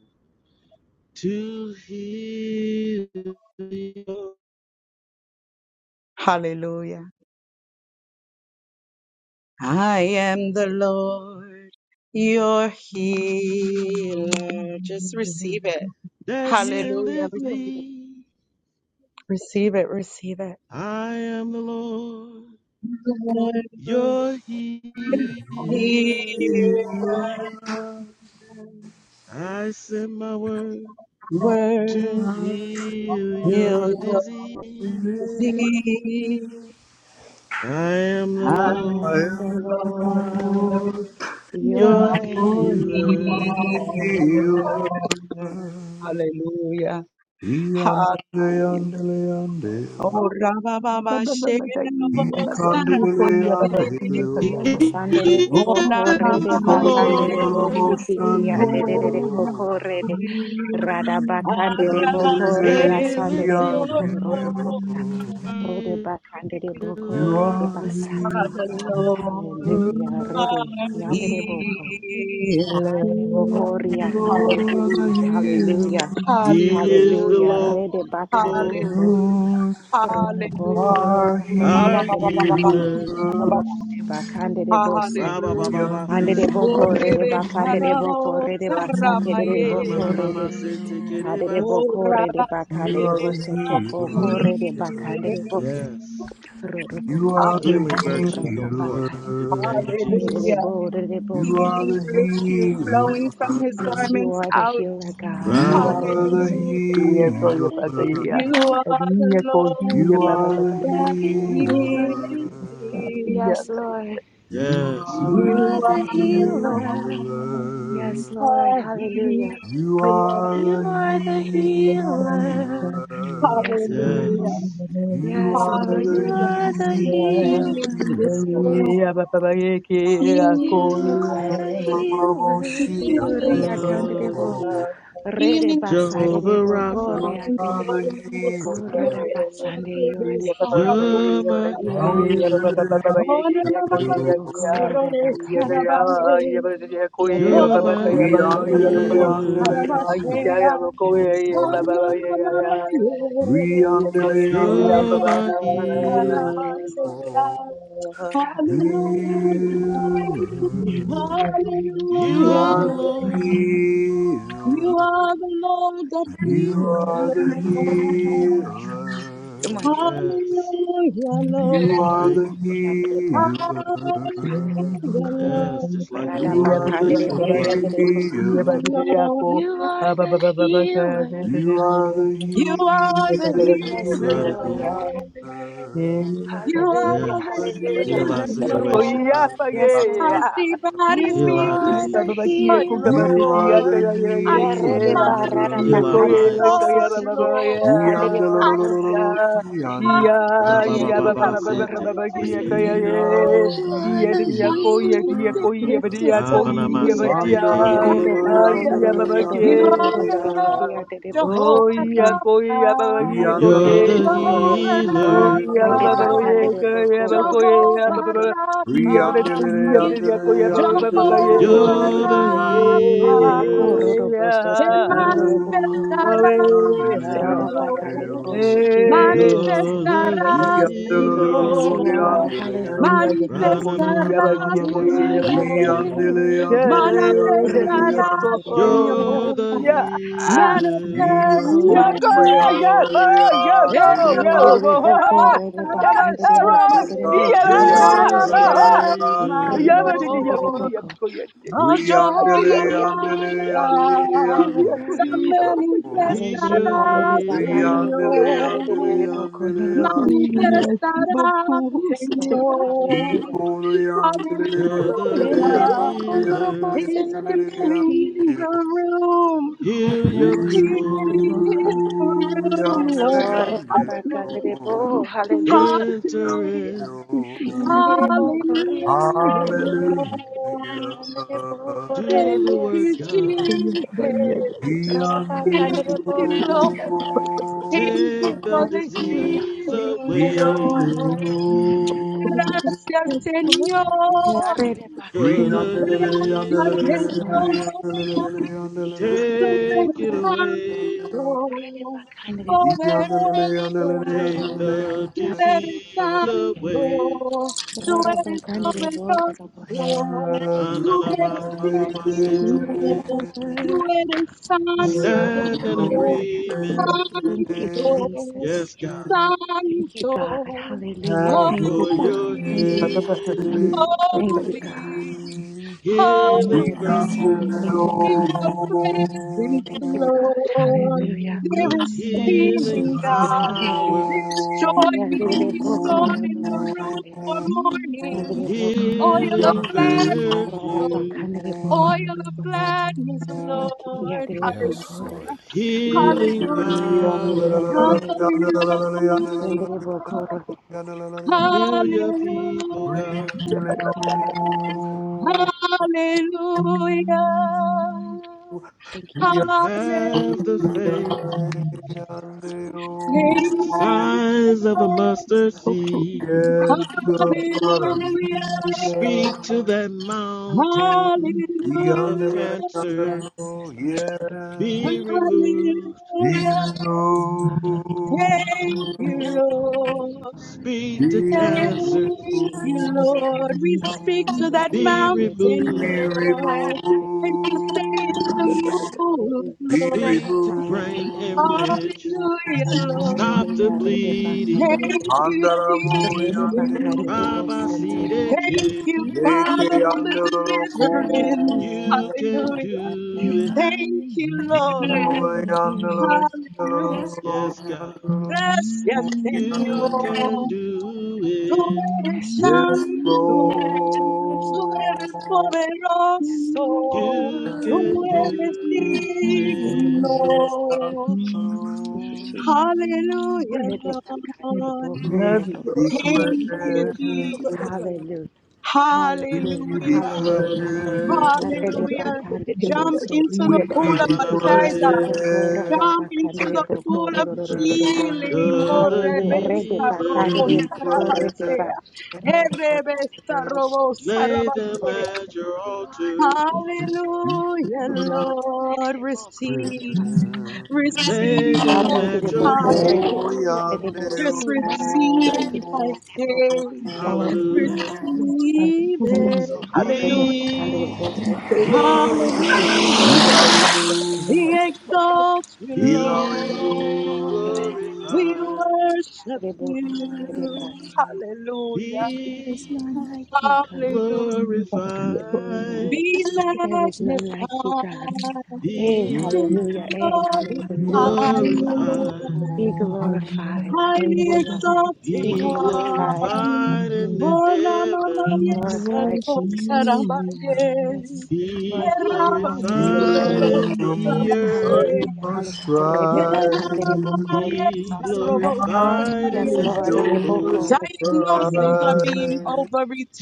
[SPEAKER 2] to heal you,
[SPEAKER 1] Hallelujah. I am the Lord, your healer. Just receive it.
[SPEAKER 9] Yes,
[SPEAKER 2] that
[SPEAKER 1] Hallelujah.
[SPEAKER 2] healeth
[SPEAKER 9] yes, yes.
[SPEAKER 1] Receive it.
[SPEAKER 2] thee.
[SPEAKER 1] Receive it. Receive it.
[SPEAKER 2] I am the Lord,
[SPEAKER 1] Lord,
[SPEAKER 2] your
[SPEAKER 1] hear
[SPEAKER 2] healer.
[SPEAKER 1] the
[SPEAKER 2] I send my word to
[SPEAKER 1] word.
[SPEAKER 2] heal
[SPEAKER 1] Heal
[SPEAKER 2] your
[SPEAKER 1] your
[SPEAKER 2] disease.
[SPEAKER 6] Jesus.
[SPEAKER 1] disease.
[SPEAKER 2] I am the
[SPEAKER 1] I am
[SPEAKER 6] I
[SPEAKER 2] Lord.
[SPEAKER 6] am
[SPEAKER 1] the Lord,
[SPEAKER 6] Lord,
[SPEAKER 2] your
[SPEAKER 5] Thank
[SPEAKER 6] Lord,
[SPEAKER 2] healer.
[SPEAKER 5] you, Lord.
[SPEAKER 6] healer.
[SPEAKER 1] your healer. Hallelujah.
[SPEAKER 6] He andele,
[SPEAKER 1] Hallelujah.
[SPEAKER 6] andele, andele.
[SPEAKER 1] Oh, Rama Mama
[SPEAKER 9] Ba- ba- ba-
[SPEAKER 1] shake
[SPEAKER 9] ba- ka-
[SPEAKER 1] it
[SPEAKER 6] He
[SPEAKER 1] up,
[SPEAKER 9] ya- ba- ka- ya-
[SPEAKER 1] Sarama,
[SPEAKER 6] candele,
[SPEAKER 9] ko- ya- ba- ba-
[SPEAKER 6] andele.
[SPEAKER 9] ka- ya- ka-
[SPEAKER 2] He
[SPEAKER 9] ya-
[SPEAKER 5] Asandere
[SPEAKER 9] ba-
[SPEAKER 1] Oh,
[SPEAKER 5] boko
[SPEAKER 9] Yeah,
[SPEAKER 1] Nama
[SPEAKER 5] rede
[SPEAKER 2] is
[SPEAKER 1] Mama,
[SPEAKER 2] the
[SPEAKER 5] bakandere
[SPEAKER 6] Kurulululu,
[SPEAKER 1] yes,
[SPEAKER 2] Lord
[SPEAKER 5] ade
[SPEAKER 6] boshandele.
[SPEAKER 5] de de de boko rede.
[SPEAKER 6] He
[SPEAKER 5] Radabakande de
[SPEAKER 6] andele,
[SPEAKER 5] boko
[SPEAKER 2] that
[SPEAKER 5] ria
[SPEAKER 1] Arabate,
[SPEAKER 6] he
[SPEAKER 5] sande
[SPEAKER 2] healeth
[SPEAKER 5] de
[SPEAKER 1] Oh,
[SPEAKER 2] thee.
[SPEAKER 5] boko
[SPEAKER 6] andele.
[SPEAKER 5] rodobosa. Rede
[SPEAKER 2] Healer.
[SPEAKER 5] bakande de
[SPEAKER 6] You
[SPEAKER 5] boko rede
[SPEAKER 6] are
[SPEAKER 5] basate.
[SPEAKER 1] Father
[SPEAKER 6] healer.
[SPEAKER 1] Lord,
[SPEAKER 5] Hallelujah. Rede yande de boko. De
[SPEAKER 1] healer.
[SPEAKER 5] boko ria
[SPEAKER 6] You are
[SPEAKER 5] kande de
[SPEAKER 6] the
[SPEAKER 5] bose.
[SPEAKER 6] healer.
[SPEAKER 5] Hallelujah.
[SPEAKER 2] He is the
[SPEAKER 1] Hallelujah,
[SPEAKER 5] Hallelujah.
[SPEAKER 2] Lord
[SPEAKER 5] Rede bakande de
[SPEAKER 1] hallelujah,
[SPEAKER 6] You
[SPEAKER 5] boko rodo
[SPEAKER 6] are
[SPEAKER 5] boko
[SPEAKER 2] our
[SPEAKER 5] rede
[SPEAKER 1] hallelujah,
[SPEAKER 5] bande de
[SPEAKER 2] healer.
[SPEAKER 6] healer.
[SPEAKER 1] hallelujah.
[SPEAKER 5] boko rede bakande de bose.
[SPEAKER 6] You
[SPEAKER 1] Hallelujah.
[SPEAKER 6] are
[SPEAKER 5] Ande
[SPEAKER 6] the
[SPEAKER 5] de
[SPEAKER 1] Oh,
[SPEAKER 6] healer.
[SPEAKER 5] boko rede
[SPEAKER 6] You
[SPEAKER 1] Rebe
[SPEAKER 6] are
[SPEAKER 5] bakande de
[SPEAKER 6] the
[SPEAKER 5] boko
[SPEAKER 1] Sarabo
[SPEAKER 5] rede basate de
[SPEAKER 1] Saramaye.
[SPEAKER 6] healer.
[SPEAKER 5] boko rede. Haderebo
[SPEAKER 1] Oh,
[SPEAKER 5] corre de
[SPEAKER 6] You
[SPEAKER 1] Rabashe.
[SPEAKER 6] are the
[SPEAKER 5] bacanderebo sotoco
[SPEAKER 6] healer.
[SPEAKER 5] corre de bacanderebo se
[SPEAKER 2] Yes.
[SPEAKER 5] rodobo
[SPEAKER 6] You are
[SPEAKER 5] condorobo
[SPEAKER 2] Healing
[SPEAKER 6] the
[SPEAKER 2] virtue
[SPEAKER 5] corra
[SPEAKER 1] Hallelujah.
[SPEAKER 5] da
[SPEAKER 2] go forth
[SPEAKER 5] bacare.
[SPEAKER 2] in the
[SPEAKER 6] healer.
[SPEAKER 2] name of Jesus.
[SPEAKER 1] Hallelujah.
[SPEAKER 5] Rederebo rederebo
[SPEAKER 6] You are
[SPEAKER 1] Healing
[SPEAKER 6] the
[SPEAKER 5] condorobo
[SPEAKER 1] virtue
[SPEAKER 5] soto.
[SPEAKER 1] flowing from his
[SPEAKER 6] healer.
[SPEAKER 5] Yes, you
[SPEAKER 1] garments
[SPEAKER 5] are the
[SPEAKER 1] out.
[SPEAKER 5] healer, God. Hallelujah.
[SPEAKER 2] Rabababasi.
[SPEAKER 1] Hallelujah.
[SPEAKER 5] You are the
[SPEAKER 1] You
[SPEAKER 5] healer.
[SPEAKER 1] are the Lord
[SPEAKER 5] You are the
[SPEAKER 1] that
[SPEAKER 5] healer.
[SPEAKER 1] heals me.
[SPEAKER 5] Yes, Lord.
[SPEAKER 6] You
[SPEAKER 2] Yes.
[SPEAKER 6] are
[SPEAKER 5] You
[SPEAKER 2] you-
[SPEAKER 6] the
[SPEAKER 5] are
[SPEAKER 1] You
[SPEAKER 5] the
[SPEAKER 1] are the
[SPEAKER 5] healer.
[SPEAKER 1] Lord.
[SPEAKER 5] Yes,
[SPEAKER 6] healer.
[SPEAKER 5] Lord.
[SPEAKER 1] our
[SPEAKER 5] Hallelujah.
[SPEAKER 6] You
[SPEAKER 1] healer.
[SPEAKER 6] are
[SPEAKER 5] You are the
[SPEAKER 6] the
[SPEAKER 9] Yeah.
[SPEAKER 5] healer.
[SPEAKER 6] healer.
[SPEAKER 5] Yes, Lord.
[SPEAKER 1] Hallelujah.
[SPEAKER 2] Yes.
[SPEAKER 6] You
[SPEAKER 5] Yes,
[SPEAKER 6] are
[SPEAKER 5] Lord,
[SPEAKER 6] the
[SPEAKER 5] you
[SPEAKER 1] Hallelujah.
[SPEAKER 5] are
[SPEAKER 1] We
[SPEAKER 5] the
[SPEAKER 1] speak healing
[SPEAKER 5] healer.
[SPEAKER 1] in this
[SPEAKER 6] healer.
[SPEAKER 1] room.
[SPEAKER 5] Yes, Lord. You
[SPEAKER 1] Healing in this
[SPEAKER 5] are the
[SPEAKER 1] room.
[SPEAKER 5] healer.
[SPEAKER 9] Yeah.
[SPEAKER 5] Thank you,
[SPEAKER 1] Healing in
[SPEAKER 5] Ria
[SPEAKER 1] this room.
[SPEAKER 5] Candidebo.
[SPEAKER 6] Ikoloboshiande.
[SPEAKER 5] Rede
[SPEAKER 1] Healing in the body,
[SPEAKER 2] Jehovah
[SPEAKER 5] Basadebo
[SPEAKER 1] in the
[SPEAKER 2] Rapha,
[SPEAKER 6] You are
[SPEAKER 1] mind,
[SPEAKER 5] Coriate.
[SPEAKER 6] the
[SPEAKER 1] God, and in the
[SPEAKER 6] healer.
[SPEAKER 5] Corada
[SPEAKER 1] spirit.
[SPEAKER 5] Basande, you
[SPEAKER 1] Sarabebe,
[SPEAKER 5] are the healer.
[SPEAKER 1] sarabo,
[SPEAKER 2] you're my
[SPEAKER 5] You
[SPEAKER 1] sarabaye.
[SPEAKER 5] are the
[SPEAKER 2] healer,
[SPEAKER 5] healer.
[SPEAKER 6] Andele,
[SPEAKER 1] Honorable,
[SPEAKER 5] Handedebo Corada
[SPEAKER 1] sorore,
[SPEAKER 5] Bacandidebo
[SPEAKER 1] sarabaye.
[SPEAKER 5] Sete.
[SPEAKER 2] you're
[SPEAKER 5] Candidebo
[SPEAKER 2] my
[SPEAKER 1] Horebe,
[SPEAKER 6] andele. We
[SPEAKER 5] Coria
[SPEAKER 6] andele,
[SPEAKER 5] Candidebo
[SPEAKER 1] sorebo,
[SPEAKER 2] healer,
[SPEAKER 6] andele,
[SPEAKER 5] Corredeba.
[SPEAKER 6] andele.
[SPEAKER 1] sarabashe,
[SPEAKER 5] Candidebo
[SPEAKER 1] Na
[SPEAKER 5] Santa.
[SPEAKER 1] na na na na
[SPEAKER 5] Hallelujah.
[SPEAKER 1] ye.
[SPEAKER 6] We
[SPEAKER 5] Yes,
[SPEAKER 6] andele,
[SPEAKER 5] Lord,
[SPEAKER 1] Your
[SPEAKER 6] andele,
[SPEAKER 2] you're
[SPEAKER 5] Rede
[SPEAKER 2] my
[SPEAKER 1] presence,
[SPEAKER 5] Bacandidebo
[SPEAKER 6] andele.
[SPEAKER 5] Santa.
[SPEAKER 2] healer.
[SPEAKER 1] Manamatea.
[SPEAKER 5] Hallelujah. Hallelujah.
[SPEAKER 1] Hallelujah,
[SPEAKER 5] Yes,
[SPEAKER 6] Healer.
[SPEAKER 2] You
[SPEAKER 6] You
[SPEAKER 1] hallelujah,
[SPEAKER 2] are the
[SPEAKER 6] are the
[SPEAKER 2] Lord.
[SPEAKER 1] Lord.
[SPEAKER 5] Yes,
[SPEAKER 1] You
[SPEAKER 6] healer.
[SPEAKER 1] are the Lord that
[SPEAKER 6] You
[SPEAKER 5] Yes,
[SPEAKER 1] heals,
[SPEAKER 6] are the
[SPEAKER 1] Lord.
[SPEAKER 6] healer.
[SPEAKER 5] Good morning.
[SPEAKER 2] Yes,
[SPEAKER 1] Hallelujah,
[SPEAKER 6] You are
[SPEAKER 1] Lord.
[SPEAKER 2] thank
[SPEAKER 6] the
[SPEAKER 2] you, Father.
[SPEAKER 6] healer.
[SPEAKER 1] Hallelujah,
[SPEAKER 2] Yes, just like the
[SPEAKER 1] Lord.
[SPEAKER 6] You
[SPEAKER 9] Yeah,
[SPEAKER 2] woman
[SPEAKER 6] are
[SPEAKER 2] with the
[SPEAKER 6] the
[SPEAKER 1] You
[SPEAKER 2] issue of blood,
[SPEAKER 1] are the healer,
[SPEAKER 6] healer.
[SPEAKER 5] You
[SPEAKER 1] Lord.
[SPEAKER 5] are the healer.
[SPEAKER 6] You are
[SPEAKER 5] Hallelujah.
[SPEAKER 6] the
[SPEAKER 1] You are the
[SPEAKER 5] Yes,
[SPEAKER 2] you are the
[SPEAKER 1] healer,
[SPEAKER 5] Lord.
[SPEAKER 2] healer.
[SPEAKER 1] Lord. You are
[SPEAKER 5] Hallelujah.
[SPEAKER 1] the
[SPEAKER 2] Yes, to
[SPEAKER 5] Hallelujah.
[SPEAKER 2] heal our
[SPEAKER 1] healer,
[SPEAKER 5] Hallelujah.
[SPEAKER 2] situations,
[SPEAKER 1] Lord.
[SPEAKER 5] Yes,
[SPEAKER 1] I
[SPEAKER 5] Lord.
[SPEAKER 1] see
[SPEAKER 2] to
[SPEAKER 5] You
[SPEAKER 1] bodies
[SPEAKER 2] heal
[SPEAKER 1] being
[SPEAKER 2] our
[SPEAKER 9] Ia
[SPEAKER 5] are the
[SPEAKER 1] restored,
[SPEAKER 9] baba
[SPEAKER 2] disease,
[SPEAKER 9] baki ya ko kabati
[SPEAKER 5] healer.
[SPEAKER 9] ti ya ka
[SPEAKER 1] Lord.
[SPEAKER 9] ga ya
[SPEAKER 1] I
[SPEAKER 9] ye ke
[SPEAKER 1] see
[SPEAKER 6] healer.
[SPEAKER 5] Yarede
[SPEAKER 9] ya.
[SPEAKER 1] minds
[SPEAKER 5] barada
[SPEAKER 9] Ia
[SPEAKER 2] heal
[SPEAKER 1] being
[SPEAKER 2] our
[SPEAKER 9] ko
[SPEAKER 5] bakande
[SPEAKER 9] ye
[SPEAKER 5] de
[SPEAKER 9] la ka
[SPEAKER 5] bose
[SPEAKER 9] ya ra
[SPEAKER 2] mindsets.
[SPEAKER 1] restored,
[SPEAKER 5] teki
[SPEAKER 9] baba ya.
[SPEAKER 6] You
[SPEAKER 1] Lord.
[SPEAKER 6] are
[SPEAKER 5] hande de
[SPEAKER 1] I
[SPEAKER 6] the
[SPEAKER 5] boko
[SPEAKER 9] Ia
[SPEAKER 5] rada
[SPEAKER 1] see
[SPEAKER 5] basande
[SPEAKER 6] healer.
[SPEAKER 9] ia
[SPEAKER 2] Ra
[SPEAKER 1] how
[SPEAKER 5] kiki
[SPEAKER 2] ba ba
[SPEAKER 9] ia
[SPEAKER 5] hande
[SPEAKER 1] everything
[SPEAKER 2] ba
[SPEAKER 5] de
[SPEAKER 9] baba
[SPEAKER 2] ba
[SPEAKER 9] baba
[SPEAKER 1] coming
[SPEAKER 5] boko
[SPEAKER 2] se
[SPEAKER 9] baba
[SPEAKER 1] into
[SPEAKER 2] te
[SPEAKER 5] roro
[SPEAKER 9] baba ki ya ka
[SPEAKER 1] alignment,
[SPEAKER 9] ya
[SPEAKER 5] bosante.
[SPEAKER 2] ke
[SPEAKER 6] We
[SPEAKER 2] de
[SPEAKER 6] are
[SPEAKER 2] ba.
[SPEAKER 9] ye.
[SPEAKER 6] the
[SPEAKER 1] Lord.
[SPEAKER 5] You are
[SPEAKER 9] Ia di
[SPEAKER 5] the
[SPEAKER 9] ya
[SPEAKER 1] I
[SPEAKER 6] healers.
[SPEAKER 9] ko ya
[SPEAKER 1] see
[SPEAKER 9] di ya
[SPEAKER 5] healer.
[SPEAKER 9] ko ya
[SPEAKER 1] sickness
[SPEAKER 9] ba di ya ko ya ba
[SPEAKER 5] Hallelujah.
[SPEAKER 1] disappear.
[SPEAKER 9] di ya.
[SPEAKER 2] Ramanamasite
[SPEAKER 5] Rodo
[SPEAKER 6] Andalalalala,
[SPEAKER 9] Ah,
[SPEAKER 5] boko
[SPEAKER 1] Hallelujah.
[SPEAKER 5] do do
[SPEAKER 9] ia
[SPEAKER 5] do
[SPEAKER 6] yandalala,
[SPEAKER 9] baba
[SPEAKER 5] do
[SPEAKER 9] ke
[SPEAKER 5] do do
[SPEAKER 1] You
[SPEAKER 5] do do
[SPEAKER 1] are
[SPEAKER 5] do
[SPEAKER 1] the
[SPEAKER 9] ya.
[SPEAKER 6] yandalala,
[SPEAKER 5] sikiki hande
[SPEAKER 1] Lord,
[SPEAKER 5] de boso
[SPEAKER 1] Jehovah
[SPEAKER 5] toki.
[SPEAKER 1] Rapha.
[SPEAKER 2] You're
[SPEAKER 5] Hallelujah.
[SPEAKER 2] the
[SPEAKER 1] Jehovah
[SPEAKER 9] Oh,
[SPEAKER 2] healer.
[SPEAKER 5] Rede bakande
[SPEAKER 1] Rapha.
[SPEAKER 5] de boko rodo
[SPEAKER 1] Jehovah
[SPEAKER 9] yeah,
[SPEAKER 5] bosante.
[SPEAKER 9] yeah,
[SPEAKER 1] Rapha.
[SPEAKER 5] You are the
[SPEAKER 1] Jehová
[SPEAKER 2] You're
[SPEAKER 5] healer.
[SPEAKER 2] the
[SPEAKER 1] Rafa,
[SPEAKER 5] Boko
[SPEAKER 2] healer.
[SPEAKER 5] rodo boso
[SPEAKER 1] se
[SPEAKER 5] toko rodo boko.
[SPEAKER 1] manifestará, Señor,
[SPEAKER 2] You're the
[SPEAKER 5] Radabakandedeboshikiandedebosente.
[SPEAKER 1] manifestará,
[SPEAKER 5] Yes,
[SPEAKER 2] healer.
[SPEAKER 5] you
[SPEAKER 6] yandalala.
[SPEAKER 1] Señor,
[SPEAKER 5] are. Hallelujah.
[SPEAKER 6] Yandele,
[SPEAKER 1] manifestará,
[SPEAKER 2] Ra-na-na-na-ma-ma-ma-ma-si-ti-ki.
[SPEAKER 5] You are the
[SPEAKER 2] ma si
[SPEAKER 1] Señor,
[SPEAKER 2] ki
[SPEAKER 6] Yandele
[SPEAKER 5] healer.
[SPEAKER 6] yandele yandele
[SPEAKER 1] manifestará,
[SPEAKER 2] you
[SPEAKER 6] yandele
[SPEAKER 5] Redebakandedebokondoro.
[SPEAKER 2] are
[SPEAKER 1] Señor,
[SPEAKER 6] o.
[SPEAKER 2] the healer.
[SPEAKER 1] manifest,
[SPEAKER 5] Andedeboko
[SPEAKER 6] Yoko
[SPEAKER 1] my
[SPEAKER 5] radabaka.
[SPEAKER 6] yandele
[SPEAKER 1] Lord.
[SPEAKER 6] yandele
[SPEAKER 1] Erabot,
[SPEAKER 6] yandele
[SPEAKER 5] Hallelujah.
[SPEAKER 1] erabot,
[SPEAKER 6] o.
[SPEAKER 1] erabot, erabot,
[SPEAKER 6] Yikande
[SPEAKER 2] You're the
[SPEAKER 6] yandele
[SPEAKER 5] Redebakandedebosendedebekiandedebekiyande.
[SPEAKER 6] la la
[SPEAKER 1] Manifest, my
[SPEAKER 6] yandele
[SPEAKER 2] healer.
[SPEAKER 9] Merci
[SPEAKER 6] o.
[SPEAKER 1] Lord.
[SPEAKER 5] Rodobosandedeboko.
[SPEAKER 1] Oh,
[SPEAKER 6] Riyandele
[SPEAKER 1] Jehovah
[SPEAKER 5] You
[SPEAKER 1] God,
[SPEAKER 6] yandele
[SPEAKER 5] are the
[SPEAKER 6] yandele
[SPEAKER 1] se
[SPEAKER 5] healer.
[SPEAKER 6] yandele o.
[SPEAKER 2] Release your
[SPEAKER 5] Hallelujah.
[SPEAKER 1] manifestará,
[SPEAKER 2] healing.
[SPEAKER 6] Riyandele
[SPEAKER 5] Redebakandedeboko
[SPEAKER 6] yandele
[SPEAKER 1] Señor.
[SPEAKER 5] rededeboko
[SPEAKER 6] yandele yandele.
[SPEAKER 5] noroboshiki.
[SPEAKER 1] Manifestará,
[SPEAKER 9] beaucoup.
[SPEAKER 5] Yes,
[SPEAKER 9] Je t'aime.
[SPEAKER 5] Lord.
[SPEAKER 9] Je t'aime.
[SPEAKER 5] Hallelujah.
[SPEAKER 1] Señor.
[SPEAKER 6] Yikolo
[SPEAKER 9] Je
[SPEAKER 6] yandele
[SPEAKER 9] t'aime.
[SPEAKER 2] You're
[SPEAKER 6] yandele
[SPEAKER 2] the
[SPEAKER 5] Sendere
[SPEAKER 9] Merci
[SPEAKER 5] bo
[SPEAKER 1] Hallelujah.
[SPEAKER 6] yandele
[SPEAKER 5] kondoro bo
[SPEAKER 2] healer.
[SPEAKER 1] It's
[SPEAKER 5] sendere
[SPEAKER 6] yandele yandele
[SPEAKER 1] healing in
[SPEAKER 6] yandele
[SPEAKER 1] the
[SPEAKER 5] Tenderebo,
[SPEAKER 6] o.
[SPEAKER 1] room.
[SPEAKER 2] Heal your
[SPEAKER 1] It's
[SPEAKER 5] colorable,
[SPEAKER 1] healing
[SPEAKER 2] people.
[SPEAKER 5] bo
[SPEAKER 1] in
[SPEAKER 5] Horrible, sanderebo.
[SPEAKER 1] the room,
[SPEAKER 5] Yes,
[SPEAKER 1] Lord.
[SPEAKER 5] Lord, de bakandere
[SPEAKER 1] Hallelujah.
[SPEAKER 5] bo.
[SPEAKER 9] beaucoup.
[SPEAKER 5] Hallelujah.
[SPEAKER 2] Enter
[SPEAKER 1] Hallelujah.
[SPEAKER 2] in.
[SPEAKER 9] Je
[SPEAKER 5] Yandere bo
[SPEAKER 9] t'aime.
[SPEAKER 5] coria
[SPEAKER 1] Hallelujah,
[SPEAKER 5] sande.
[SPEAKER 9] Yes,
[SPEAKER 1] Lord.
[SPEAKER 5] Yandere bo korere
[SPEAKER 2] Do the
[SPEAKER 1] Thank
[SPEAKER 2] work,
[SPEAKER 1] you,
[SPEAKER 5] bese.
[SPEAKER 2] God.
[SPEAKER 9] Baba,
[SPEAKER 1] Jesus.
[SPEAKER 9] yes.
[SPEAKER 5] Yanderebo,
[SPEAKER 1] Thank
[SPEAKER 5] correrebese. bo
[SPEAKER 1] you,
[SPEAKER 5] ki.
[SPEAKER 1] Lord. Thank you
[SPEAKER 2] Take the
[SPEAKER 1] for the
[SPEAKER 5] Hallelujah,
[SPEAKER 2] disease
[SPEAKER 1] healing,
[SPEAKER 5] hallelujah.
[SPEAKER 2] away.
[SPEAKER 1] Lord. Gracias, Señor.
[SPEAKER 2] You're
[SPEAKER 9] Thank
[SPEAKER 5] Yarebacande.
[SPEAKER 2] the
[SPEAKER 1] Gracias,
[SPEAKER 5] Yes,
[SPEAKER 2] healer.
[SPEAKER 5] Lord.
[SPEAKER 1] Señor.
[SPEAKER 5] You are
[SPEAKER 1] Tú
[SPEAKER 5] the
[SPEAKER 2] Take
[SPEAKER 1] eres
[SPEAKER 2] it
[SPEAKER 5] healer.
[SPEAKER 2] away.
[SPEAKER 1] santo,
[SPEAKER 5] Rede bakandere bo
[SPEAKER 1] poderoso.
[SPEAKER 5] Rebacanderebo.
[SPEAKER 2] Take
[SPEAKER 1] Tú
[SPEAKER 2] the
[SPEAKER 5] Rarabacanderebo,
[SPEAKER 1] eres
[SPEAKER 2] disease
[SPEAKER 5] take you in
[SPEAKER 1] santo,
[SPEAKER 5] there.
[SPEAKER 2] away.
[SPEAKER 5] ra
[SPEAKER 1] tú
[SPEAKER 5] da ba
[SPEAKER 1] eres
[SPEAKER 5] kan da
[SPEAKER 6] Hallelujah.
[SPEAKER 5] da bo ra
[SPEAKER 1] poderoso.
[SPEAKER 5] da bo
[SPEAKER 6] Have your way. Have
[SPEAKER 2] Ah,
[SPEAKER 6] your
[SPEAKER 2] la,
[SPEAKER 1] Tú
[SPEAKER 6] way.
[SPEAKER 2] la,
[SPEAKER 5] You
[SPEAKER 2] ma,
[SPEAKER 1] eres
[SPEAKER 5] are
[SPEAKER 2] ma, ma,
[SPEAKER 5] the
[SPEAKER 2] ma, say,
[SPEAKER 1] digno, tú
[SPEAKER 5] healer.
[SPEAKER 1] eres
[SPEAKER 5] Yes, you are.
[SPEAKER 2] Stand
[SPEAKER 9] you.
[SPEAKER 2] in
[SPEAKER 9] Yes,
[SPEAKER 1] santo.
[SPEAKER 9] Baba. Thank
[SPEAKER 5] Hallelujah.
[SPEAKER 9] you. Baba, Baba, yes.
[SPEAKER 2] agreement.
[SPEAKER 5] Thank you,
[SPEAKER 1] Santo,
[SPEAKER 5] Jesus.
[SPEAKER 2] Yes, God,
[SPEAKER 5] Thank you,
[SPEAKER 1] Santo,
[SPEAKER 5] God. Hallelujah.
[SPEAKER 6] Have
[SPEAKER 5] Thank you,
[SPEAKER 2] for
[SPEAKER 6] your
[SPEAKER 2] your
[SPEAKER 5] God.
[SPEAKER 1] Holy,
[SPEAKER 5] Thank
[SPEAKER 6] way.
[SPEAKER 5] you,
[SPEAKER 9] Baba,
[SPEAKER 5] God.
[SPEAKER 9] Baba,
[SPEAKER 2] healing,
[SPEAKER 9] yes. Baba,
[SPEAKER 5] Thank you, God.
[SPEAKER 6] We
[SPEAKER 2] healing
[SPEAKER 6] are the
[SPEAKER 5] Ha-ra-da-ba-san-da.
[SPEAKER 2] virtue,
[SPEAKER 5] Thank you, God.
[SPEAKER 6] Lord.
[SPEAKER 5] Thank you, God. Hallelujah.
[SPEAKER 2] your
[SPEAKER 5] Thank you,
[SPEAKER 2] healing
[SPEAKER 5] Jesus.
[SPEAKER 2] power,
[SPEAKER 5] Hallelujah. Yes, de boko ra da bo san da
[SPEAKER 9] yes.
[SPEAKER 2] your
[SPEAKER 5] yandere boko ra
[SPEAKER 6] We
[SPEAKER 5] da
[SPEAKER 6] are
[SPEAKER 2] healing
[SPEAKER 6] the Lord.
[SPEAKER 2] virtue.
[SPEAKER 5] ba
[SPEAKER 1] oh,
[SPEAKER 5] boko ra da Kiki yadere boko
[SPEAKER 3] Yes,
[SPEAKER 2] Your
[SPEAKER 5] rata
[SPEAKER 3] Lord.
[SPEAKER 6] We
[SPEAKER 5] pakande.
[SPEAKER 1] hallelujah,
[SPEAKER 6] are the
[SPEAKER 2] healing power,
[SPEAKER 5] Hallelujah,
[SPEAKER 6] Lord.
[SPEAKER 5] hallelujah. Yandere boko rata pakande.
[SPEAKER 2] heal your people,
[SPEAKER 5] Hallelujah,
[SPEAKER 2] God.
[SPEAKER 5] thank you, Lord.
[SPEAKER 1] hallelujah,
[SPEAKER 5] Thank you,
[SPEAKER 2] We
[SPEAKER 5] Jesus.
[SPEAKER 1] hallelujah,
[SPEAKER 2] have the faith,
[SPEAKER 1] hallelujah.
[SPEAKER 5] Hallelujah.
[SPEAKER 6] We are the
[SPEAKER 2] the
[SPEAKER 6] Lord.
[SPEAKER 1] Thank you,
[SPEAKER 2] size of a
[SPEAKER 1] Lord.
[SPEAKER 5] Yes,
[SPEAKER 2] mustard
[SPEAKER 5] Lord.
[SPEAKER 2] seed.
[SPEAKER 6] Yes, the Father,
[SPEAKER 1] hallelujah,
[SPEAKER 2] Speak to
[SPEAKER 6] the
[SPEAKER 2] that mountain of
[SPEAKER 6] Omnipotent,
[SPEAKER 2] cancer,
[SPEAKER 5] Yes, Lord.
[SPEAKER 6] yes,
[SPEAKER 5] Thank you, Jesus. Thank you,
[SPEAKER 2] be
[SPEAKER 5] Jesus.
[SPEAKER 1] hallelujah,
[SPEAKER 2] removed.
[SPEAKER 6] He
[SPEAKER 1] hallelujah.
[SPEAKER 5] Yes,
[SPEAKER 6] knows,
[SPEAKER 5] Lord.
[SPEAKER 1] Thank you,
[SPEAKER 5] Thank you, Lord. Thank you,
[SPEAKER 1] Lord.
[SPEAKER 5] Lord.
[SPEAKER 2] Speak
[SPEAKER 6] He
[SPEAKER 2] to cancer,
[SPEAKER 6] removes,
[SPEAKER 5] Thank you,
[SPEAKER 6] He
[SPEAKER 1] Thank you,
[SPEAKER 5] Jesus. Yes, Lord. Thank you, Jesus. Yes, Lord. Yes, Lord. Thank you, Lord. Thank you, Jesus. Hallelujah.
[SPEAKER 1] Lord. We speak to that
[SPEAKER 2] be
[SPEAKER 5] Yandere
[SPEAKER 1] mountain,
[SPEAKER 5] boko
[SPEAKER 2] removed.
[SPEAKER 5] rata
[SPEAKER 1] Lord,
[SPEAKER 5] pasante.
[SPEAKER 1] and
[SPEAKER 6] removes,
[SPEAKER 1] we say it's a
[SPEAKER 5] Hallelujah,
[SPEAKER 1] move,
[SPEAKER 5] hallelujah,
[SPEAKER 6] He
[SPEAKER 2] Speak to
[SPEAKER 1] Lord.
[SPEAKER 6] removes.
[SPEAKER 2] brain
[SPEAKER 5] hallelujah,
[SPEAKER 2] hemorrhage,
[SPEAKER 1] Hallelujah,
[SPEAKER 5] hallelujah,
[SPEAKER 2] stop
[SPEAKER 1] Lord.
[SPEAKER 2] the
[SPEAKER 5] hallelujah. Rede
[SPEAKER 2] bleeding.
[SPEAKER 5] bakande de
[SPEAKER 1] Thank
[SPEAKER 5] boko,
[SPEAKER 1] you,
[SPEAKER 6] Andaramo
[SPEAKER 5] rede
[SPEAKER 1] Jesus.
[SPEAKER 6] yandero,
[SPEAKER 5] bakande de
[SPEAKER 2] Rabbi
[SPEAKER 5] bosente.
[SPEAKER 1] Thank
[SPEAKER 2] Siddiqui,
[SPEAKER 1] you,
[SPEAKER 5] You are
[SPEAKER 6] leke
[SPEAKER 5] the
[SPEAKER 1] Father,
[SPEAKER 9] Beaucoup.
[SPEAKER 1] for
[SPEAKER 5] healer,
[SPEAKER 1] the
[SPEAKER 6] yandero komo,
[SPEAKER 5] hallelujah.
[SPEAKER 1] deliverance.
[SPEAKER 2] you can
[SPEAKER 1] Hallelujah.
[SPEAKER 9] Thank
[SPEAKER 5] You
[SPEAKER 9] you.
[SPEAKER 2] do it.
[SPEAKER 5] are
[SPEAKER 1] Thank
[SPEAKER 5] the
[SPEAKER 9] Lord.
[SPEAKER 1] you, Lord.
[SPEAKER 5] healer.
[SPEAKER 6] yandero,
[SPEAKER 1] Hallelujah.
[SPEAKER 5] Yes,
[SPEAKER 6] yandero,
[SPEAKER 5] Lord.
[SPEAKER 2] Yes, God.
[SPEAKER 6] yandero
[SPEAKER 1] Gracias,
[SPEAKER 5] are.
[SPEAKER 2] You can
[SPEAKER 1] Señor.
[SPEAKER 5] Healer.
[SPEAKER 2] do
[SPEAKER 1] Tú
[SPEAKER 2] it.
[SPEAKER 1] eres
[SPEAKER 5] Yes, you are.
[SPEAKER 6] Yes,
[SPEAKER 1] santo,
[SPEAKER 6] Lord,
[SPEAKER 5] Hallelujah. Yes,
[SPEAKER 1] tú
[SPEAKER 5] Lord.
[SPEAKER 1] eres
[SPEAKER 5] Yes, Lord. Yes, Lord. You
[SPEAKER 1] poderoso,
[SPEAKER 2] You
[SPEAKER 1] tú
[SPEAKER 5] are
[SPEAKER 2] can
[SPEAKER 1] eres
[SPEAKER 5] the healer.
[SPEAKER 2] do
[SPEAKER 5] Thank
[SPEAKER 2] it.
[SPEAKER 5] you, Jesus. Thank
[SPEAKER 1] digno.
[SPEAKER 5] you, Jesus. Thank you, Jesus.
[SPEAKER 1] Hallelujah, Lord.
[SPEAKER 6] we
[SPEAKER 9] Love you, Lord. Love
[SPEAKER 1] Thank
[SPEAKER 9] you,
[SPEAKER 1] you,
[SPEAKER 5] Rebebakarebokorobosotokiende.
[SPEAKER 6] declare,
[SPEAKER 9] Lord. Yeah, Baba,
[SPEAKER 1] Jesus.
[SPEAKER 9] God, yeah,
[SPEAKER 5] Hallelujah, hallelujah,
[SPEAKER 6] we declare, we
[SPEAKER 1] Hallelujah,
[SPEAKER 5] hallelujah.
[SPEAKER 2] Hallelujah.
[SPEAKER 9] yeah,
[SPEAKER 6] declare,
[SPEAKER 9] God, yeah, God, yeah,
[SPEAKER 1] hallelujah.
[SPEAKER 9] God, yeah,
[SPEAKER 1] Jump
[SPEAKER 9] God,
[SPEAKER 5] Haredebakanerebosoto.
[SPEAKER 1] into the
[SPEAKER 9] yeah,
[SPEAKER 6] we
[SPEAKER 9] Baba,
[SPEAKER 1] pool of
[SPEAKER 9] God, yeah, God, yeah,
[SPEAKER 1] Bethesda.
[SPEAKER 2] Ramanamase,
[SPEAKER 6] declare.
[SPEAKER 1] Jump into the
[SPEAKER 9] God, yeah,
[SPEAKER 1] pool of
[SPEAKER 9] God, yeah, God.
[SPEAKER 5] Kikiatebokoradabakanderebokororororororo.
[SPEAKER 1] healing.
[SPEAKER 2] you're
[SPEAKER 1] Oh,
[SPEAKER 2] the
[SPEAKER 5] Hallelujah.
[SPEAKER 1] Rebesta
[SPEAKER 2] healer.
[SPEAKER 1] Robosa
[SPEAKER 5] Redebakanerebokoredeba.
[SPEAKER 1] Rabasea. Hey, Rebesta Robosa
[SPEAKER 2] Lay them
[SPEAKER 5] Redebakanereboshitikiatebo.
[SPEAKER 1] Rabasea.
[SPEAKER 2] at your
[SPEAKER 5] You are the
[SPEAKER 2] altar.
[SPEAKER 1] Hallelujah,
[SPEAKER 5] healer.
[SPEAKER 1] Lord. Receive,
[SPEAKER 5] Redebakarebasa.
[SPEAKER 9] Mm. Thank you.
[SPEAKER 2] Lay them
[SPEAKER 5] Harre
[SPEAKER 1] receive.
[SPEAKER 2] at
[SPEAKER 5] de
[SPEAKER 2] your
[SPEAKER 5] boko
[SPEAKER 9] Lord. Thank
[SPEAKER 5] re
[SPEAKER 9] you,
[SPEAKER 5] de
[SPEAKER 9] Lord.
[SPEAKER 2] feet.
[SPEAKER 6] Holy
[SPEAKER 9] Thank
[SPEAKER 1] Hallelujah.
[SPEAKER 5] bakande de
[SPEAKER 6] and
[SPEAKER 9] you,
[SPEAKER 1] Just
[SPEAKER 9] Lord.
[SPEAKER 5] bosete.
[SPEAKER 9] Thank you, Lord.
[SPEAKER 5] Kiki
[SPEAKER 1] receive
[SPEAKER 5] kiki
[SPEAKER 1] by
[SPEAKER 5] ya boko
[SPEAKER 1] faith.
[SPEAKER 5] re de
[SPEAKER 9] Oh,
[SPEAKER 5] bakande
[SPEAKER 9] yes,
[SPEAKER 5] de
[SPEAKER 2] Hallelujah.
[SPEAKER 9] yes,
[SPEAKER 5] bosete.
[SPEAKER 9] Father.
[SPEAKER 1] Receive
[SPEAKER 5] Hende de
[SPEAKER 1] it.
[SPEAKER 9] Mm,
[SPEAKER 5] boko re de
[SPEAKER 9] mm,
[SPEAKER 1] Hallelujah.
[SPEAKER 5] bakande de bosete.
[SPEAKER 9] and praise the Lord.
[SPEAKER 6] Be thou
[SPEAKER 1] Hallelujah. We
[SPEAKER 6] removed,
[SPEAKER 9] What I feel
[SPEAKER 1] exalt you,
[SPEAKER 2] Be
[SPEAKER 6] be thou removed,
[SPEAKER 1] Lord. We
[SPEAKER 2] glorified.
[SPEAKER 1] worship
[SPEAKER 5] Thank you.
[SPEAKER 1] you. Hallelujah.
[SPEAKER 5] There
[SPEAKER 2] Be
[SPEAKER 5] is none like you, God.
[SPEAKER 9] is that
[SPEAKER 1] Hallelujah.
[SPEAKER 9] you have a little
[SPEAKER 5] Hallelujah.
[SPEAKER 2] glorified.
[SPEAKER 9] ear.
[SPEAKER 1] Be
[SPEAKER 5] There is
[SPEAKER 1] magnified.
[SPEAKER 5] none like you, God.
[SPEAKER 9] Mm,
[SPEAKER 5] Hey,
[SPEAKER 1] Be
[SPEAKER 2] Be
[SPEAKER 5] hallelujah. Hey, hallelujah.
[SPEAKER 1] glorified.
[SPEAKER 5] Hallelujah.
[SPEAKER 9] yes,
[SPEAKER 2] glorified.
[SPEAKER 5] Be
[SPEAKER 9] and I will
[SPEAKER 5] glorified.
[SPEAKER 9] never tell you
[SPEAKER 1] Highly
[SPEAKER 9] the
[SPEAKER 5] Hallelujah.
[SPEAKER 9] double the thing.
[SPEAKER 1] exalted
[SPEAKER 5] Be
[SPEAKER 2] Be
[SPEAKER 5] glorified.
[SPEAKER 1] one.
[SPEAKER 2] glorified in
[SPEAKER 5] Hallelujah.
[SPEAKER 2] the
[SPEAKER 9] Mm,
[SPEAKER 1] Bona mama
[SPEAKER 5] Be
[SPEAKER 2] heavens.
[SPEAKER 1] yes,
[SPEAKER 5] glorified,
[SPEAKER 9] yes,
[SPEAKER 5] Jesus.
[SPEAKER 1] Sarabaya.
[SPEAKER 9] mm,
[SPEAKER 5] Yes. Be
[SPEAKER 2] Be
[SPEAKER 5] glorified
[SPEAKER 6] Heal
[SPEAKER 5] in the
[SPEAKER 1] Herabasoro,
[SPEAKER 2] glorified
[SPEAKER 6] by
[SPEAKER 5] earth.
[SPEAKER 2] in the earth.
[SPEAKER 1] Sarabashe.
[SPEAKER 5] Hallelujah.
[SPEAKER 6] your
[SPEAKER 5] Hallelujah.
[SPEAKER 1] Diagnoses
[SPEAKER 6] stripes,
[SPEAKER 5] Redebakandeboko,
[SPEAKER 2] Be
[SPEAKER 5] redebasate.
[SPEAKER 6] by
[SPEAKER 2] glorified in
[SPEAKER 5] Yes,
[SPEAKER 9] mm,
[SPEAKER 2] this
[SPEAKER 9] yes,
[SPEAKER 5] Lord.
[SPEAKER 9] and
[SPEAKER 6] your
[SPEAKER 2] temple.
[SPEAKER 6] stripes,
[SPEAKER 5] Redeboko,
[SPEAKER 9] thank you.
[SPEAKER 1] are being
[SPEAKER 5] redebakandeboko.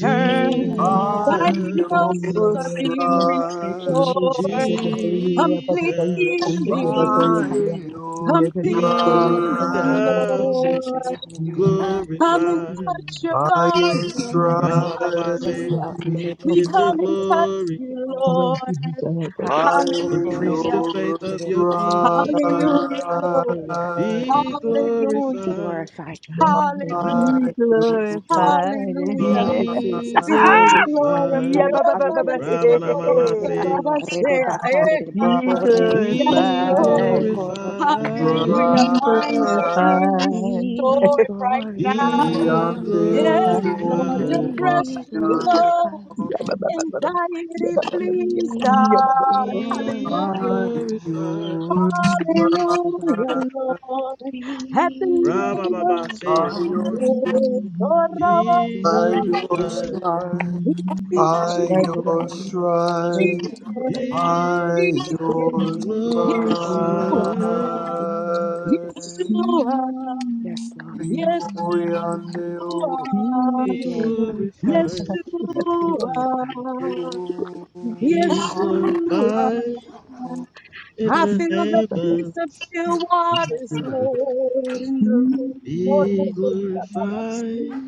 [SPEAKER 9] Mm,
[SPEAKER 5] Hallelujah. Radabaka.
[SPEAKER 6] by
[SPEAKER 9] yes, I will
[SPEAKER 6] your stripes, by
[SPEAKER 1] Diagnoses
[SPEAKER 6] your
[SPEAKER 9] never
[SPEAKER 1] are
[SPEAKER 9] tell
[SPEAKER 1] being
[SPEAKER 9] you.
[SPEAKER 5] Thank you,
[SPEAKER 6] stripes,
[SPEAKER 9] He's
[SPEAKER 5] Jesus.
[SPEAKER 1] restored.
[SPEAKER 2] Jesus,
[SPEAKER 5] Hallelujah.
[SPEAKER 1] Complete
[SPEAKER 5] Thank you, Jesus.
[SPEAKER 6] by
[SPEAKER 1] healing.
[SPEAKER 5] Hallelujah.
[SPEAKER 6] your
[SPEAKER 5] Thank you, Lord.
[SPEAKER 1] Complete
[SPEAKER 2] be
[SPEAKER 1] healing,
[SPEAKER 6] stripes,
[SPEAKER 5] Thank you,
[SPEAKER 2] thou
[SPEAKER 5] Jesus.
[SPEAKER 1] Lord.
[SPEAKER 5] Hallelujah.
[SPEAKER 1] Come and
[SPEAKER 2] glorified.
[SPEAKER 1] touch
[SPEAKER 5] Mm.
[SPEAKER 1] your
[SPEAKER 6] by your
[SPEAKER 1] garments.
[SPEAKER 2] Rabba
[SPEAKER 6] stripes,
[SPEAKER 2] Baba
[SPEAKER 5] Yes,
[SPEAKER 6] by
[SPEAKER 2] say,
[SPEAKER 1] Hallelujah.
[SPEAKER 5] Lord. the
[SPEAKER 1] We
[SPEAKER 2] get the
[SPEAKER 5] boko
[SPEAKER 1] come and
[SPEAKER 5] rede back,
[SPEAKER 1] touch
[SPEAKER 2] glory.
[SPEAKER 1] you, Lord.
[SPEAKER 5] Hallelujah. Boko back,
[SPEAKER 2] Increase
[SPEAKER 1] Hallelujah.
[SPEAKER 2] the faith
[SPEAKER 5] bakaya.
[SPEAKER 2] of
[SPEAKER 5] Dede
[SPEAKER 2] your
[SPEAKER 5] boshente.
[SPEAKER 2] people.
[SPEAKER 1] Hallelujah, Lord.
[SPEAKER 5] Hallelujah.
[SPEAKER 2] Be
[SPEAKER 5] Hallelujah.
[SPEAKER 1] Hallelujah.
[SPEAKER 5] Be
[SPEAKER 2] glorified.
[SPEAKER 5] glorified, God. Hallelujah.
[SPEAKER 1] Hallelujah.
[SPEAKER 5] Thank you, Jesus.
[SPEAKER 6] your
[SPEAKER 9] Glorified in
[SPEAKER 1] Hallelujah.
[SPEAKER 5] Thank
[SPEAKER 9] there.
[SPEAKER 5] you,
[SPEAKER 2] Be
[SPEAKER 5] Jesus.
[SPEAKER 1] Be happy
[SPEAKER 5] Hallelujah.
[SPEAKER 2] glorified.
[SPEAKER 9] Yeah,
[SPEAKER 1] glorified.
[SPEAKER 5] Hallelujah.
[SPEAKER 9] ba
[SPEAKER 1] Oh,
[SPEAKER 9] ba ba ba ba.
[SPEAKER 5] Hallelujah.
[SPEAKER 9] Hey,
[SPEAKER 1] Tabasa
[SPEAKER 9] hey,
[SPEAKER 2] Ramana
[SPEAKER 9] hey,
[SPEAKER 2] Mama
[SPEAKER 9] hey.
[SPEAKER 1] Robosa
[SPEAKER 2] say,
[SPEAKER 5] Hallelujah. Rede
[SPEAKER 1] Rabashea.
[SPEAKER 5] bakande
[SPEAKER 1] Eh,
[SPEAKER 5] de
[SPEAKER 9] Be
[SPEAKER 5] boko
[SPEAKER 6] stripes.
[SPEAKER 5] re
[SPEAKER 1] Yes,
[SPEAKER 5] kikiki
[SPEAKER 2] Be
[SPEAKER 5] ande de
[SPEAKER 1] Lord.
[SPEAKER 9] glorified.
[SPEAKER 5] boko rodo
[SPEAKER 6] By your
[SPEAKER 9] Be
[SPEAKER 5] bosoto.
[SPEAKER 2] glorified,
[SPEAKER 1] Hallelujah. Minds are
[SPEAKER 6] stripe,
[SPEAKER 1] being
[SPEAKER 9] glorified.
[SPEAKER 5] Be
[SPEAKER 1] restored right
[SPEAKER 9] Be
[SPEAKER 6] by
[SPEAKER 1] now.
[SPEAKER 6] your
[SPEAKER 2] be
[SPEAKER 5] glorified.
[SPEAKER 1] Yes,
[SPEAKER 9] glorified.
[SPEAKER 1] Lord.
[SPEAKER 9] Yes,
[SPEAKER 2] glorified,
[SPEAKER 5] Be
[SPEAKER 9] yes.
[SPEAKER 1] Depression goes.
[SPEAKER 5] glorified.
[SPEAKER 9] Thank
[SPEAKER 1] Anxiety flees,
[SPEAKER 5] Be
[SPEAKER 2] be
[SPEAKER 1] God.
[SPEAKER 5] glorified.
[SPEAKER 2] glorified.
[SPEAKER 5] Yes, the Lord,
[SPEAKER 1] Hallelujah, Lord. At the
[SPEAKER 5] be
[SPEAKER 2] Rabba
[SPEAKER 1] name of
[SPEAKER 2] Baba say,
[SPEAKER 1] Jesus,
[SPEAKER 5] glorified. Hallelujah,
[SPEAKER 1] Lord, our
[SPEAKER 2] Be
[SPEAKER 5] be
[SPEAKER 1] Savior,
[SPEAKER 2] glorified,
[SPEAKER 5] glorified.
[SPEAKER 6] stripe,
[SPEAKER 1] we speak
[SPEAKER 5] Hallelujah,
[SPEAKER 1] Jesus,
[SPEAKER 5] hallelujah, hallelujah,
[SPEAKER 6] by
[SPEAKER 1] Jesus,
[SPEAKER 2] be
[SPEAKER 5] hallelujah,
[SPEAKER 6] your
[SPEAKER 1] Jesus,
[SPEAKER 5] hallelujah. Thank you,
[SPEAKER 1] Yeshua,
[SPEAKER 6] stripe.
[SPEAKER 5] Jesus. Thank
[SPEAKER 2] glorified,
[SPEAKER 5] you, Jesus. Thank you, Jesus.
[SPEAKER 1] Yeshua,
[SPEAKER 5] Yes, Lord. Yes,
[SPEAKER 1] Yeshua,
[SPEAKER 5] Lord. Thank you, Jesus. Be
[SPEAKER 2] be
[SPEAKER 5] glorified, God.
[SPEAKER 2] glorified,
[SPEAKER 5] Be glorified, God.
[SPEAKER 1] Yeshua,
[SPEAKER 5] Be
[SPEAKER 2] be
[SPEAKER 5] glorified.
[SPEAKER 2] glorified
[SPEAKER 1] Yeshua.
[SPEAKER 2] in
[SPEAKER 1] I
[SPEAKER 2] the
[SPEAKER 1] feel the peace of
[SPEAKER 2] heavens,
[SPEAKER 1] still
[SPEAKER 5] Yes,
[SPEAKER 1] waters,
[SPEAKER 5] Lord.
[SPEAKER 1] Lord, in the room. Lord,
[SPEAKER 2] be
[SPEAKER 1] Lord,
[SPEAKER 2] glorified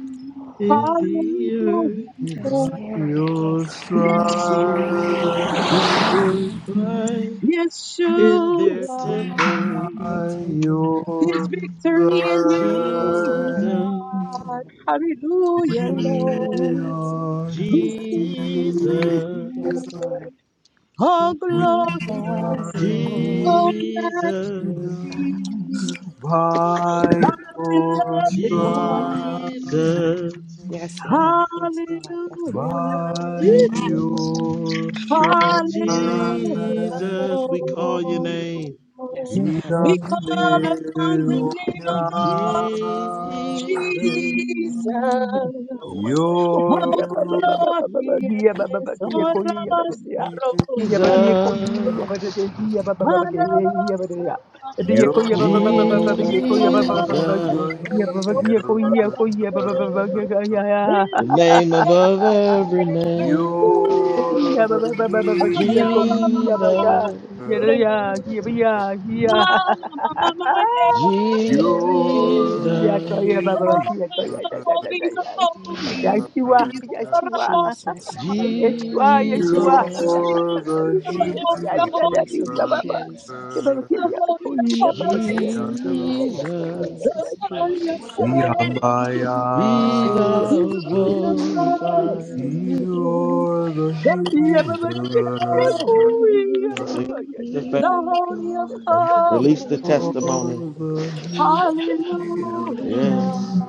[SPEAKER 2] in the
[SPEAKER 1] Lord.
[SPEAKER 2] earth,
[SPEAKER 5] Yes,
[SPEAKER 1] Hallelujah.
[SPEAKER 5] Lord. Yes, Lord.
[SPEAKER 1] Yeshua,
[SPEAKER 2] be glorified in their
[SPEAKER 5] Yes,
[SPEAKER 1] Yeshua,
[SPEAKER 5] Lord.
[SPEAKER 6] By
[SPEAKER 2] temples.
[SPEAKER 5] Be your temple.
[SPEAKER 1] there's
[SPEAKER 6] your stripes
[SPEAKER 1] victory in your
[SPEAKER 5] Yes,
[SPEAKER 1] name,
[SPEAKER 5] Lord.
[SPEAKER 6] we
[SPEAKER 2] Jesus,
[SPEAKER 9] you.
[SPEAKER 5] Yes,
[SPEAKER 1] God.
[SPEAKER 5] Lord.
[SPEAKER 1] Hallelujah, Lord.
[SPEAKER 5] Jesus,
[SPEAKER 6] are
[SPEAKER 1] We sing to
[SPEAKER 6] healed.
[SPEAKER 1] you,
[SPEAKER 2] Jesus,
[SPEAKER 5] yes, Lord,
[SPEAKER 1] Lord. Oh,
[SPEAKER 6] We
[SPEAKER 5] be thou
[SPEAKER 1] glorious,
[SPEAKER 5] glorified.
[SPEAKER 1] oh,
[SPEAKER 9] Yes,
[SPEAKER 2] Jesus,
[SPEAKER 9] Lord.
[SPEAKER 1] majesty.
[SPEAKER 6] are healed by your
[SPEAKER 1] beloved
[SPEAKER 5] Mm.
[SPEAKER 1] one.
[SPEAKER 6] stripes,
[SPEAKER 2] Jesus,
[SPEAKER 5] Yes, Lord, yes, Lord, yes,
[SPEAKER 1] Hallelujah,
[SPEAKER 5] Lord.
[SPEAKER 6] by
[SPEAKER 2] Yee.
[SPEAKER 5] Mm.
[SPEAKER 1] Lord.
[SPEAKER 6] your stripes.
[SPEAKER 5] Mm.
[SPEAKER 1] Hallelujah,
[SPEAKER 2] Jesus, we call your
[SPEAKER 1] Lord.
[SPEAKER 2] name.
[SPEAKER 5] Yes,
[SPEAKER 9] Yes,
[SPEAKER 5] Lord,
[SPEAKER 6] we are
[SPEAKER 9] Lord.
[SPEAKER 5] yes,
[SPEAKER 1] We
[SPEAKER 5] Lord.
[SPEAKER 1] call upon the
[SPEAKER 5] We
[SPEAKER 6] healed.
[SPEAKER 5] call
[SPEAKER 6] We
[SPEAKER 1] name
[SPEAKER 5] your
[SPEAKER 1] of
[SPEAKER 5] name,
[SPEAKER 1] the
[SPEAKER 6] are
[SPEAKER 5] Jesus.
[SPEAKER 1] Lord
[SPEAKER 5] Yes, Lord,
[SPEAKER 2] Jesus,
[SPEAKER 5] yes.
[SPEAKER 9] Yes, Lord.
[SPEAKER 1] Jesus.
[SPEAKER 6] Your
[SPEAKER 1] Oh,
[SPEAKER 9] Yeah, ba, ba, ba, ba, ba, ba, ba. Yeah, ba, ba,
[SPEAKER 1] glorious.
[SPEAKER 9] ba, kia
[SPEAKER 1] Oh,
[SPEAKER 9] ko, yeah,
[SPEAKER 5] Mm.
[SPEAKER 1] Rabba,
[SPEAKER 9] ba, da, da, yeah.
[SPEAKER 1] Sarabba,
[SPEAKER 9] Yeah, ba,
[SPEAKER 6] healed.
[SPEAKER 9] da,
[SPEAKER 1] Sarabba,
[SPEAKER 9] ko, yeah, ba, da,
[SPEAKER 2] Jesus,
[SPEAKER 9] da, yeah, ba, ba, ba, ba, ke,
[SPEAKER 1] Sarabba,
[SPEAKER 5] Mm.
[SPEAKER 9] yeah, ba, da, da, yeah. Da, yeah,
[SPEAKER 6] You're
[SPEAKER 9] ko,
[SPEAKER 1] Sarabba,
[SPEAKER 9] yeah, ba, ba, ba, ba, ba, ba,
[SPEAKER 6] the
[SPEAKER 9] ba,
[SPEAKER 1] Holy,
[SPEAKER 9] yeah, ko, yeah, ba, ba, ba, ba, ba, ba,
[SPEAKER 6] healer.
[SPEAKER 2] Jesus,
[SPEAKER 9] yeah, ba, ba, yeah, ko, yeah, ko, yeah, ba, ba, ba, ba,
[SPEAKER 5] Mm.
[SPEAKER 9] yeah, yeah,
[SPEAKER 2] the name
[SPEAKER 9] yeah.
[SPEAKER 2] above every name.
[SPEAKER 6] You're
[SPEAKER 9] Yeah, ba-
[SPEAKER 6] the healer. You're the
[SPEAKER 9] ba- ba- ba- ba- ba- kia ko- yeah, ba- ka.
[SPEAKER 2] Jesus,
[SPEAKER 9] Yeah, da-
[SPEAKER 6] healer.
[SPEAKER 9] yeah, yeah, ba- yeah, yeah. Eh, yeah, ko-
[SPEAKER 2] Jesus.
[SPEAKER 9] yeah, ba- ba- ba- kia ko- yeah, da- da- da- da- yeah. Yeshua, Yeshua,
[SPEAKER 5] Jesus, hallelujah,
[SPEAKER 9] Yeshua, Yeshua.
[SPEAKER 5] Jesus,
[SPEAKER 2] Jesus,
[SPEAKER 6] You're the
[SPEAKER 5] Jesus,
[SPEAKER 9] Yeah, da-
[SPEAKER 6] healer.
[SPEAKER 9] da- da- da-
[SPEAKER 5] Jesus,
[SPEAKER 9] yeah,
[SPEAKER 1] you're
[SPEAKER 9] ba- ba. Yeah,
[SPEAKER 5] Jesus.
[SPEAKER 9] ba- ba- kia, yeah, ba- ko-
[SPEAKER 1] holy,
[SPEAKER 9] yeah,
[SPEAKER 1] you're
[SPEAKER 9] ba- ba- kia,
[SPEAKER 5] Jesus,
[SPEAKER 9] da-
[SPEAKER 1] holy.
[SPEAKER 9] da- da-
[SPEAKER 5] Jesus,
[SPEAKER 6] Yandelo.
[SPEAKER 9] da- da- da- da-
[SPEAKER 2] Jesus,
[SPEAKER 1] The
[SPEAKER 9] da- da-
[SPEAKER 5] Jesus,
[SPEAKER 1] glory of
[SPEAKER 5] Jesus.
[SPEAKER 1] holy,
[SPEAKER 5] Hallelujah.
[SPEAKER 9] yeah.
[SPEAKER 2] be
[SPEAKER 6] Yambaya.
[SPEAKER 1] the
[SPEAKER 2] thou
[SPEAKER 5] Jesus,
[SPEAKER 1] glory of
[SPEAKER 5] Jesus,
[SPEAKER 2] glorified.
[SPEAKER 5] Jesus,
[SPEAKER 1] holy,
[SPEAKER 5] Jesus.
[SPEAKER 1] the
[SPEAKER 6] You're the
[SPEAKER 1] glory of
[SPEAKER 5] Yes,
[SPEAKER 6] healer.
[SPEAKER 5] Lord.
[SPEAKER 2] Yes, Release
[SPEAKER 1] holy,
[SPEAKER 2] the faith.
[SPEAKER 1] the
[SPEAKER 5] We
[SPEAKER 1] holy of
[SPEAKER 5] glorify
[SPEAKER 2] Release the
[SPEAKER 1] holy,
[SPEAKER 2] testimony.
[SPEAKER 9] God
[SPEAKER 5] you.
[SPEAKER 1] hallelujah,
[SPEAKER 2] Yes.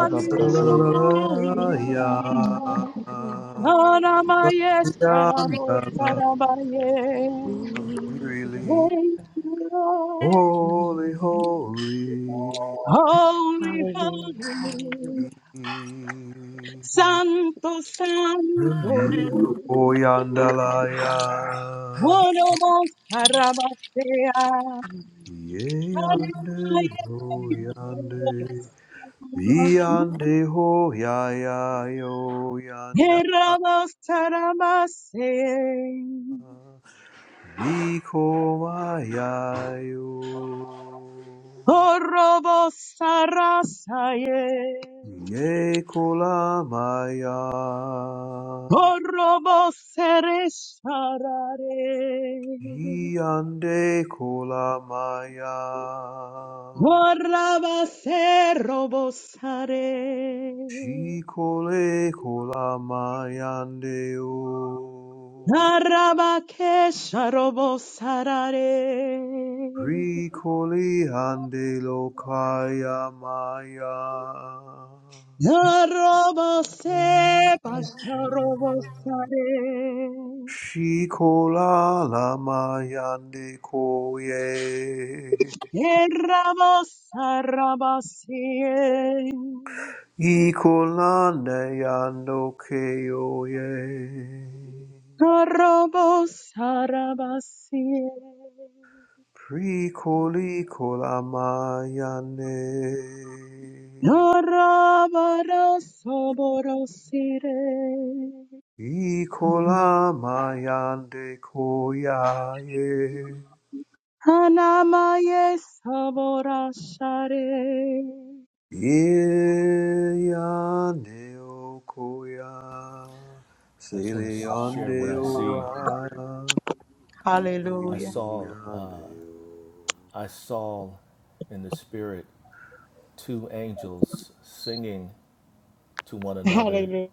[SPEAKER 5] Yes, Lord. be
[SPEAKER 6] Really
[SPEAKER 5] glorified.
[SPEAKER 1] Anamaye, Sarabo, Sarabaye.
[SPEAKER 5] Be
[SPEAKER 1] Thank
[SPEAKER 5] glorified.
[SPEAKER 1] you, Lord.
[SPEAKER 6] holy,
[SPEAKER 5] Mm.
[SPEAKER 6] holy.
[SPEAKER 1] Holy,
[SPEAKER 5] Hallelujah,
[SPEAKER 1] holy,
[SPEAKER 5] hallelujah.
[SPEAKER 1] Santo, Santo,
[SPEAKER 6] Oh,
[SPEAKER 5] Mm.
[SPEAKER 6] yandalaya.
[SPEAKER 1] Bueno, Carabasea,
[SPEAKER 6] Ye yande, ho
[SPEAKER 5] Thank
[SPEAKER 6] yande.
[SPEAKER 5] you,
[SPEAKER 6] ye Yande ho ya ya yo yanda.
[SPEAKER 1] Herabos Tarabase,
[SPEAKER 6] Nikomayayo
[SPEAKER 1] Corrobos Sarasaye,
[SPEAKER 6] Yekolamaya
[SPEAKER 1] Corrobos Seresarare,
[SPEAKER 6] Yande Kolamaya
[SPEAKER 1] Corrabase Robosare,
[SPEAKER 6] Shikole Kolamayandeo
[SPEAKER 1] Karabakesha robo sarare.
[SPEAKER 6] Prikoli Hande Lokayamaya
[SPEAKER 1] Robo se pasha robo sare.
[SPEAKER 6] Shikola lama yande koye.
[SPEAKER 1] Erabo sarabasie.
[SPEAKER 6] Ikolane yando keyoye.
[SPEAKER 1] Robo sarabasie.
[SPEAKER 6] Prikoli kola yande.
[SPEAKER 1] Norabara soborosire.
[SPEAKER 6] Ikolama yande koyaye.
[SPEAKER 1] Anamaye saborashare.
[SPEAKER 6] Ye yande okoya. Sele yande oa.
[SPEAKER 1] Hallelujah.
[SPEAKER 6] Blessings
[SPEAKER 1] Hallelujah.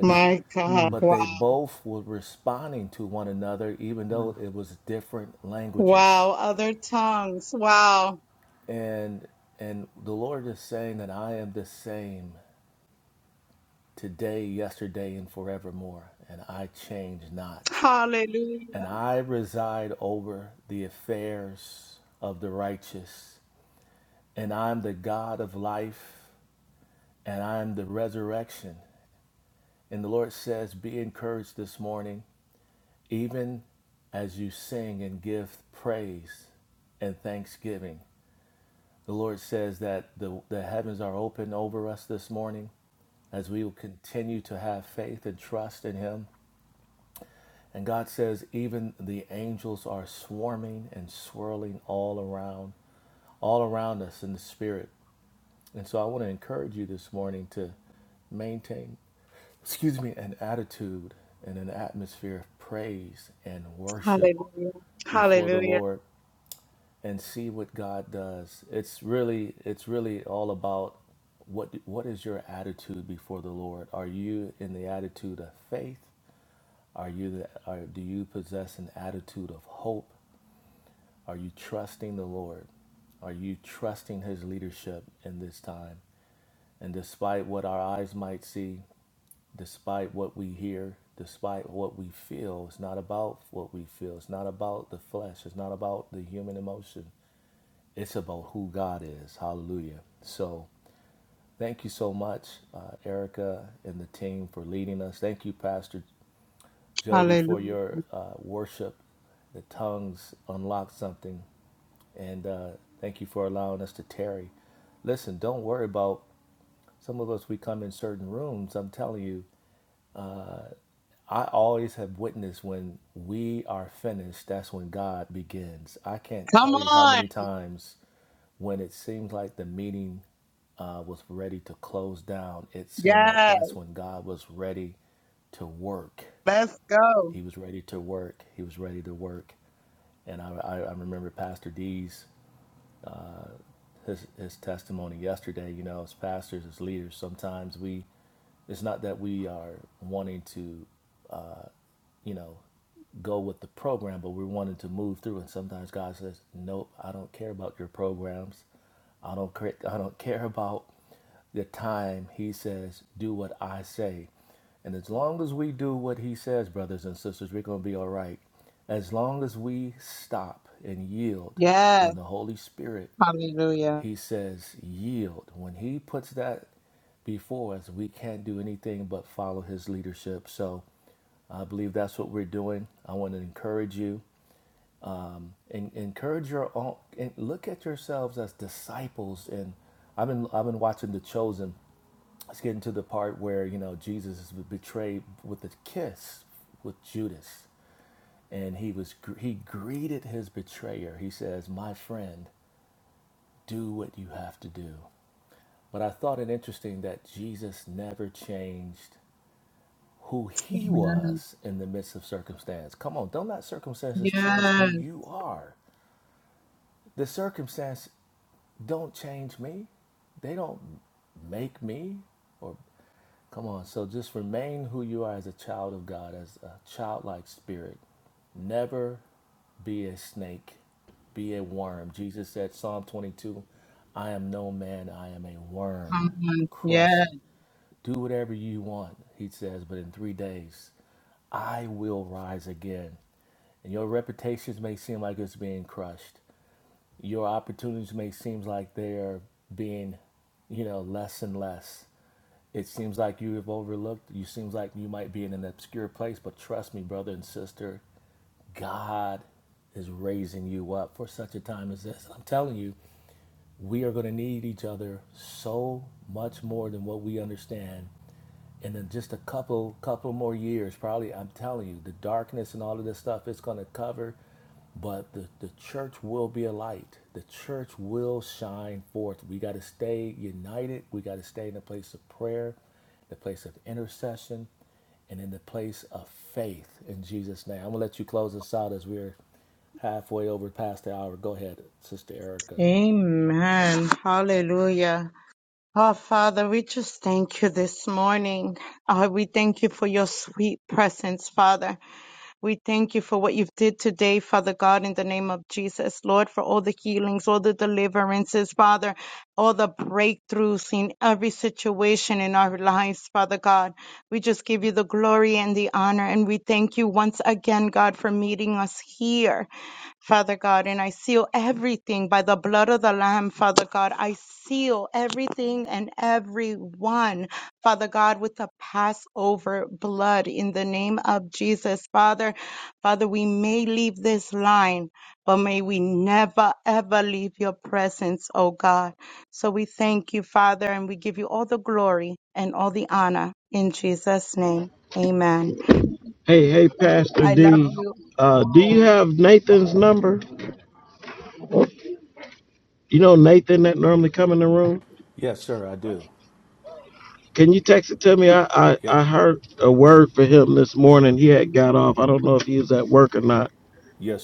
[SPEAKER 1] My God.
[SPEAKER 6] Hmm.
[SPEAKER 1] Wow. Wow. Other tongues. Wow. Hallelujah. Hallelujah. Hallelujah. Hallelujah. Come on. Yes. Let's go. Yes. Hallelujah. Yes. Come Yes. Amen. Hallelujah. Oh, Father, we just thank you this morning. Uh, we thank you for your sweet presence, Father. We thank you for what you've did today, Father God, in the name of Jesus, Lord, for all the healings, all the deliverances, Father, all the breakthroughs in every situation in our lives, Father God. We just give you the glory and the honor, and we thank you once again, God, for meeting us here Father God, and I seal everything by the blood of the Lamb, Father God. I seal everything and everyone, Father God, with the Passover blood in the name of Jesus, Father. Father, we may leave this line, but may we never, ever leave your presence, oh God. So we thank you, Father, and we give you all the glory and all the honor in Jesus' name. Amen.
[SPEAKER 2] Hey, hey, Pastor
[SPEAKER 1] I love
[SPEAKER 2] D.
[SPEAKER 1] you.
[SPEAKER 2] Uh, do you have Nathan's number? You know Nathan that normally come in the room? Can you text it to me? I, I, I heard a word for him this morning. He had got off. I don't know if he was at work or not,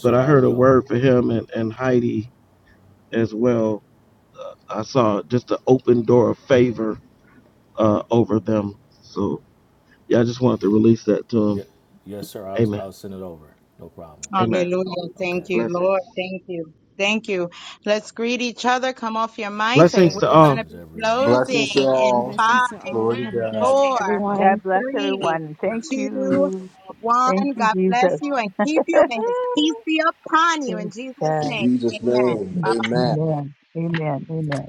[SPEAKER 2] but I heard a word for him and, and Heidi as well. I saw just an open door of favor uh, over them. So yeah, I just wanted to release that to them. Amen. Amen.
[SPEAKER 1] Hallelujah. Thank you, Lord.
[SPEAKER 2] Blessings.
[SPEAKER 1] Thank you. Thank you. Let's greet each other. Come off your mics and
[SPEAKER 2] Blessings
[SPEAKER 1] we're
[SPEAKER 2] to all.
[SPEAKER 1] going to be
[SPEAKER 6] Blessings to
[SPEAKER 1] closing in
[SPEAKER 5] Lord.
[SPEAKER 6] all.
[SPEAKER 1] five,
[SPEAKER 5] Blessings to all.
[SPEAKER 6] Glory
[SPEAKER 5] Have
[SPEAKER 6] to
[SPEAKER 5] a blessed
[SPEAKER 6] God.
[SPEAKER 5] day,
[SPEAKER 1] four,
[SPEAKER 5] Everyone.
[SPEAKER 9] bless
[SPEAKER 1] three,
[SPEAKER 9] everyone. Thank
[SPEAKER 1] two,
[SPEAKER 9] you. Thank
[SPEAKER 1] one.
[SPEAKER 9] you,
[SPEAKER 1] God bless
[SPEAKER 9] Jesus.
[SPEAKER 1] you and keep you. May his peace be upon you in
[SPEAKER 9] Yes,
[SPEAKER 1] Jesus'
[SPEAKER 6] In
[SPEAKER 9] God.
[SPEAKER 1] name.
[SPEAKER 6] Jesus'
[SPEAKER 1] Amen.
[SPEAKER 6] name,
[SPEAKER 1] Bye bye.
[SPEAKER 6] amen.
[SPEAKER 9] Amen. Amen. Amen.